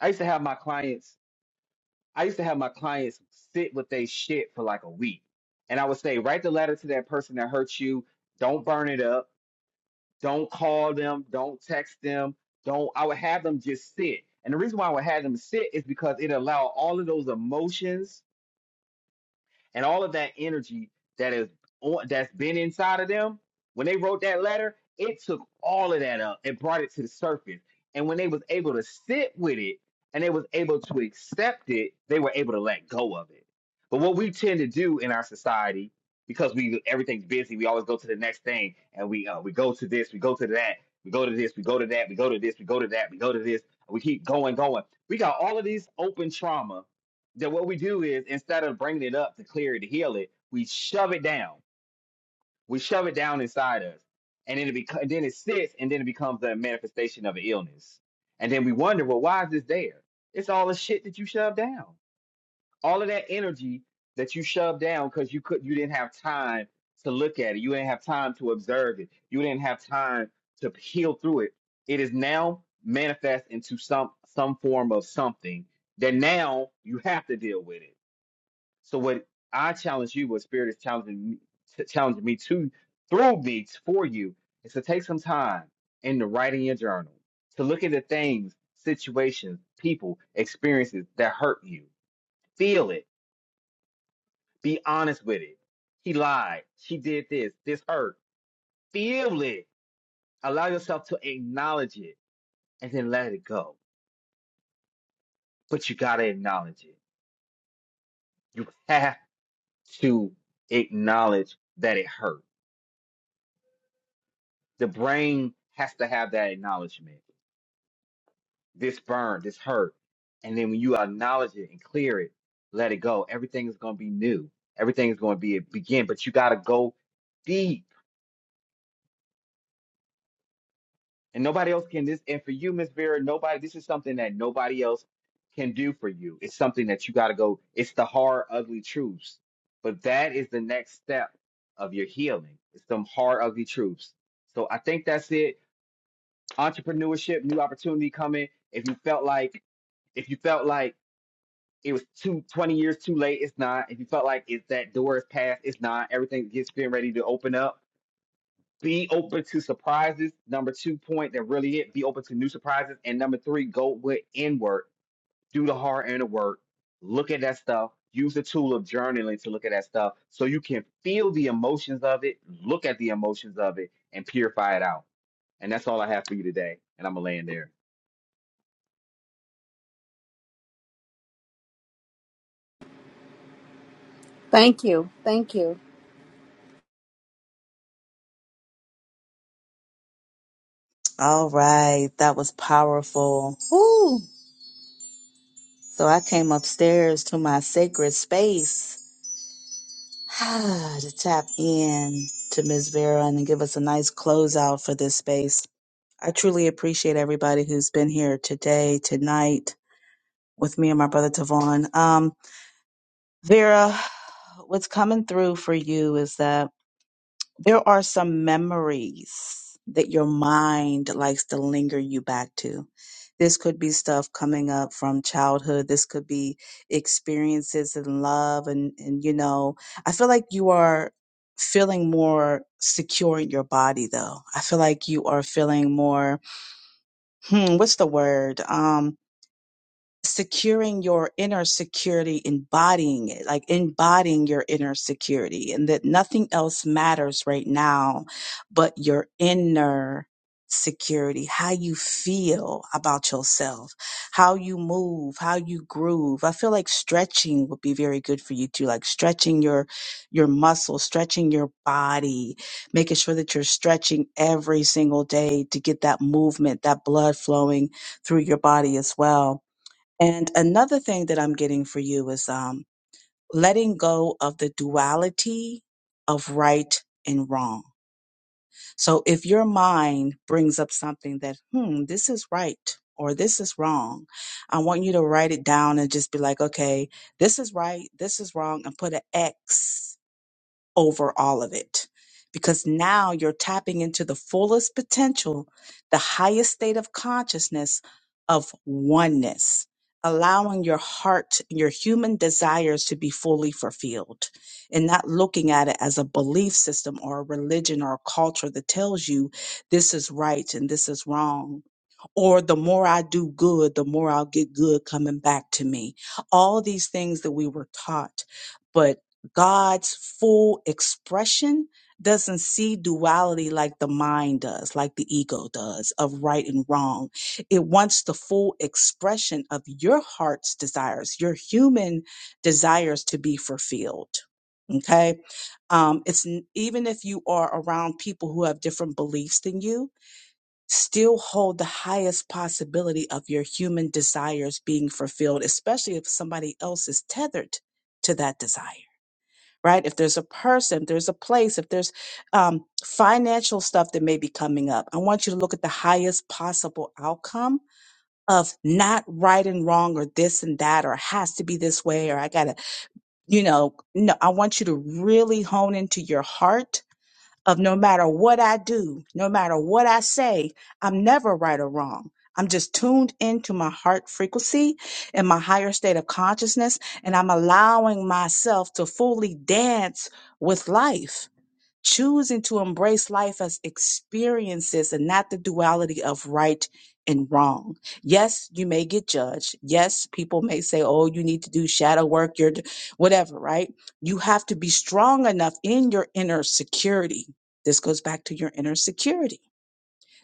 S2: I used to have my clients, I used to have my clients sit with their shit for like a week. And I would say, write the letter to that person that hurt you. Don't burn it up. Don't call them. Don't text them. Don't, I would have them just sit. And the reason why I would have them sit is because it allowed all of those emotions and all of that energy that is on, that's been inside of them when they wrote that letter it took all of that up and brought it to the surface and when they was able to sit with it and they was able to accept it they were able to let go of it but what we tend to do in our society because we everything's busy we always go to the next thing and we uh, we go to this we go to that we go to this we go to that we go to this we go to that we go to this we keep going going we got all of these open trauma that what we do is instead of bringing it up to clear it to heal it, we shove it down. We shove it down inside us, and then it becomes, then it sits, and then it becomes the manifestation of an illness. And then we wonder, well, why is this there? It's all the shit that you shoved down, all of that energy that you shoved down because you could, you didn't have time to look at it, you didn't have time to observe it, you didn't have time to heal through it. It is now manifest into some some form of something that now you have to deal with it so what I challenge you, what Spirit is challenging me, t- challenging me to through me t- for you, is to take some time in the writing your journal to look at the things, situations, people, experiences that hurt you. Feel it. Be honest with it. He lied. She did this. This hurt. Feel it. Allow yourself to acknowledge it and then let it go. But you gotta acknowledge it. You have to acknowledge that it hurt The brain has to have that acknowledgement. This burn, this hurt. And then when you acknowledge it and clear it, let it go. Everything is going to be new. Everything is going to be begin, but you got to go deep. And nobody else can this. And for you, Miss Vera, nobody, this is something that nobody else can do for you. It's something that you got to go. It's the hard, ugly truths. But that is the next step of your healing. It's some hard, ugly truths. So I think that's it. entrepreneurship, new opportunity coming. If you felt like if you felt like it was two twenty years too late, it's not. If you felt like it's that door is past, it's not. Everything gets getting ready to open up. Be open to surprises. Number two point that really it. Be open to new surprises. And number three, go with inward. Do the hard inner work. Look at that stuff. Use the tool of journaling to look at that stuff so you can feel the emotions of it, look at the emotions of it, and purify it out. And that's all I have for you today. And I'm gonna land there.
S8: Thank you. Thank you.
S1: All right, that was powerful. Ooh. So I came upstairs to my sacred space to tap in to Miss Vera and give us a nice closeout for this space. I truly appreciate everybody who's been here today, tonight, with me and my brother Tavon. Um, Vera, what's coming through for you is that there are some memories that your mind likes to linger you back to. This could be stuff coming up from childhood. This could be experiences in love. And, and, you know, I feel like you are feeling more secure in your body, though. I feel like you are feeling more hmm, what's the word? Um, securing your inner security, embodying it, like embodying your inner security, and that nothing else matters right now but your inner security, how you feel about yourself, how you move, how you groove. I feel like stretching would be very good for you too, like stretching your your muscles, stretching your body, making sure that you're stretching every single day to get that movement, that blood flowing through your body as well and another thing that I'm getting for you is um, letting go of the duality of right and wrong. So if your mind brings up something that, hmm, this is right or this is wrong, I want you to write it down and just be like, okay, this is right, this is wrong, and put an X over all of it because now you're tapping into the fullest potential, the highest state of consciousness of oneness, allowing your heart, your human desires to be fully fulfilled and not looking at it as a belief system or a religion or a culture that tells you this is right and this is wrong. Or the more I do good, the more I'll get good coming back to me. All these things that we were taught. But God's full expression doesn't see duality like the mind does, like the ego does, of right and wrong. It wants the full expression of your heart's desires, your human desires to be fulfilled. Okay. Um, it's n- even if you are around people who have different beliefs than you, still hold the highest possibility of your human desires being fulfilled, especially if somebody else is tethered to that desire right? If there's a person, there's a place, if there's um, financial stuff that may be coming up, I want you to look at the highest possible outcome of not right and wrong or this and that or has to be this way or I gotta, you know, no, I want you to really hone into your heart of no matter what I do, no matter what I say, I'm never right or wrong. I'm just tuned into my heart frequency and my higher state of consciousness, and I'm allowing myself to fully dance with life choosing to embrace life as experiences and not the duality of right and wrong. Yes, you may get judged. Yes, people may say, "Oh, you need to do shadow work, you're d- whatever," right? You have to be strong enough in your inner security. This goes back to your inner security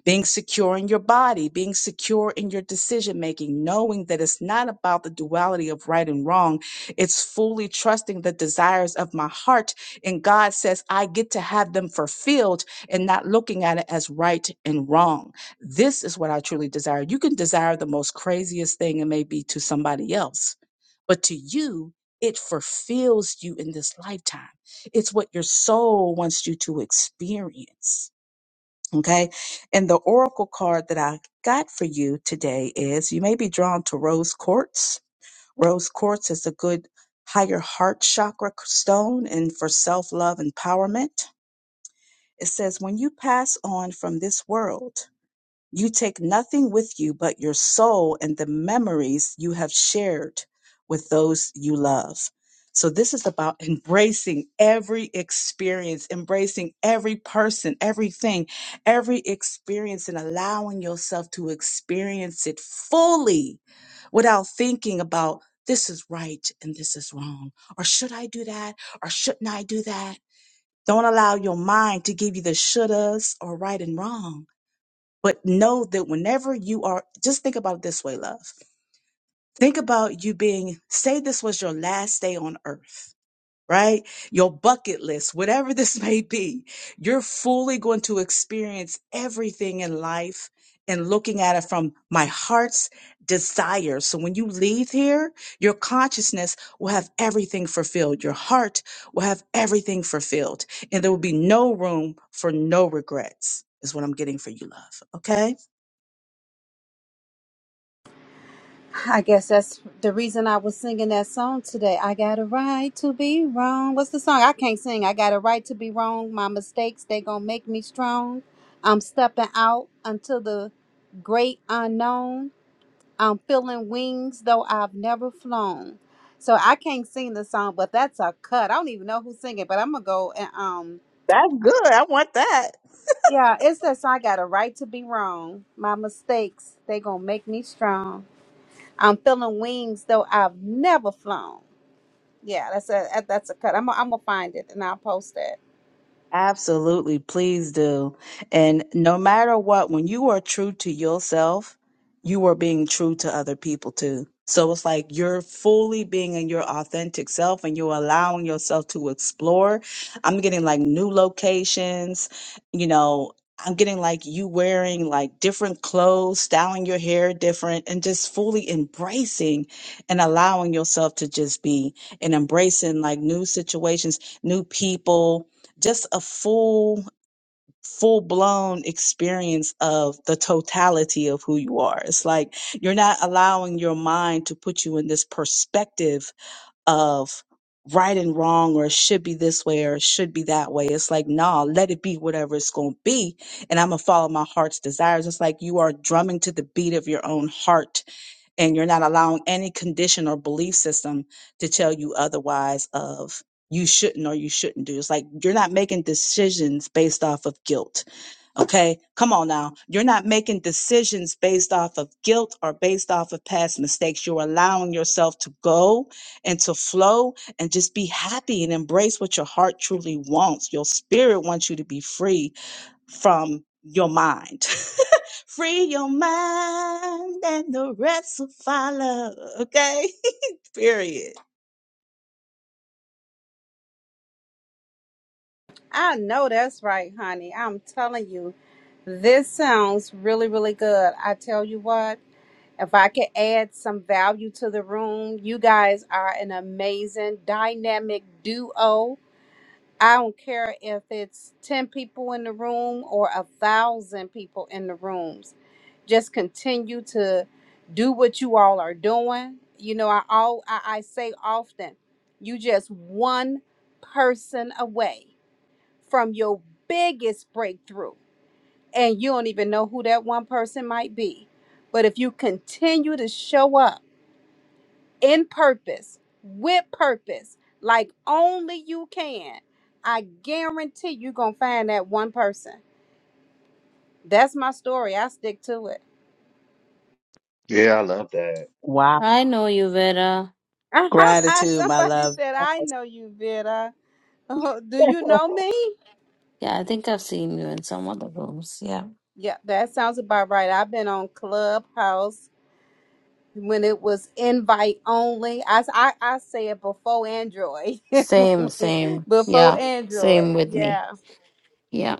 S1: being secure in your body, being secure in your decision making, knowing that it's not about the duality of right and wrong. It's fully trusting the desires of my heart. And God says, I get to have them fulfilled and not looking at it as right and wrong. This is what I truly desire. You can desire the most craziest thing it may be to somebody else, but to you, it fulfills you in this lifetime. It's what your soul wants you to experience. Okay. And the oracle card that I got for you today is you may be drawn to rose quartz. Rose quartz is a good higher heart chakra stone and for self love empowerment. It says, when you pass on from this world, you take nothing with you but your soul and the memories you have shared with those you love. So, this is about embracing every experience, embracing every person, everything, every experience, and allowing yourself to experience it fully without thinking about this is right and this is wrong, or should I do that, or shouldn't I do that? Don't allow your mind to give you the shouldas or right and wrong but know that whenever you are, just think about it this way, love. Think about you being, say this was your last day on earth, right? Your bucket list, whatever this may be, you're fully going to experience everything in life and looking at it from my heart's desire. So when you leave here, your consciousness will have everything fulfilled. Your heart will have everything fulfilled. And there will be no room for no regrets, is what I'm getting for you, love. Okay?
S8: I guess that's the reason I was singing that song today. I got a right to be wrong. What's the song? I can't sing. I got a right to be wrong. My mistakes, they gonna make me strong. I'm stepping out until the great unknown. I'm feeling wings though I've never flown. So I can't sing the song, but that's a cut. I don't even know who's singing, but I'm gonna go and um
S1: That's good. I want that.
S8: yeah, it's that song I got a right to be wrong. My mistakes, they gonna make me strong. I'm feeling wings though I've never flown. Yeah, that's a that- that's a cut. I'm gonna- I'm gonna find it and I'll post that.
S1: Absolutely, please do. And no matter what, when you are true to yourself, you are being true to other people too. So it's like you're fully being in your authentic self and you're allowing yourself to explore. I'm getting like new locations, you know, I'm getting like you wearing like different clothes, styling your hair different, and just fully embracing and allowing yourself to just be and embracing like new situations, new people, just a full full blown experience of the totality of who you are it's like you're not allowing your mind to put you in this perspective of right and wrong or it should be this way or it should be that way it's like nah let it be whatever it's going to be and i'm going to follow my heart's desires it's like you are drumming to the beat of your own heart and you're not allowing any condition or belief system to tell you otherwise of you shouldn't or you shouldn't do. It's like you're not making decisions based off of guilt. Okay. Come on now. You're not making decisions based off of guilt or based off of past mistakes. You're allowing yourself to go and to flow and just be happy and embrace what your heart truly wants. Your spirit wants you to be free from your mind. Free your mind and the rest will follow. Okay? Period.
S8: I know that's right, honey. I'm telling you, this sounds really, really good. I tell you what. If I could add some value to the room, you guys are an amazing dynamic duo. I don't care if it's 10 people in the room or a thousand people in the rooms. Just continue to do what you all are doing. You know, I all I, I say often, you just one person away from your biggest breakthrough. And you don't even know who that one person might be. But if you continue to show up in purpose, with purpose, like only you can, I guarantee you're going to find that one person. That's my story. I stick to it.
S2: Love that.
S1: Wow.
S3: I know you, Vera.
S1: Gratitude, my
S8: Somebody
S1: love.
S8: said, I know you, Vida. Oh, do you know me?
S3: Yeah, I think I've seen you in some other rooms. Yeah.
S8: Yeah, that sounds about right. I've been on Clubhouse when it was invite only. I, s- I, I say it before Android.
S3: Same, same.
S8: before
S3: Yeah.
S8: Android.
S3: Same with me.
S8: Yeah.
S3: Yeah.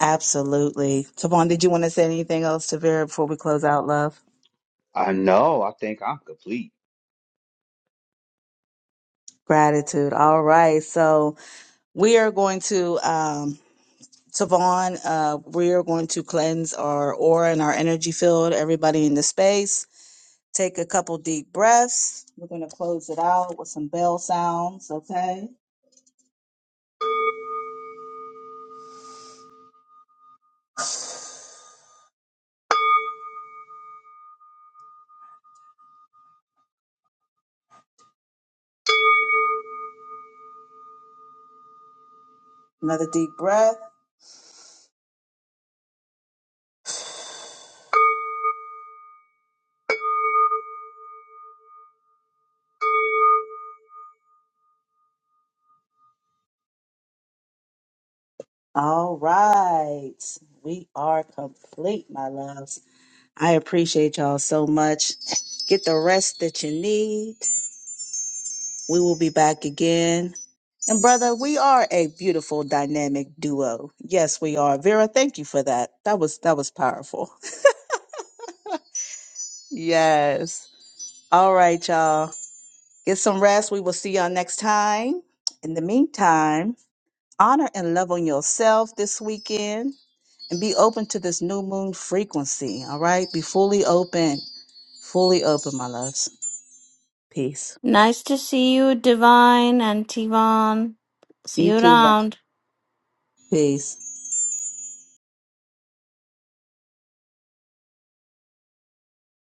S1: Absolutely. Tavon, did you want to say anything else to Vera before we close out, love?
S2: I know. I think I'm complete.
S1: Gratitude. All right. So we are going to, um, Tavon, uh, we are going to cleanse our aura and our energy field, everybody in the space. Take a couple deep breaths. We're going to close it out with some bell sounds. Okay. Another deep breath. All right. We are complete, my loves. I appreciate y'all so much. Get the rest that you need. We will be back again. And brother, we are a beautiful dynamic duo. Yes, we are. Vera, thank you for that. That was that was powerful. Yes. All right, y'all. Get some rest. We will see y'all next time. In the meantime, Honor and love on yourself this weekend and be open to this new moon frequency. All right. Be fully open. Fully open, my loves. Peace.
S3: Nice to see you, Divine and Tivan. See
S1: You
S3: you
S1: too. love.
S3: around.
S1: Peace.